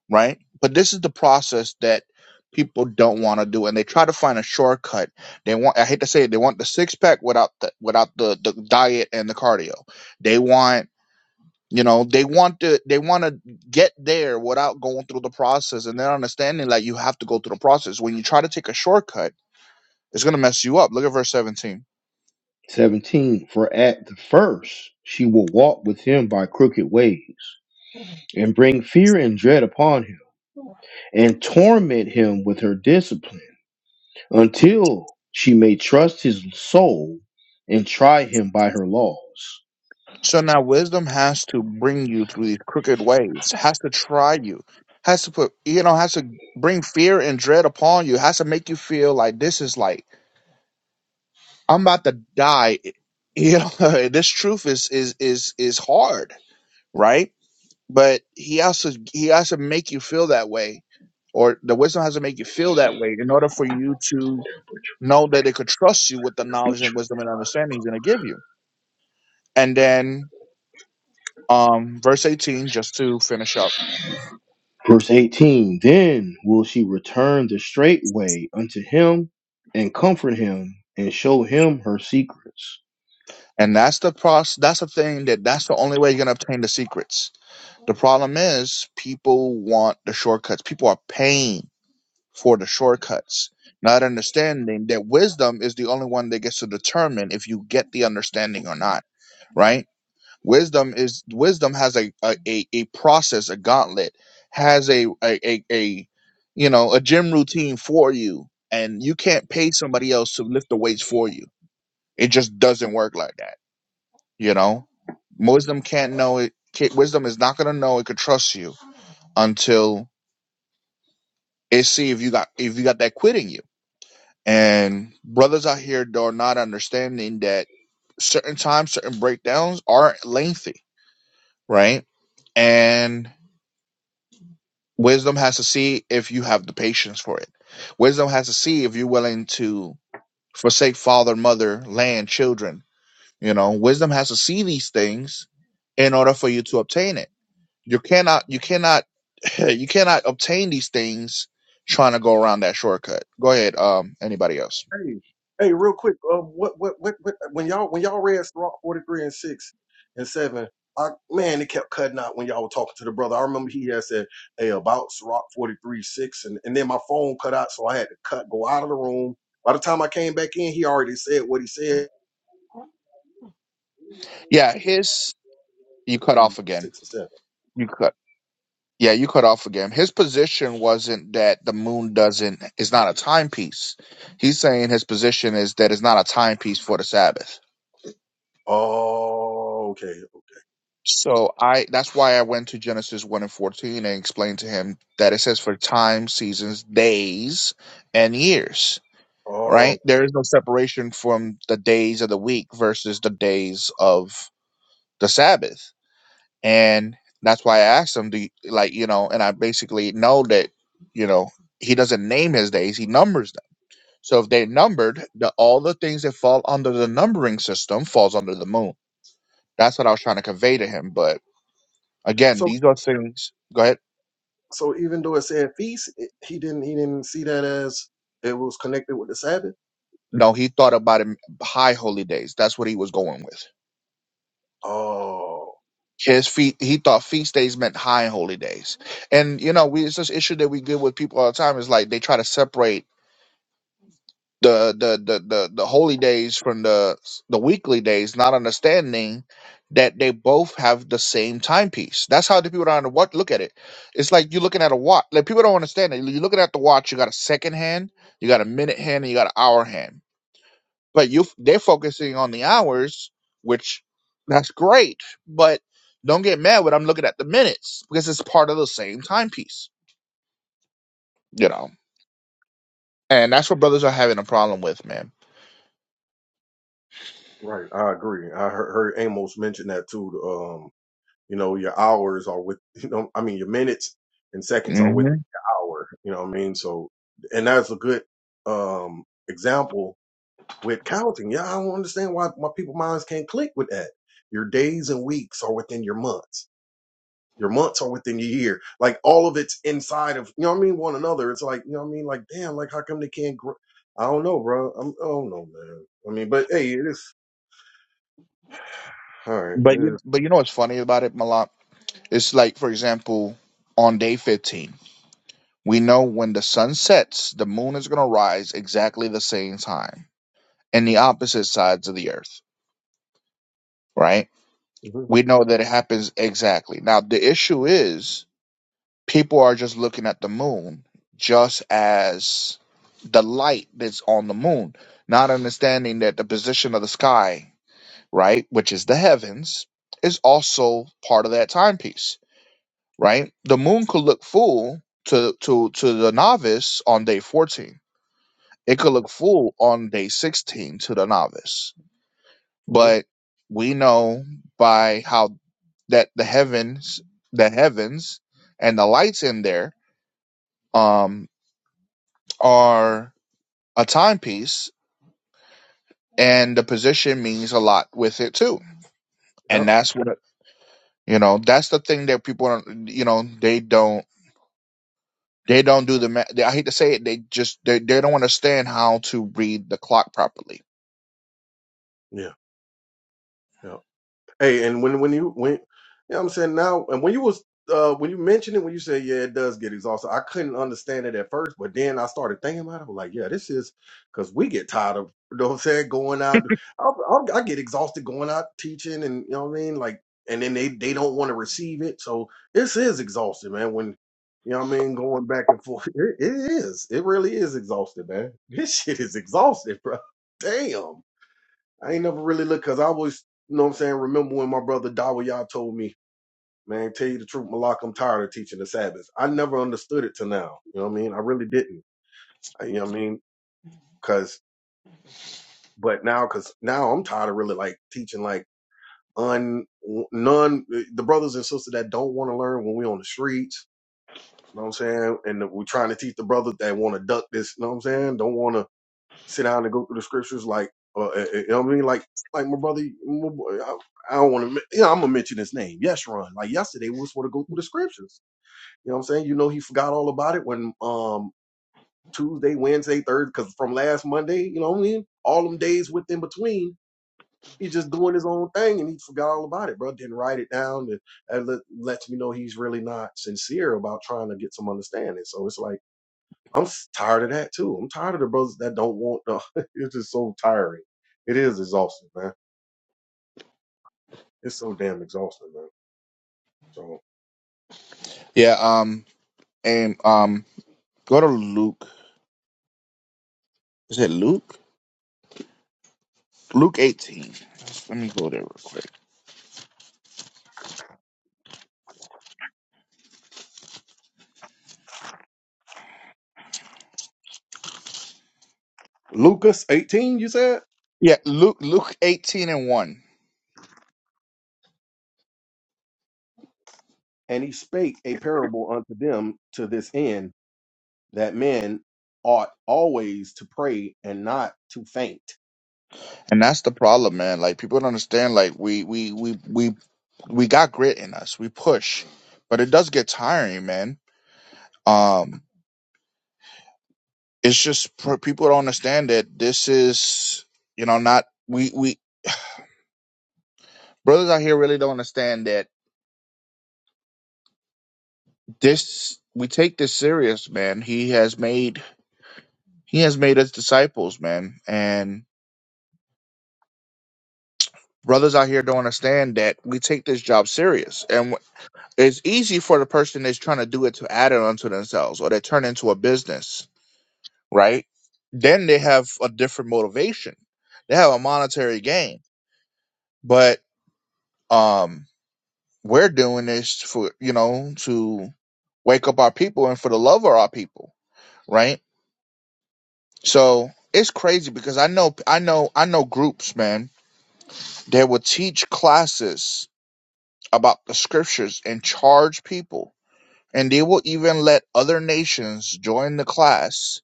S2: right? But this is the process that people don't want to do, and they try to find a shortcut. They want—I hate to say it—they want the six pack without the without the the diet and the cardio. They want you know they want to they want to get there without going through the process and they're understanding that you have to go through the process when you try to take a shortcut it's going to mess you up look at verse 17
S1: 17. For at the first she will walk with him by crooked ways and bring fear and dread upon him, and torment him with her discipline, until she may trust his soul and try him by her laws.
S2: so now wisdom has to bring you through these crooked ways has to try you has to put you know has to bring fear and dread upon you has to make you feel like this is like i'm about to die you know (laughs) this truth is is is is hard right but he also he has to make you feel that way or the wisdom has to make you feel that way in order for you to know that it could trust you with the knowledge and wisdom and understanding he's going to give you and then um verse 18 just to finish up
S1: Verse 18 Then will she return the straight way unto him, and comfort him, and show him her secrets.
S2: and that's the process that's the thing that that's the only way you're going to obtain the secrets the problem is people want the shortcuts people are paying for the shortcuts not understanding that wisdom is the only one that gets to determine if you get the understanding or not right Wisdom is wisdom has a a, a, a process, a gauntlet, has a, a a a you know a gym routine for you, and you can't pay somebody else to lift the weights for you. It just doesn't work like that. You know, wisdom can't know it. Can't, wisdom is not gonna know it could trust you until it see if you got if you got that quit in you. And brothers out here are not understanding that certain times, certain breakdowns are lengthy, right? And Wisdom has to see if you have the patience for it. Wisdom has to see if you're willing to forsake father, mother, land, children. You know, wisdom has to see these things in order for you to obtain it. You cannot, you cannot, (laughs) (clears throat) you cannot obtain these things trying to go around that shortcut. Go ahead. Um, anybody else?
S3: Hey, hey, real quick, um, what, what, what, what when y'all when y'all read Sirach forty three and six and seven, I man, it kept cutting out when y'all were talking to the brother. I remember he had said, "Hey, about Sirach forty three six, and and then my phone cut out, so I had to cut go out of the room. By the time I came back in, he already said what he said
S2: Yeah, his you cut
S3: three
S2: off again.
S3: six and seven.
S2: You cut. Yeah, you cut off again. His position wasn't that the moon doesn't is not a timepiece. He's saying his position is that it's not a timepiece for the Sabbath.
S3: Oh, okay.
S2: So I that's why I went to Genesis one and fourteen and explained to him that it says for time, seasons, days, and years. Right?
S3: Oh,
S2: There is no separation from the days of the week versus the days of the Sabbath. and that's why I asked him, do you, like you know, and I basically know that you know he doesn't name his days; he numbers them. So if they're numbered, the, all the things that fall under the numbering system falls under the moon. That's what I was trying to convey to him. But again,
S3: so
S2: these are things. Go ahead.
S3: so even though it said feast, it, he didn't he didn't see that as it was connected with the Sabbath.
S2: No, he thought about it, high holy days. That's what he was going with.
S3: Oh,
S2: His feet. He thought feast days meant high holy days. And you know, we it's this issue that we get with people all the time is like they try to separate the the the the, the holy days from the the weekly days, not understanding that they both have the same timepiece. That's how the people don't what look at it. It's like you're looking at a watch. Like people don't understand it. You're looking at the watch. You got a second hand, you got a minute hand, and you got an hour hand. But you they're focusing on the hours, which that's great. But don't get mad when I'm looking at the minutes because it's part of the same timepiece. You know,
S3: right.
S2: and that's what brothers are having a problem with, man.
S3: Right, I agree. I heard, heard Amos mention that too. the, Um, you know, your hours are with (laughs) you know, I mean, your minutes and seconds are within your hour. You know what I mean? So, and that's a good um example with counting. Yeah, I don't understand why why people minds can't click with that. Your days and weeks are within your months. Your months are within your year. Like all of it's inside of you know what I mean. One another. It's like you know what I mean. Like damn, like how come they can't? Gr- I don't know, bro. I'm, I don't know, man. I mean, but hey, it is all right.
S2: But
S3: It
S2: you,
S3: is.
S2: but you know what's funny about it, Malak? It's like, for example, on day fifteen, we know when the sun sets, the moon is gonna rise exactly the same time, in the opposite sides of the earth, right?
S3: mm-hmm.
S2: We know that it happens exactly. Now the issue is, people are just looking at the moon just as the light that's on the moon, not understanding that the position of the sky, right, which is the heavens, is also part of that timepiece right? The moon could look full to to to the novice on day 14. It could
S3: Yeah.
S2: look full on day 16 to the novice.
S3: hmm
S2: But we know by how that the heavens, the heavens and the lights in there um are a timepiece and the position means a lot with it too. And
S3: Yep.
S2: that's what you know, that's the thing that people don't you know, they don't They don't do the math. I hate to say it. They just they, they don't understand how to read the clock properly.
S3: Yeah. Yeah. Hey, and when when you when you know what I'm saying now, and when you was uh when you mentioned it, when you said yeah, it does get exhausted. I couldn't understand it at first, but then I started thinking about it. I was like, yeah, this is because we get tired of you know what I'm saying going out. I, I, I get exhausted going out teaching, and you know what I mean, like, and then they they don't want to receive it, so this is exhausting, man. When you know what I mean, going back and forth, (laughs) it, it is. It really is exhausted, man. (laughs) This shit is exhausted, bro. Damn. I ain't never really looked because I always, you know what I'm saying, remember when my brother Dawa Yah told me, man, tell you the truth, Malak, I'm tired of teaching the Sabbath. I never understood it till now. You know what I mean? I really didn't. I, you know what I mean? Because, but now, because now I'm tired of really like teaching like un, none, the brothers and sisters that don't want to learn when we on the streets. You know what I'm saying? And we're trying to teach the brothers that want to duck this. You know what I'm saying? Don't want to sit down and go through the scriptures like uh, uh, you know what I mean like like my brother my boy, I, I don't want to you know I'm gonna mention his name yes like yesterday we was supposed to go through the scriptures you know what I'm saying you know he forgot all about it when um Tuesday Wednesday Thursday because from last Monday you know what I mean all them days with in between he just doing his own thing and he forgot all about it bro didn't write it down and that let, lets me know he's really not sincere about trying to get some understanding so it's like I'm s- tired of that too. I'm tired of the brothers that don't want the. (laughs) It's just so tiring. It is exhausting, man. It's so damn exhausting, man. So
S2: Yeah. Um. And um. Go to Luke. Is it Luke? Luke eighteen. Let me go there real quick.
S3: Lucas 18, you said,
S2: Yeah. Luke Luke eighteen and one.
S3: and he spake a parable unto them to this end that men ought always to pray and not to faint.
S2: And that's the problem, man. Like people don't understand. Like we we we we we got grit in us. We push, but it does get tiring, man. Um, it's just pr- people don't understand that this is, you know, not we we brothers out here really don't understand that. this we take this serious, man. He has made he has made us disciples, man, and brothers out here don't understand that we take this job serious. And wh- it's easy for the person that's trying to do it to add it onto themselves, or they turn into a business, right? Then they have a different motivation. They have a monetary gain, but um, we're doing this for you know to wake up our people and for the love of our people, right? So it's crazy because I know I know I know groups, man, that will teach classes about the scriptures and charge people. And they will even let other nations join the class.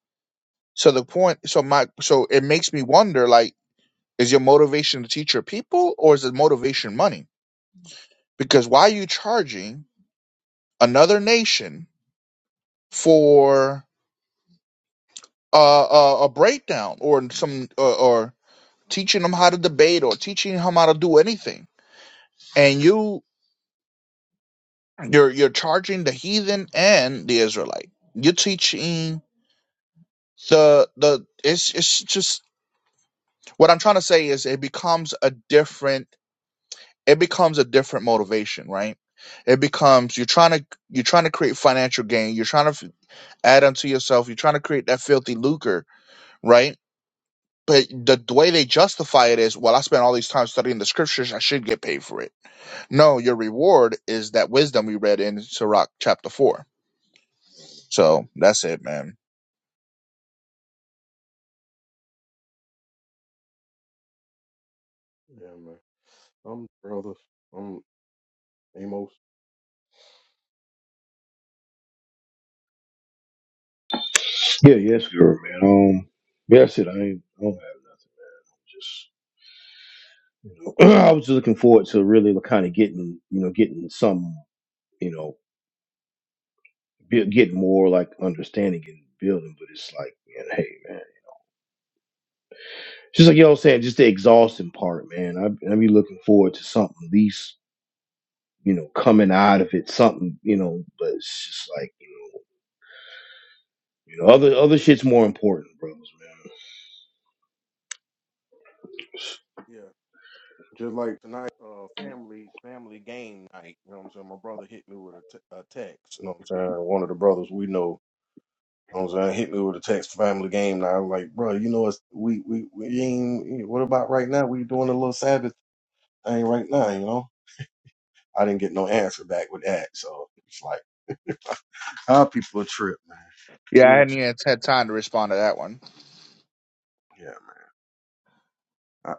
S2: So the point so my so it makes me wonder like, is your motivation to teach your people or is it motivation money? Because why are you charging another nation for uh, a, a breakdown or some or, or teaching them how to debate or teaching them how to do anything? and you you're you're charging the heathen and the israelite you're teaching the the it's it's just what i'm trying to say is it becomes a different it becomes a different motivation right it becomes you're trying to you're trying to create financial gain you're trying to f- add unto yourself you're trying to create that filthy lucre right but the, the way they justify it is well i spent all these time studying the scriptures i should get paid for it no your reward is that wisdom we read in sirach chapter 4 So that's it, man.
S3: Yeah, man. I'm brothers. I'm Amos.
S1: Yeah, yes, girl, man. Um, yeah, that's it. I, ain't, I don't have just. (clears throat) I was just looking forward to really kind of getting, you know, getting some, you know, be- getting more like understanding and building. But it's like, man, hey, man, just like y'all saying, just the exhausting part, man. I I be looking forward to something at least, you know, coming out of it, something, you know. But it's just like, you know, other other shit's more important, brothers, man.
S3: Yeah. Just like tonight, uh, family family game night. You know what I'm saying? My brother hit me with a, t- a text. You know what I'm saying? One of the brothers we know You know what I'm saying? Hit me with a text family game now. I'm like, bro, you know it's we we we ain't what about right now? We doing a little Sabbath thing right now, you know? I didn't get no answer back with that. So it's like (laughs) how people a trip, man.
S2: Yeah, I hadn't
S3: Which
S2: even had time to respond to that one.
S3: yeah, man,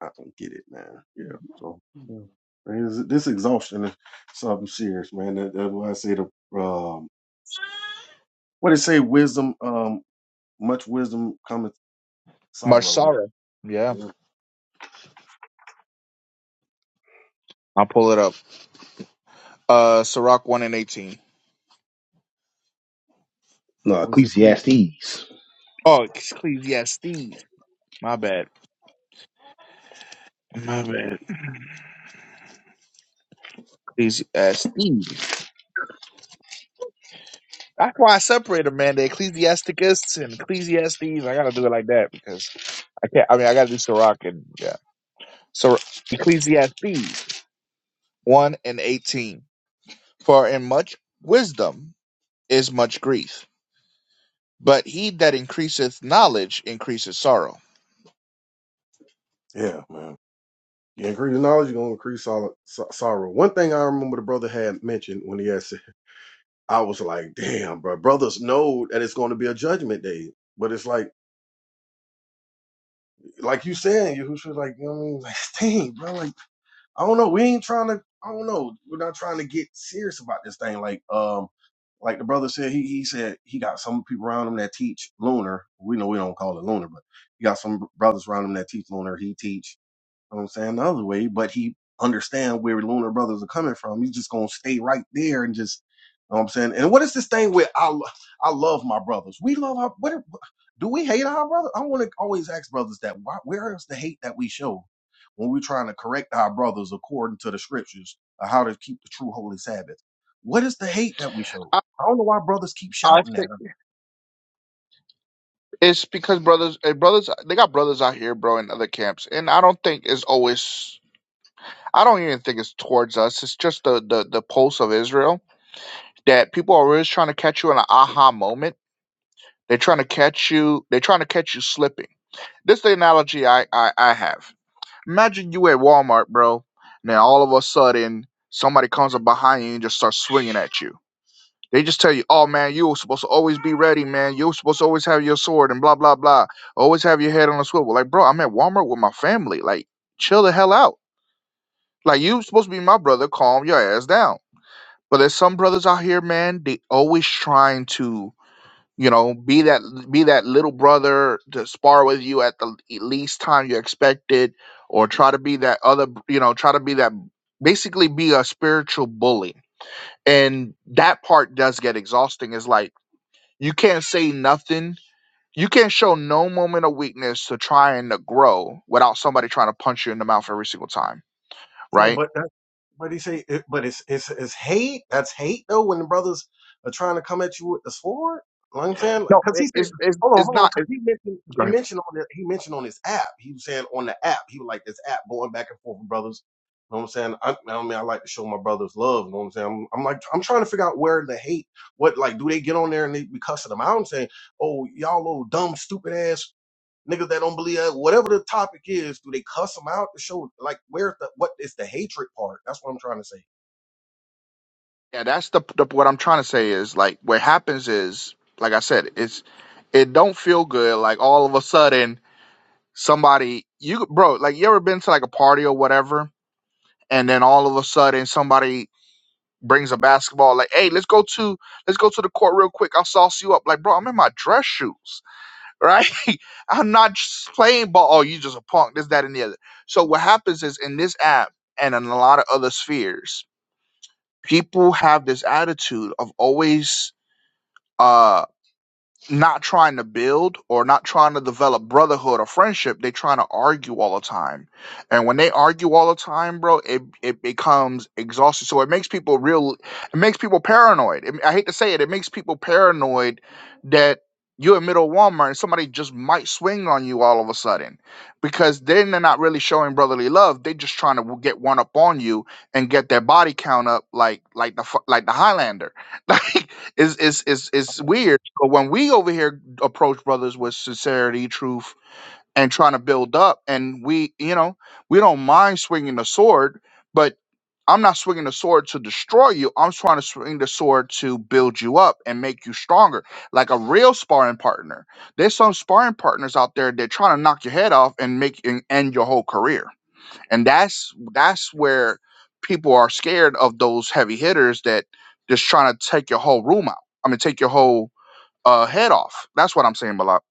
S3: I, I don't get it, man. Yeah. So yeah. Man, this, this exhaustion is something serious, man. That, that's why I say the um what they say wisdom, um much wisdom cometh sorrow. Yeah.
S2: Marsara. Yeah,
S3: yeah.
S2: I'll pull it up. Uh, Sirach 1 and 18.
S1: No,
S3: Or is it Ecclesiastes?
S1: Ecclesiastes.
S2: Oh, Ecclesiastes. My bad. My bad. Ecclesiastes. That's why I separated, man. The Ecclesiasticus and Ecclesiastes. I gotta do it like that because I can't. I mean, I gotta do Sirach and yeah. So Ecclesiastes. 1 and 18. For in much wisdom is much grief, but he that increaseth knowledge increaseth sorrow.
S3: Yeah, man. You increase knowledge, you're gonna increase sol- so- sorrow. One thing I remember the brother had mentioned when he had said, I was like, damn, bro, brothers know that it's gonna be a judgment day. But it's like, like you said, Yahushua's like, you know what I mean? Like, (laughs) dang, bro, like, I don't know. We ain't trying to, I don't know. We're not trying to get serious about this thing. Like, um, like the brother said, he, he said he got some people around him that teach lunar. We know we don't call it lunar, but he got some brothers around him that teach lunar. He teach You know what I'm saying, the other way, but he understand where Lunar Brothers are coming from. He's just gonna stay right there and just, you know what I'm saying. And what is this thing with I, lo- I love my brothers. We love our what if- do we hate our brother? I want to always ask brothers that. Why, where is the hate that we show when we're trying to correct our brothers according to the scriptures of how to keep the true holy Sabbath? What is the hate that we show?
S2: I,
S3: I don't know why brothers keep
S2: I
S3: shouting that.
S2: think it's because brothers, eh, brothers, they got brothers out here, bro, in other camps, and I don't think it's always. I don't even think it's towards us. It's just the the the pulse of Israel that people are always trying to catch you in an aha moment. They're trying to catch you. They're trying to catch you slipping. This is the analogy I, I I have. Imagine you at Walmart, bro. And then all of a sudden, somebody comes up behind you and just starts swinging at you. They just tell you, "Oh man, you were supposed to always be ready, man. You were supposed to always have your sword and blah blah blah. Always have your head on a swivel." Like, bro, I'm at Walmart with my family. Like, chill the hell out. Like, you supposed to be my brother. Calm your ass down. But there's some brothers out here, man. They always trying to you know be that be that little brother to spar with you at the least time you expected or try to be that other you know try to be that basically be a spiritual bully and that part does get exhausting is like you can't say nothing you can't show no moment of weakness to try and to grow without somebody trying to punch you in the mouth every single time
S3: Yeah,
S2: right
S3: but that, but he say, it, but it's it's it's hate. That's hate though. When the brothers are trying to come at you with the sword, you know what I'm saying,
S2: no
S3: because he
S2: it,
S3: said,
S2: it's, it's
S3: hold on,
S2: it's
S3: hold on.
S2: not
S3: 'cause he mentioned he
S2: it,
S3: mentioned on the, he mentioned on his app. He was saying on the app, he was like this app going back and forth with brothers. You know what I'm saying? I, I mean, I like to show my brothers love. You know what I'm saying? I'm, I'm like, I'm trying to figure out where the hate. What like, do they get on there and they be cussing them out and saying, "Oh, y'all little dumb, stupid ass Niggas that don't believe that, whatever the topic is, do they cuss them out to show like where's the what is the hatred part? That's what I'm trying to say.
S2: Yeah, that's the, the what I'm trying to say is like what happens is like I said, it's it don't feel good. Like all of a sudden somebody you bro, like you ever been to like a party or whatever, and then all of a sudden somebody brings a basketball like, hey, let's go to let's go to the court real quick. I'll sauce you up. Like, bro, I'm in my dress shoes, right? (laughs) I'm not just playing ball. Oh, you just a punk. This, that, and the other. So what happens is in this app and in a lot of other spheres, people have this attitude of always uh not trying to build or not trying to develop brotherhood or friendship they trying to argue all the time and when they argue all the time bro it it becomes exhausting so it makes people real it makes people paranoid It- i hate to say it it makes people paranoid that you're in middle of walmart and somebody just might swing on you all of a sudden because then they're not really showing brotherly love they just trying to get one up on you and get their body count up like like the fu- like the highlander (laughs) like it's it's it's, it's weird but when we over here approach brothers with sincerity, truth, and trying to build up, and we, you know, we don't mind swinging the sword, but I'm not swinging the sword to destroy you. I'm trying to swing the sword to build you up and make you stronger, like a real sparring partner. There's some sparring partners out there that trying to knock your head off and make and end your whole career, and that's that's where people are scared of those heavy hitters that just trying to take your whole room out. I mean, take your whole uh, head off. That's what I'm saying, Malak.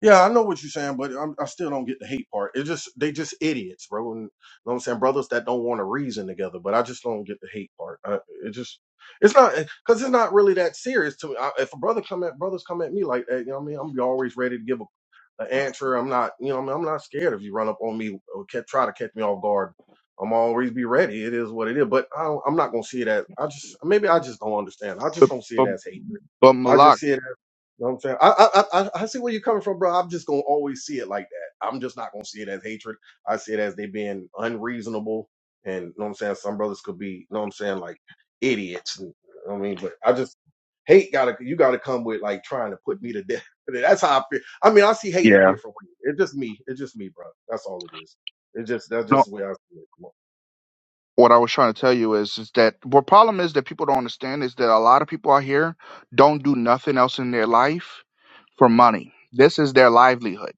S3: Yeah, I know what you're saying, but I'm, I still don't get the hate part. It's just they just idiots, bro. And, you know what I'm saying, brothers that don't want to reason together. But I just don't get the hate part. I, it just it's not because it's not really that serious to me. I, if a brother come at brothers come at me like that, you know what I mean, I'm be always ready to give a, an answer. I'm not, you know, what I mean, I'm not scared if you run up on me or ca- try to catch me off guard. I'm always be ready. It is what it is. But I don't, I'm not gonna see it as I just maybe I just don't understand. I just don't see it
S2: But
S3: as hatred.
S2: but
S3: I
S2: Malak,
S3: just see it. You know what I'm saying? I, I I I I see where you're coming from, bro. I'm just gonna always see it like that. I'm just not gonna see it as hatred. I see it as they being unreasonable and you know what I'm saying, some brothers could be, you know what I'm saying, like idiots. And, you know what I mean, but I just hate gotta you gotta come with like trying to put me to death. (laughs) That's how I feel. I mean, I see hate a
S2: yeah.
S3: different way. It's just me. It's just me, bro. That's all it is. It's just that's
S2: No,
S3: just the way I see it.
S2: what I was trying to tell you is is that what problem is that people don't understand is that a lot of people out here don't do nothing else in their life for money. This is their livelihood.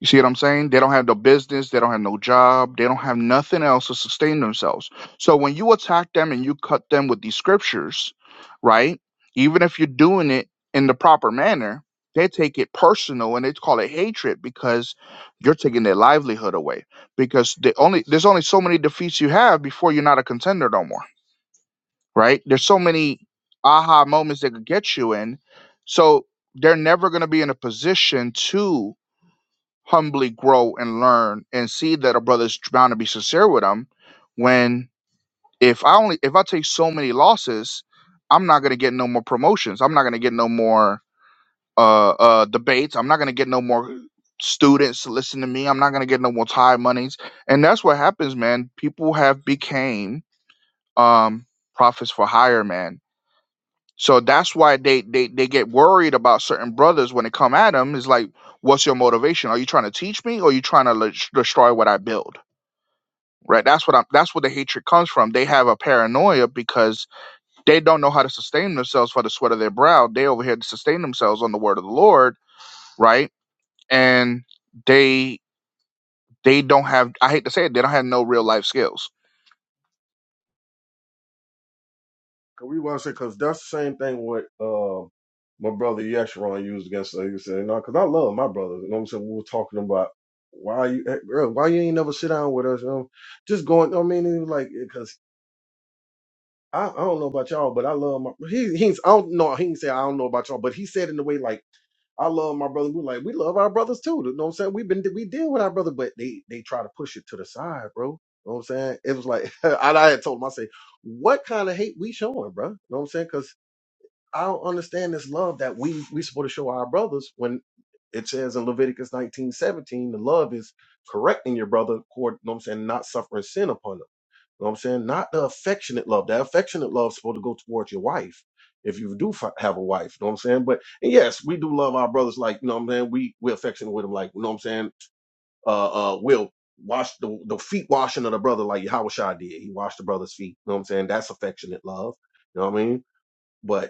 S2: You see what I'm saying? They don't have no business. They don't have no job. They don't have nothing else to sustain themselves. So when you attack them and you cut them with these scriptures, right? Even if you're doing it in the proper manner, they take it personal and they call it hatred because you're taking their livelihood away. Because the only there's only so many defeats you have before you're not a contender no more, right? There's so many aha moments they could get you in. So they're never going to be in a position to humbly grow and learn and see that a brother's bound to be sincere with them when if i only if i take so many losses i'm not going to get no more promotions i'm not going to get no more uh uh debates i'm not going to get no more students to listen to me i'm not going to get no more tie monies and that's what happens man people have became um prophets for hire man so that's why they they they get worried about certain brothers when they come at them. Is like, what's your motivation? Are you trying to teach me, or are you trying to le- destroy what I build? Right. That's what I'm. That's where the hatred comes from. They have a paranoia because they don't know how to sustain themselves for the sweat of their brow. They over here to sustain themselves on the word of the Lord, right? And they they don't have. I hate to say it. They don't have no real life skills.
S3: Cause we want to say, cause that's the same thing what uh, my brother Yeshurun used against us. He said, "No, cause I love my brother." You know what I'm saying? We were talking about why you, eh, bro, why you ain't never sit down with us? You know, just going. I mean, he was like, eh, cause I, I don't know about y'all, but I love my. He he's I don't know. He didn't say I don't know about y'all, but he said in the way like I love my brother. We're like we love our brothers too. You know what I'm saying? We've been we deal with our brother, but they they try to push it to the side, bro. You know what I'm saying? It was like (laughs) I, I had told him I say, what kind of hate we showing, bro? You know what I'm saying? Cause I don't understand this love that we we supposed to show our brothers when it says in Leviticus nineteen seventeen, the love is correcting your brother, you know what I'm saying, not suffering sin upon them. You know what I'm saying? Not the affectionate love. That affectionate love is supposed to go towards your wife if you do fi- have a wife. You know what I'm saying? But and yes, we do love our brothers like, you know what I'm saying? We, we're affectionate with them like, you know what I'm saying? Uh, uh, we'll wash the, the feet washing of the brother like Yahushua did. He washed the brother's feet. You know what I'm saying? That's affectionate love. You know what I mean? But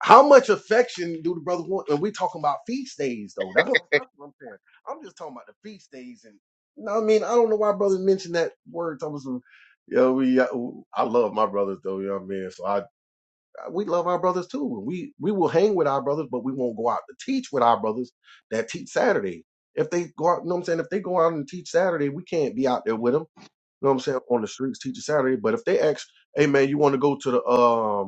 S3: how much affection do the brothers want? And we talking about feast days though. That's what, that's what I'm saying. I'm just talking about the feast days, and you know what I mean. I don't know why brothers mentioned that word. Thomas, you know, we I, I love my brothers though. You know what I mean. So I, I we love our brothers too, and we we will hang with our brothers, but we won't go out to teach with our brothers that teach Saturday. If they go out, you know what I'm saying. If they go out and teach Saturday, we can't be out there with them. You know what I'm saying on the streets teaching Saturday. But if they ask, hey man, you want to go to the um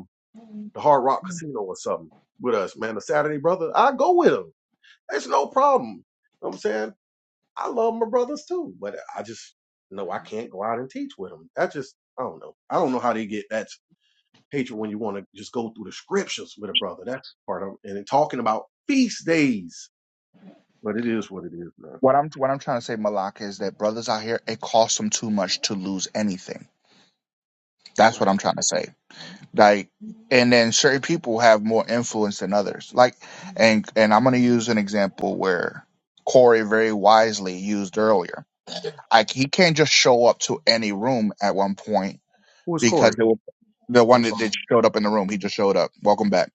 S3: the Hard Rock Casino or something with us, man. The Saturday brother, I go with him. It's no problem. You know what I'm saying? I love my brothers too, but I just no, I can't go out and teach with them. That just I don't know. I don't know how they get that hatred when you want to just go through the scriptures with a brother. That's part of it. and then talking about feast days. But it is what it is, man.
S2: What I'm what I'm trying to say, Malak, is that brothers out here, it costs them too much to lose anything. That's what
S3: Right.
S2: I'm trying to say. like and then certain people have more influence than others like and and i'm going to use an example where corey very wisely used earlier like he can't just show up to any room at one point
S3: Who is
S2: because
S3: Corey?
S2: they were the one
S3: I'm
S2: that,
S3: sorry.
S2: that showed up in the room he just showed up welcome back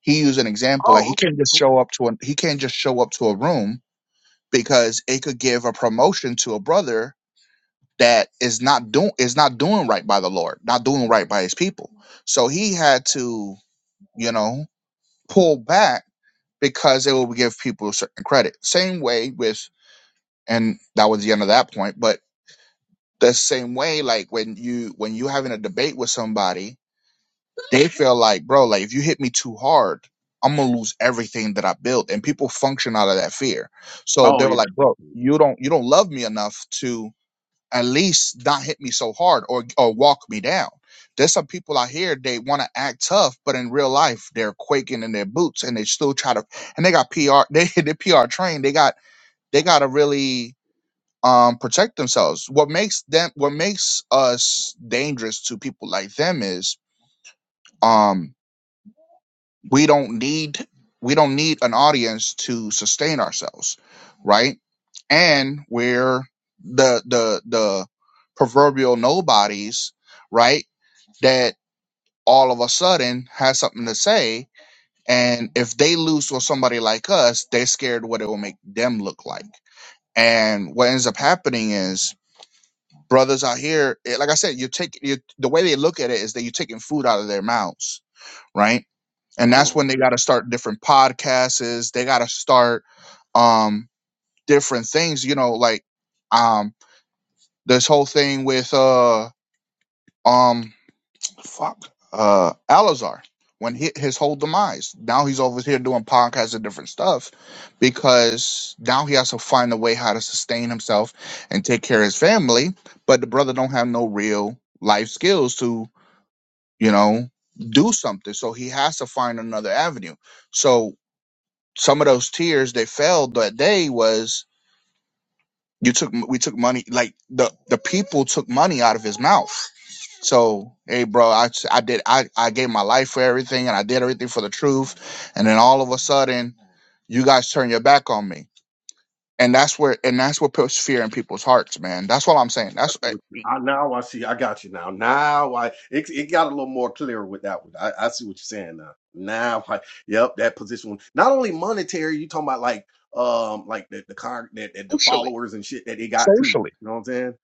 S2: he used an example like he
S3: Oh, okay.
S2: can't just
S3: Okay.
S2: show up to a he can't just show up to a room because it could give a promotion to a brother that is not doing is not doing right by the lord not doing right by his people so he had to you know pull back because it will give people a certain credit. Same way with, and that was the end of that point, but the same way, like when you, when you having a debate with somebody, they feel like, bro, like if you hit me too hard, I'm gonna lose everything that I built. And people function out of that fear. So they
S3: Oh
S2: were
S3: yeah.
S2: like, bro, you don't, you don't love me enough to at least not hit me so hard or or walk me down. There's some people out here they want to act tough, but in real life they're quaking in their boots and they still try to and they got PR (laughs) they they PR trained. They got they got to really um protect themselves. What makes them what makes us dangerous to people like them is um we don't need we don't need an audience to sustain ourselves right and we're the the the proverbial nobodies right that all of a sudden has something to say and if they lose to somebody like us they're scared what it will make them look like and what ends up happening is brothers out here eh, like i said you take you the way they look at it is that you're taking food out of their mouths right and that's
S3: Oh.
S2: when they got to start different podcasts they got to start um different things you know like um this whole thing with uh um fuck uh Alazar when he, his whole demise now he's over here doing podcasts and different stuff because now he has to find a way how to sustain himself and take care of his family but the brother don't have no real life skills to you know do something so he has to find another avenue so some of those tears that fell that day was you took we took money like the the people took money out of his mouth so hey bro i i did i i gave my life for everything and i did everything for the truth and then all of a sudden you guys turn your back on me and that's where and that's what puts fear in people's hearts man that's what i'm saying
S3: I
S2: that's
S3: see
S2: eh,
S3: what you- I- now I see. I got you now. Now I it, it got a little more clear with that one. I, I see what you're saying now. Now I yep that position. Not only monetary, you talking about like um like the the con that, that the
S2: socially
S3: followers and shit that they got too.
S2: socially
S3: You know what I'm saying?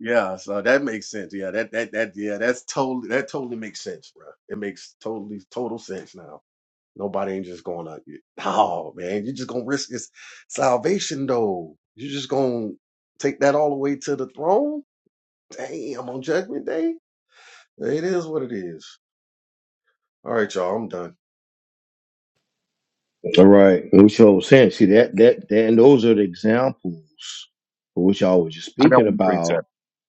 S3: Yeah. So that makes sense. Yeah. That that that yeah. That's totally that totally makes sense, bro. It makes totally total sense now. Nobody ain't just going to Oh man, you're just gonna risk his salvation though. You're just gonna take that all the way to the throne Damn, on Judgment Day? It is what it is. All right, y'all, I'm done.
S1: All right, which I was saying, see that that that, and those are the examples which I was just speaking about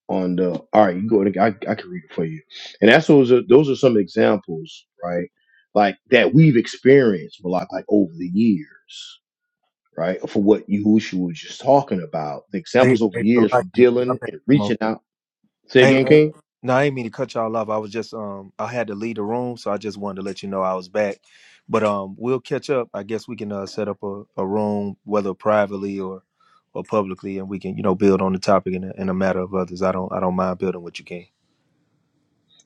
S1: on the all right you go to I, I can read it for you and that's those are those are some examples right like that we've experienced but like like over the years right for what Yahushua was just talking about the
S4: Hey,
S1: examples over
S4: hey,
S1: the years from
S4: Salakia. My
S1: dealing
S4: bad,
S1: and
S4: Mo.
S1: reaching out say
S4: Hey,
S1: again king
S4: no, I ain't mean to cut y'all off. I was just um, I had to leave the room, so I just wanted to let you know I was back. But um, we'll catch up. I guess we can uh, set up a, a room, whether privately or or publicly, and we can you know build on the topic in a, in a matter of others. I don't I don't mind building what you can.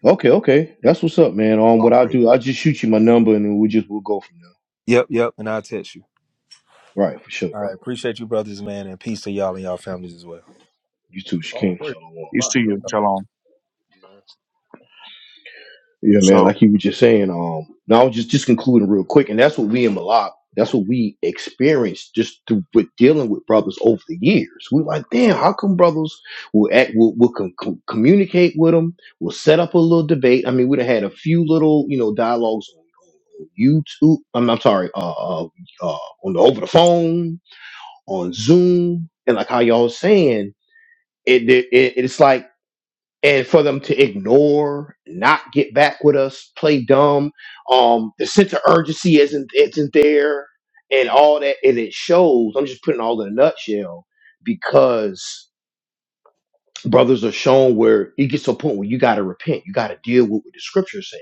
S1: okay okay that's what's up man on um, what
S2: all
S1: i
S2: praise
S1: do i just shoot you my number and then we just we'll go from
S4: Yep, yep. And I'll text you.
S1: there right for sure
S4: All
S1: bro
S4: right, appreciate you, brothers, man, and peace to y'all and y'all families as well.
S1: you too
S3: Oh,
S1: king
S3: praise.
S1: shalom
S2: Peace
S3: Bye.
S2: to you
S3: Shalom.
S2: shalom
S1: Yeah, man.
S2: so
S1: Like you were just saying. Um, now just just concluding real quick, and that's what we in Malak. That's what we experienced just through with dealing with brothers over the years. We like, damn, how come brothers will act, will, will com- com- communicate with them, will set up a little debate. I mean, we'd have had a few little, you know, dialogues on YouTube. I'm, I'm sorry, uh, uh, uh, on the over the phone, on Zoom, and like how y'all was saying, it, it, it it's like and for them to ignore, not get back with us, play dumb, um, the sense of urgency isn't isn't there, and all that, and it shows. I'm just putting it all in a nutshell because brothers are shown where it gets to a point where you got to repent, you got to deal with what the scriptures say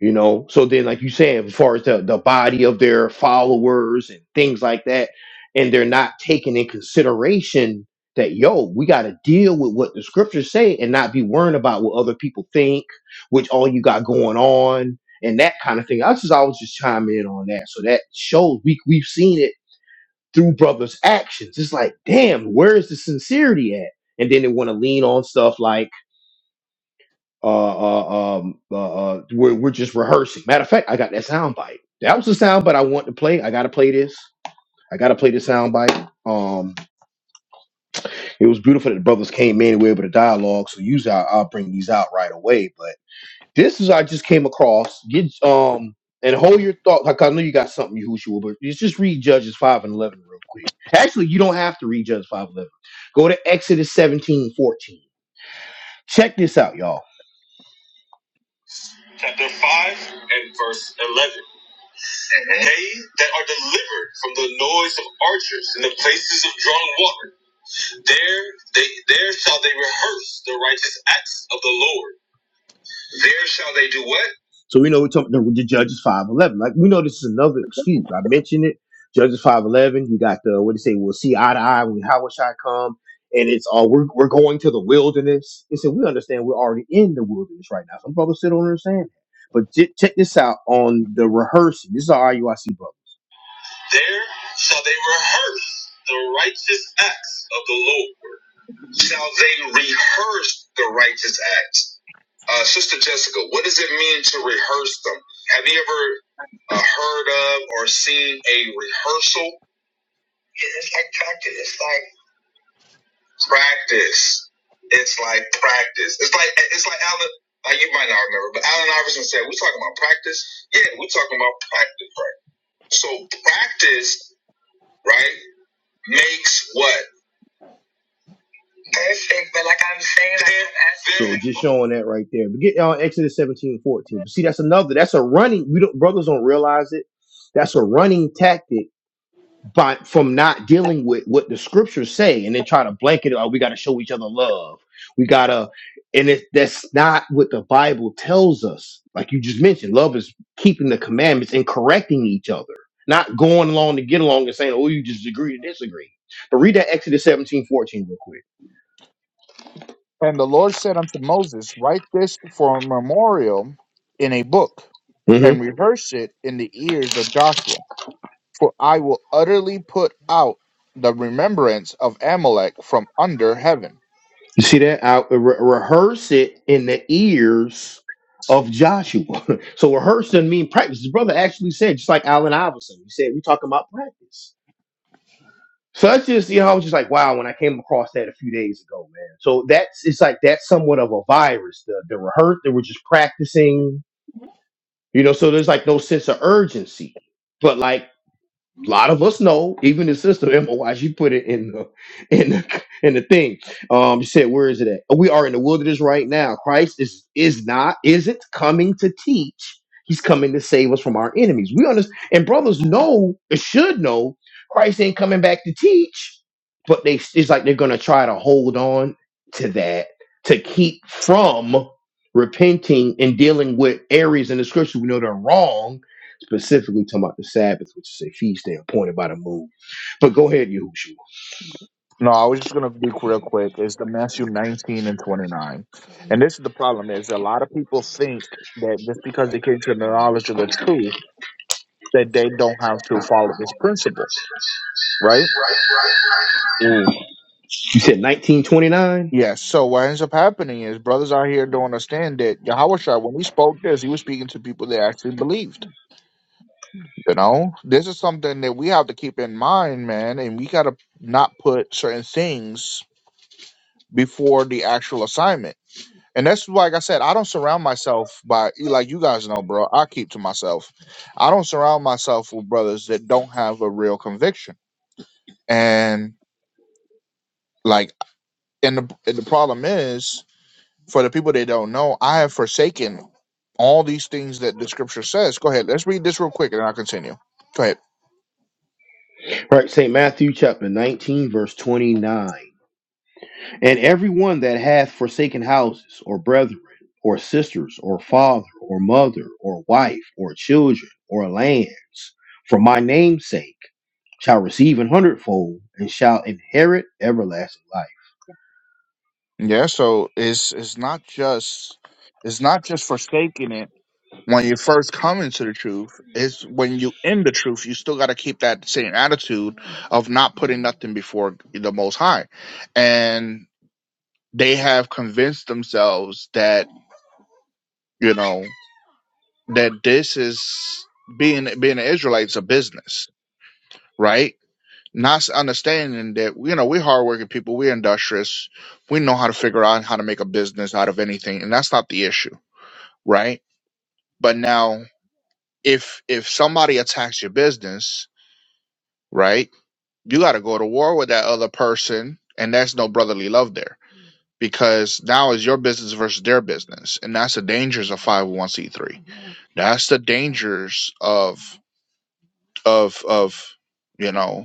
S1: you know so then like you saying as far as the, the body of their followers and things like that and they're not taking in consideration that yo we got to deal with what the scriptures say and not be worrying about what other people think which all you got going on and that kind of thing i just always just chime in on that so that shows we, we've seen it through brothers actions it's like damn where is the sincerity at and then they want to lean on stuff like uh, uh, um, uh, uh, we're, we're just rehearsing. Matter of fact, I got that sound bite. That was the sound bite I want to play. I got to play this. I got to play this sound bite. Um, it was beautiful that the brothers came in and we were able to dialogue. So usually I, I'll bring these out right away. But this is I just came across. Get um and hold your thought. Like I know you got something you who but just just read Judges five and eleven real quick. Actually, you don't have to read Judges five eleven. Go to Exodus seventeen fourteen. Check this out, y'all. Chapter five and verse eleven. Mm-hmm. They that are delivered from the noise of archers and the places of drawn water, there they there shall they rehearse the righteous acts of the Lord. There shall they do what? So we know we're talking the, Judges five eleven. Like we know this is another excuse. I mentioned it. Judges five eleven. You got the what do you say? We'll see eye to eye when how shall I come? And it's all we're we're going to the wilderness. And so we understand we're already in the wilderness right now. Some brothers still don't understand. that. But j- check this out on the rehearsing. This is our IUIC brother. There shall they rehearse the righteous acts of the Lord. Shall they rehearse the righteous acts? Uh, Sister Jessica, what does it mean to rehearse them? Have you ever uh, heard of or seen a rehearsal? Yeah, It's like practice. It's like practice. It's like practice. It's like it's like Alan. Uh, you might not remember, but Alan Iverson said, "We're talking about practice." Yeah, we're talking about practice, right? So practice, right, makes what? perfect, but like I'm saying, like I'm So just showing that right there. But get on uh, Exodus 17 14. But see, that's another that's a running we don't brothers don't realize it. That's a running tactic by from not dealing with what the scriptures say and then try to blanket it. Oh, we gotta show each other love. We gotta and it, that's not what the Bible tells us. Like you just mentioned, love is keeping the commandments and correcting each other, not going along to get along and saying, Oh, you just agree to disagree. But read that Exodus 17 14 real quick.
S2: and the lord said unto moses write this for a memorial in a book and rehearse it in the ears of Joshua. For I will utterly put out the remembrance of Amalek from under heaven.
S1: You see that? I re- rehearse it in the ears of Joshua. (laughs) so rehearse doesn't mean practice. His brother actually said, just like Allen Iverson, he said, we talking about practice. So that's just, you know, I was just like, wow, when I came across that a few days ago, man. So that's, it's like, that's somewhat of a virus. The, the rehearse, they were just practicing, you know, so there's like no sense of urgency. But like, a lot of us know, even the sister MOY, she put it in the in the in the thing. Um, she said, "Where is it at? We are in the wilderness right now. Christ is is not isn't coming to teach. He's coming to save us from our enemies. We understand, and brothers know and should know, Christ ain't coming back to teach, but they it's like they're gonna try to hold on to that to keep from repenting and dealing with areas in the scripture we know they're wrong." Specifically talking about the Sabbath, which is a feast day appointed by the moon. But go ahead, Yahushua.
S2: No, I was just gonna be real quick. Is the Matthew nineteen and twenty nine, and this is the problem: is a lot of people think that just because they came to the knowledge of the truth, that they don't have to follow this principle, right? Mm.
S1: You said 1929?
S2: Yes. So what ends up happening is brothers out here don't understand that Yahushua, when he spoke this, he was speaking to people that actually believed. You know, this is something that we have to keep in mind, man, and we got to not put certain things before the actual assignment. And that's why, like I said, I don't surround myself by like you guys know, bro. I keep to myself. I don't surround myself with brothers that don't have a real conviction. And like, and the and the problem is for the people that don't know, I have forsaken all these things that the scripture says. Go ahead, let's read this real quick, and I'll continue. Go ahead.
S1: Right, St. Matthew chapter 19, verse 29. And everyone that hath forsaken houses, or brethren, or sisters, or father, or mother, or wife, or children, or lands, for my name's sake, shall receive an hundredfold and shall inherit everlasting life.
S2: Yeah, so it's it's not just it's not just forsaking it when you first come into the truth. It's when you in the truth, you still got to keep that same attitude of not putting nothing before the Most High. And they have convinced themselves that you know that this is being being an Israelite's a business, right? Not s- understanding that you know we're hardworking people, we're industrious, we know how to figure out how to make a business out of anything, and that's not the issue right? But now if if somebody attacks your business, right, you gotta go to war with that other person and there's no brotherly love there. Because now it's your business versus their business. And that's the dangers of five oh one C three. That's the dangers of of of you know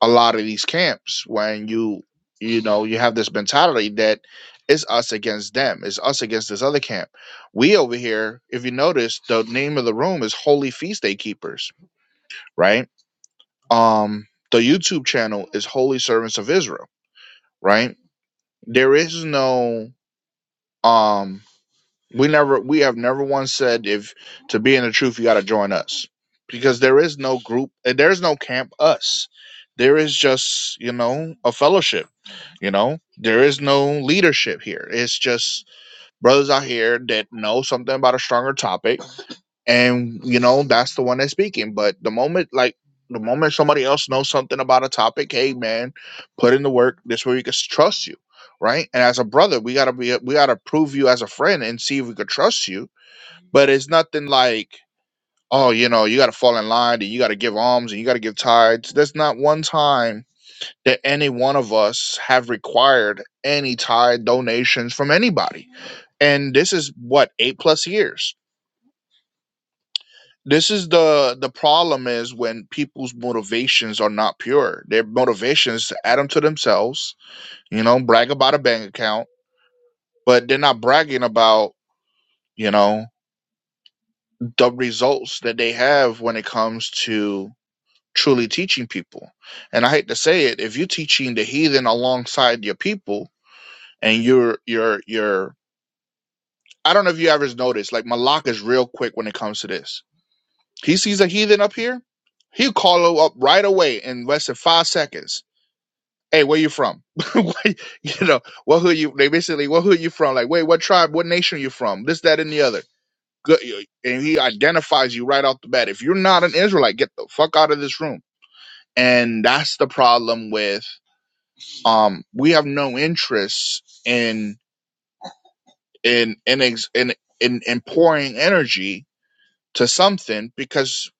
S2: a lot of these camps when you you know you have this mentality that it's us against them it's us against this other camp we over here if you notice the name of the room is holy feast day keepers right um the youtube channel is holy servants of israel right there is no um we never we have never once said if to be in the truth you got to join us because there is no group there's no camp us there is just you know a fellowship You know, there is no leadership here. It's just brothers out here that know something about a stronger topic, and you know that's the one that's speaking. But the moment, like the moment somebody else knows something about a topic, hey man, put in the work. This way we can trust you, right? And as a brother, we gotta be we gotta prove you as a friend and see if we could trust you. But it's nothing like oh you know you gotta fall in line and you gotta give alms and you gotta give tithes. There's not one time that any one of us have required any tithe donations from anybody and this is what eight plus years this is the the problem is when people's motivations are not pure their motivations to add them to themselves you know brag about a bank account but they're not bragging about you know the results that they have when it comes to truly teaching people and i hate to say it if you're teaching the heathen alongside your people and you're you're you're I don't know if you ever noticed, like Malak is real quick when it comes to this. He sees a heathen up here, he'll call him up right away in less than five seconds. Hey, where you from? (laughs) Where- you know, what who you? They basically, what who you from? Like, wait, what tribe, what nation are you from? This, that, and the other. Good, and he identifies you right off the bat. If you're not an Israelite, get the fuck out of this room. And that's the problem with um, we have no interest in in in ex, in in, in pouring energy to something because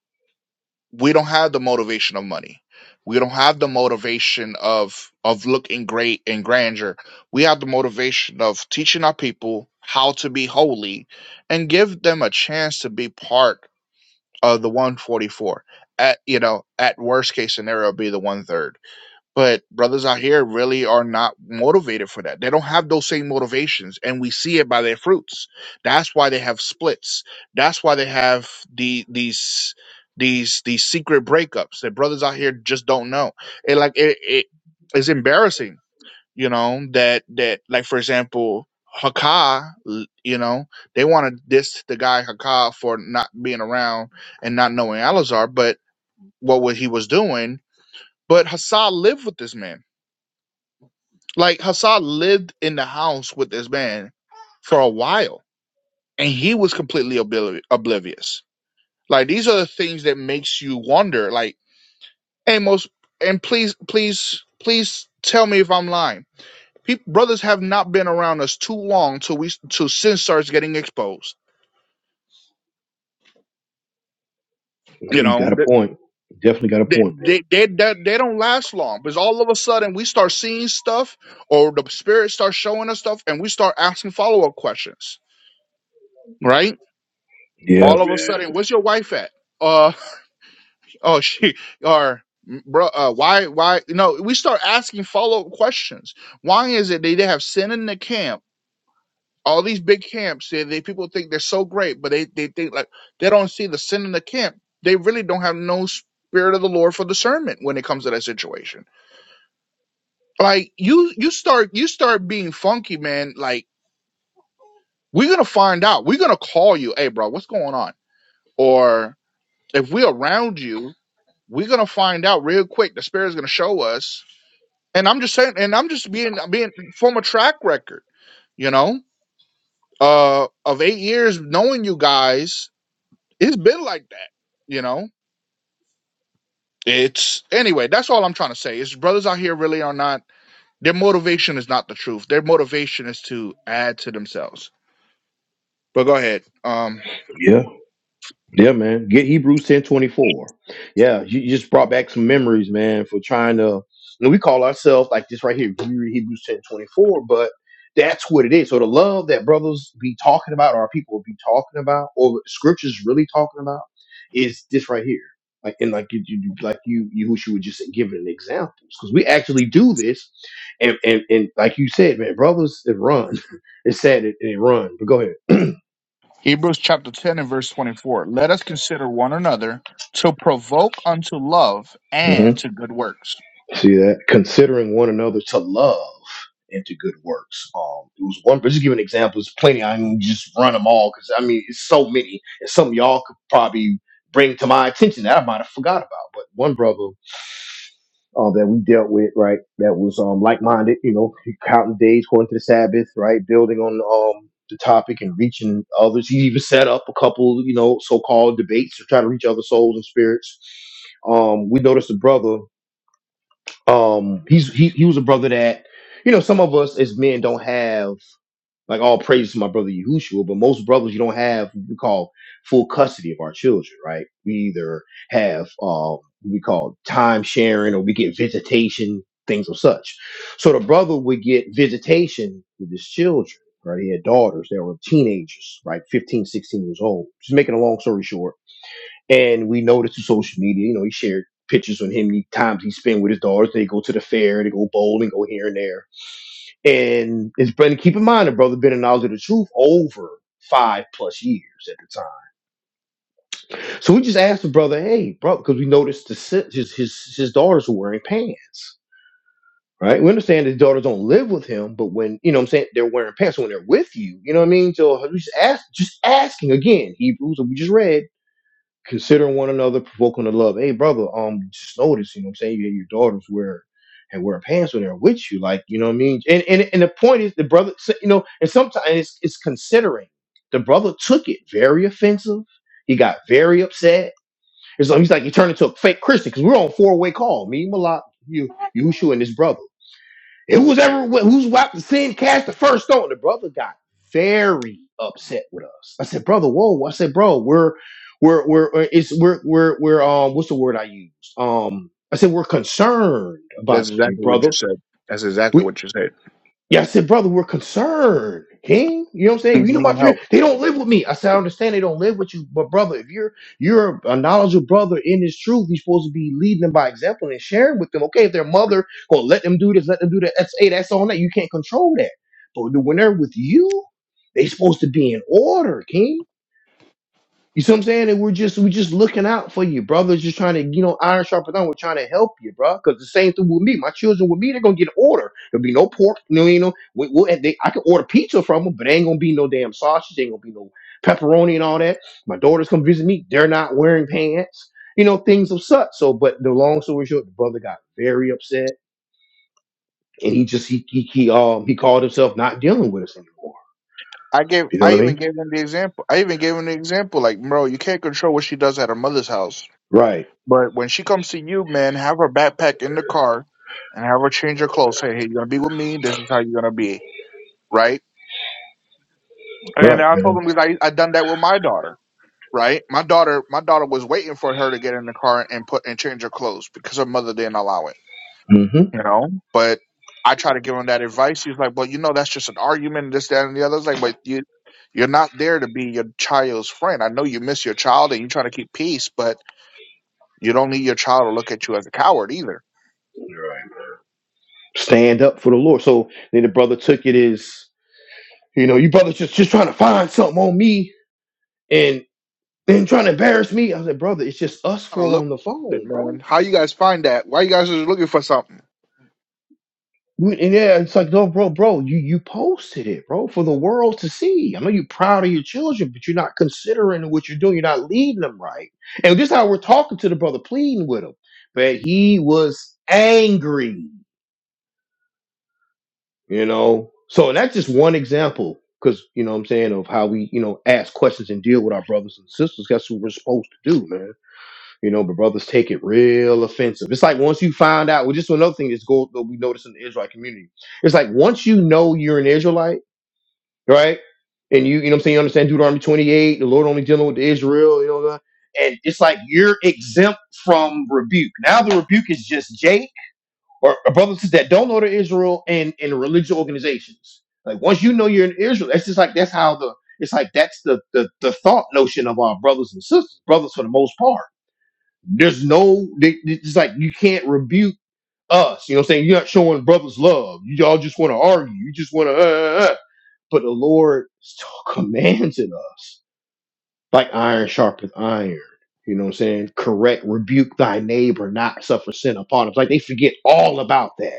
S2: we don't have the motivation of money. We don't have the motivation of of looking great and grandeur. We have the motivation of teaching our people how to be holy and give them a chance to be part of the 144. At you know, at worst case scenario, be the one third but brothers out here really are not motivated for that. They don't have those same motivations, and we see it by their fruits. That's why they have splits. That's why they have the these these these secret breakups that brothers out here just don't know. And like it, it it's embarrassing, you know, that that like for example, Haka, l- you know, they want to diss the guy Haka for not being around and not knowing Alizar, but what wa- he was doing. But Hassan lived with this man like Hassan lived in the house with this man for a while, and he was completely obliv- oblivious. Like these are the things that makes you wonder. Like Amos, and please, please, please tell me if I'm lying. People, brothers have not been around us too long till we till sin starts getting exposed. You
S1: You got
S2: know,
S1: a
S2: th-
S1: point. Definitely got a
S2: they
S1: point, bro.
S2: they they, they, they don't last long because all of a sudden we start seeing stuff or the spirit starts showing us stuff, and we start asking follow up questions. Right?
S1: Yeah,
S2: all of a
S1: man.
S2: sudden, where's your wife at? Uh, (laughs) oh, she or "Mm, bro, uh, why, why? You know, we start asking follow up questions. Why is it they, they have sin in the camp? All these big camps, they, they people think they're so great, but they they think like they don't see the sin in the camp. They really don't have no spirit of the Lord for discernment when it comes to that situation. Like you, you start you start being funky, man. Like we're gonna find out. We're gonna call you, hey, bro, what's going on? Or if we're around you, We're gonna find out real quick. The spirit is gonna show us. And I'm just saying, and I'm just being being from a track record, you know, uh, of eight years knowing you guys. It's been like that, you know. It's anyway. That's all I'm trying to say. Is brothers out here really are not. Their motivation is not the truth. Their motivation is to add to themselves. But go ahead. Um,
S1: Yeah. Yeah, man. Get Hebrews ten twenty four. Yeah, you you just brought back some memories, man, for trying to. and we call ourselves like this right here, we read Hebrews ten twenty four, but that's what it is. So the love that brothers be talking about, or people be talking about, or what scriptures really talking about, is this right here. Like and like you, you like you, you who she would just giving examples because we actually do this, and and and like you said, man, brothers it run. (laughs) it's sad it, it run, but go ahead.
S2: Hebrews chapter ten and verse twenty four. Let us consider one another to provoke unto love and to good works.
S1: See that? Considering one another to love and to good works. Um, it was one, but just giving examples, plenty. I can just run them all because I mean, it's so many. And something y'all could probably bring to my attention that I might have forgot about. But one brother uh, that we dealt with, right, that was um like minded, you know, counting days according to the Sabbath, right, building on um the topic and reaching others. He even set up a couple, you know, so called debates to try to reach other souls and spirits. Um, we noticed a brother um, he's he he was a brother that you know some of us as men don't have like all praise to my brother Yahushua, but most brothers you don't have what we call full custody of our children, right? We either have um what we call time sharing or we get visitation things of such. So the brother would get visitation with his children. Right, he had daughters that were teenagers, right, 15, 16 years old. Just making a long story short, and we know this through social media. You know, he shared pictures on him the times he spent with his daughters. They go to the fair, they go bowling, go here and there. And his brother, keep in mind, the brother been in knowledge of the truth over five plus years at the time. So we just asked the brother, hey, bro, because we noticed the si- his his his daughters were wearing pants. Right? We understand his daughters don't live with him, but when you know what I'm saying they're wearing pants So when they're with you, you know what I mean? So we just ask just asking again, Hebrews that we just read considering one another, provoking to love. Hey, brother, um, just notice, you know what I'm saying? You your daughters wear and wear pants when they're with you. Like, you know what I mean? And and, and the point is the brother so- you know, and sometimes it's it's considering. The brother took it very offensive. He got very upset. And so he's like, he turned into a fake Christian because we're on four way call. Me, Malak, you, Yushu, and this brother. It was ever who's about to sin cast the first stone. The brother got very upset with us. I said, brother, whoa. I said, bro, we're we're we're we're- it's we're we're we're um what's the word I used? Um I said we're concerned about
S2: That's
S1: you,
S2: exactly what
S1: brother.
S2: you said. That's exactly what you said.
S1: Yeah, I said, brother, we're concerned, King. You know what I'm
S2: You
S1: saying? You know
S2: need
S1: about your
S2: help.
S1: they don't live with me. I said, I understand they don't live with you, but brother, if you're you're a knowledgeable brother in this truth, you're supposed to be leading them by example and sharing with them. Okay, if their mother gonna let them do this, let them do that. That's hey, that's on that. You can't control that. But when they're with you, they supposed to be in order, King. You see what I'm saying? And we're just we're just looking out for you, brothers. Just trying to, you know, iron sharpens iron. We're trying to help you, bro. Because the same thing with me. My children with me, they're gonna get an order. There'll be no pork. You know, you know. We, we'll, and they, I can order pizza from them, but ain't gonna be no damn sausage. Ain't gonna be no pepperoni and all that. My daughters come visit me. They're not wearing pants. You know, things of such. So, but the long story short, the brother got very upset, and he just he he, he um he called himself not dealing with us anymore.
S2: I gave.
S1: You know what
S2: I
S1: I
S2: even
S1: mean?
S2: gave him the example. I even gave him the example. Like, bro, you can't control what she does at her mother's house.
S1: Right.
S2: But when she comes to you, man, have her backpack in the car, and have her change her clothes. Say, hey, you're gonna be with me. This is how you're gonna be, right? And
S1: Right,
S2: I told
S1: man.
S2: him because I I done that with my daughter. right? My daughter, my daughter was waiting for her to get in the car and put and change her clothes because her mother didn't allow it,
S1: Mm-hmm.
S2: you know. But I try to give him that advice. He's like, "Well, you know, that's just an argument, this, that, and the other." It's like, "But you, you're not there to be your child's friend. I know you miss your child and you're trying to keep peace, but." You don't need your child to look at you as a coward either.
S1: Right. stand up for the Lord. So then the brother took it as, you know, you brother just just trying to find something on me and then trying to embarrass me. I said, brother, it's just us
S2: kind to
S1: four
S2: look
S1: on the
S2: at it,
S1: phone, bro.
S2: man. How you guys find that? Why you guys just looking for something?
S1: We- And yeah, it's like, no, bro, bro, you you posted it, bro, for the world to see. I know you're proud of your children, but you're not considering what you're doing. You're not leading them right. And this is how we're talking to the brother, pleading with him. But he was angry. you know so that's just one example because you know what i'm saying of how we you know ask questions and deal with our brothers and sisters that's what we're supposed to do man you know but brothers take it real offensive it's like once you find out well just another thing that's go that we notice in the israelite community it's like once you know you're an israelite right and you you know what i'm saying you understand deuteronomy 28 the lord only dealing with israel you know and it's like you're exempt from rebuke now the rebuke is just J or, or brothers that don't know the Israel and in religious organizations. Like once you know you're in Israel, that's just like that's how the it's like that's the the, the thought notion of our brothers and sisters, brothers for the most part. There's no they, they- it's like you can't rebuke us. You know what I'm saying? You're not showing brothers love. You all just want to argue. You just want to. Uh, uh, uh. But the Lord still (laughs) commands it us like iron sharpens iron. You know what I'm saying? Correct, rebuke thy neighbor, not suffer sin upon him. It's like they forget all about that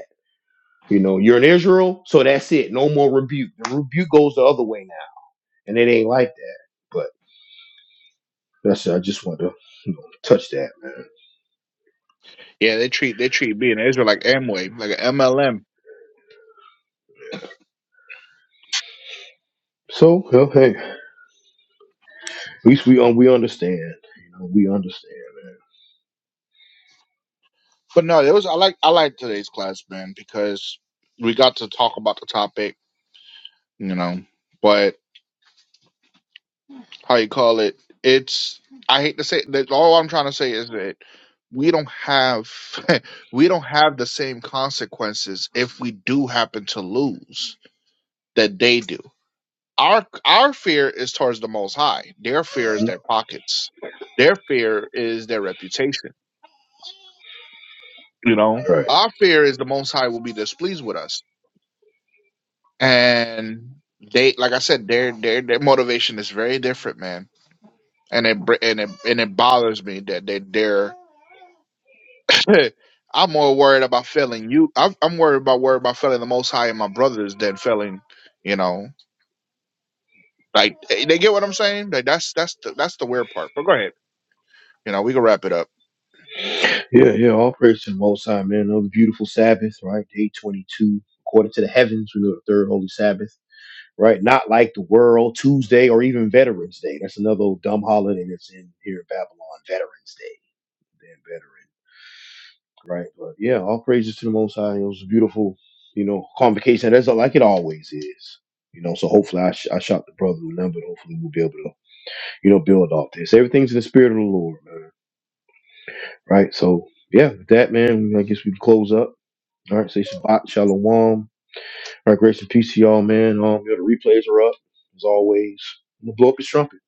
S1: you know, you're in Israel, so that's it. No more rebuke. The rebuke goes the other way now, and it ain't like that. But that's I just want to you know, touch that, man.
S2: Yeah, they treat they treat being an Israel like Amway, like an MLM.
S1: So well, hey, at least we um, we understand. You know, we understand,
S2: But no, it was I like I like today's class, man, because we got to talk about the topic, you know. But. how you call it. It's I hate to say that. All I'm trying to say is that we don't have (laughs) we don't have the same consequences if we do happen to lose that they do. Our our fear is towards the Most High. Their fear is
S1: man. Mhm.
S2: their pockets. Their fear is their reputation. You know,
S1: Right.
S2: our fear is the Most High will be displeased with us, and they, like I said, their their their motivation is very different, man. And it br- and it and it bothers me that they they're (laughs) I'm more worried about failing you. I'm, I'm worried about worried about failing the Most High and my brothers than failing, you know. Like they they get what I'm saying. Like that's that's the, that's the weird part. But go ahead. You know, we can wrap it up.
S1: Yeah, yeah. All praise to the Most High, man. Another beautiful Sabbath, right? Day twenty-two, according to the heavens, we know the third holy Sabbath, right? Not like the world Tuesday or even Veterans Day. That's another old dumb holiday that's in here in Babylon. Veterans Day, damn veterans. right? But yeah, all praises to the Most High. It was a beautiful, you know, convocation. That's like it always is, you know. So hopefully, I, sh- I shot the brother a number. Hopefully, we'll be able to, you know, build off this. Everything's in the spirit of the Lord, man. Right. So yeah, with that man, I guess we can close up. All right. Say Shabbat Shalom. All right. Grace and peace to y'all, man. Um, you know, the replays are up as always. I'm gonna blow up his trumpet.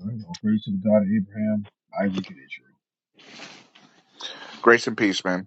S1: All right. All praise to the God of Abraham, Isaac, and Israel.
S2: Grace and peace, man.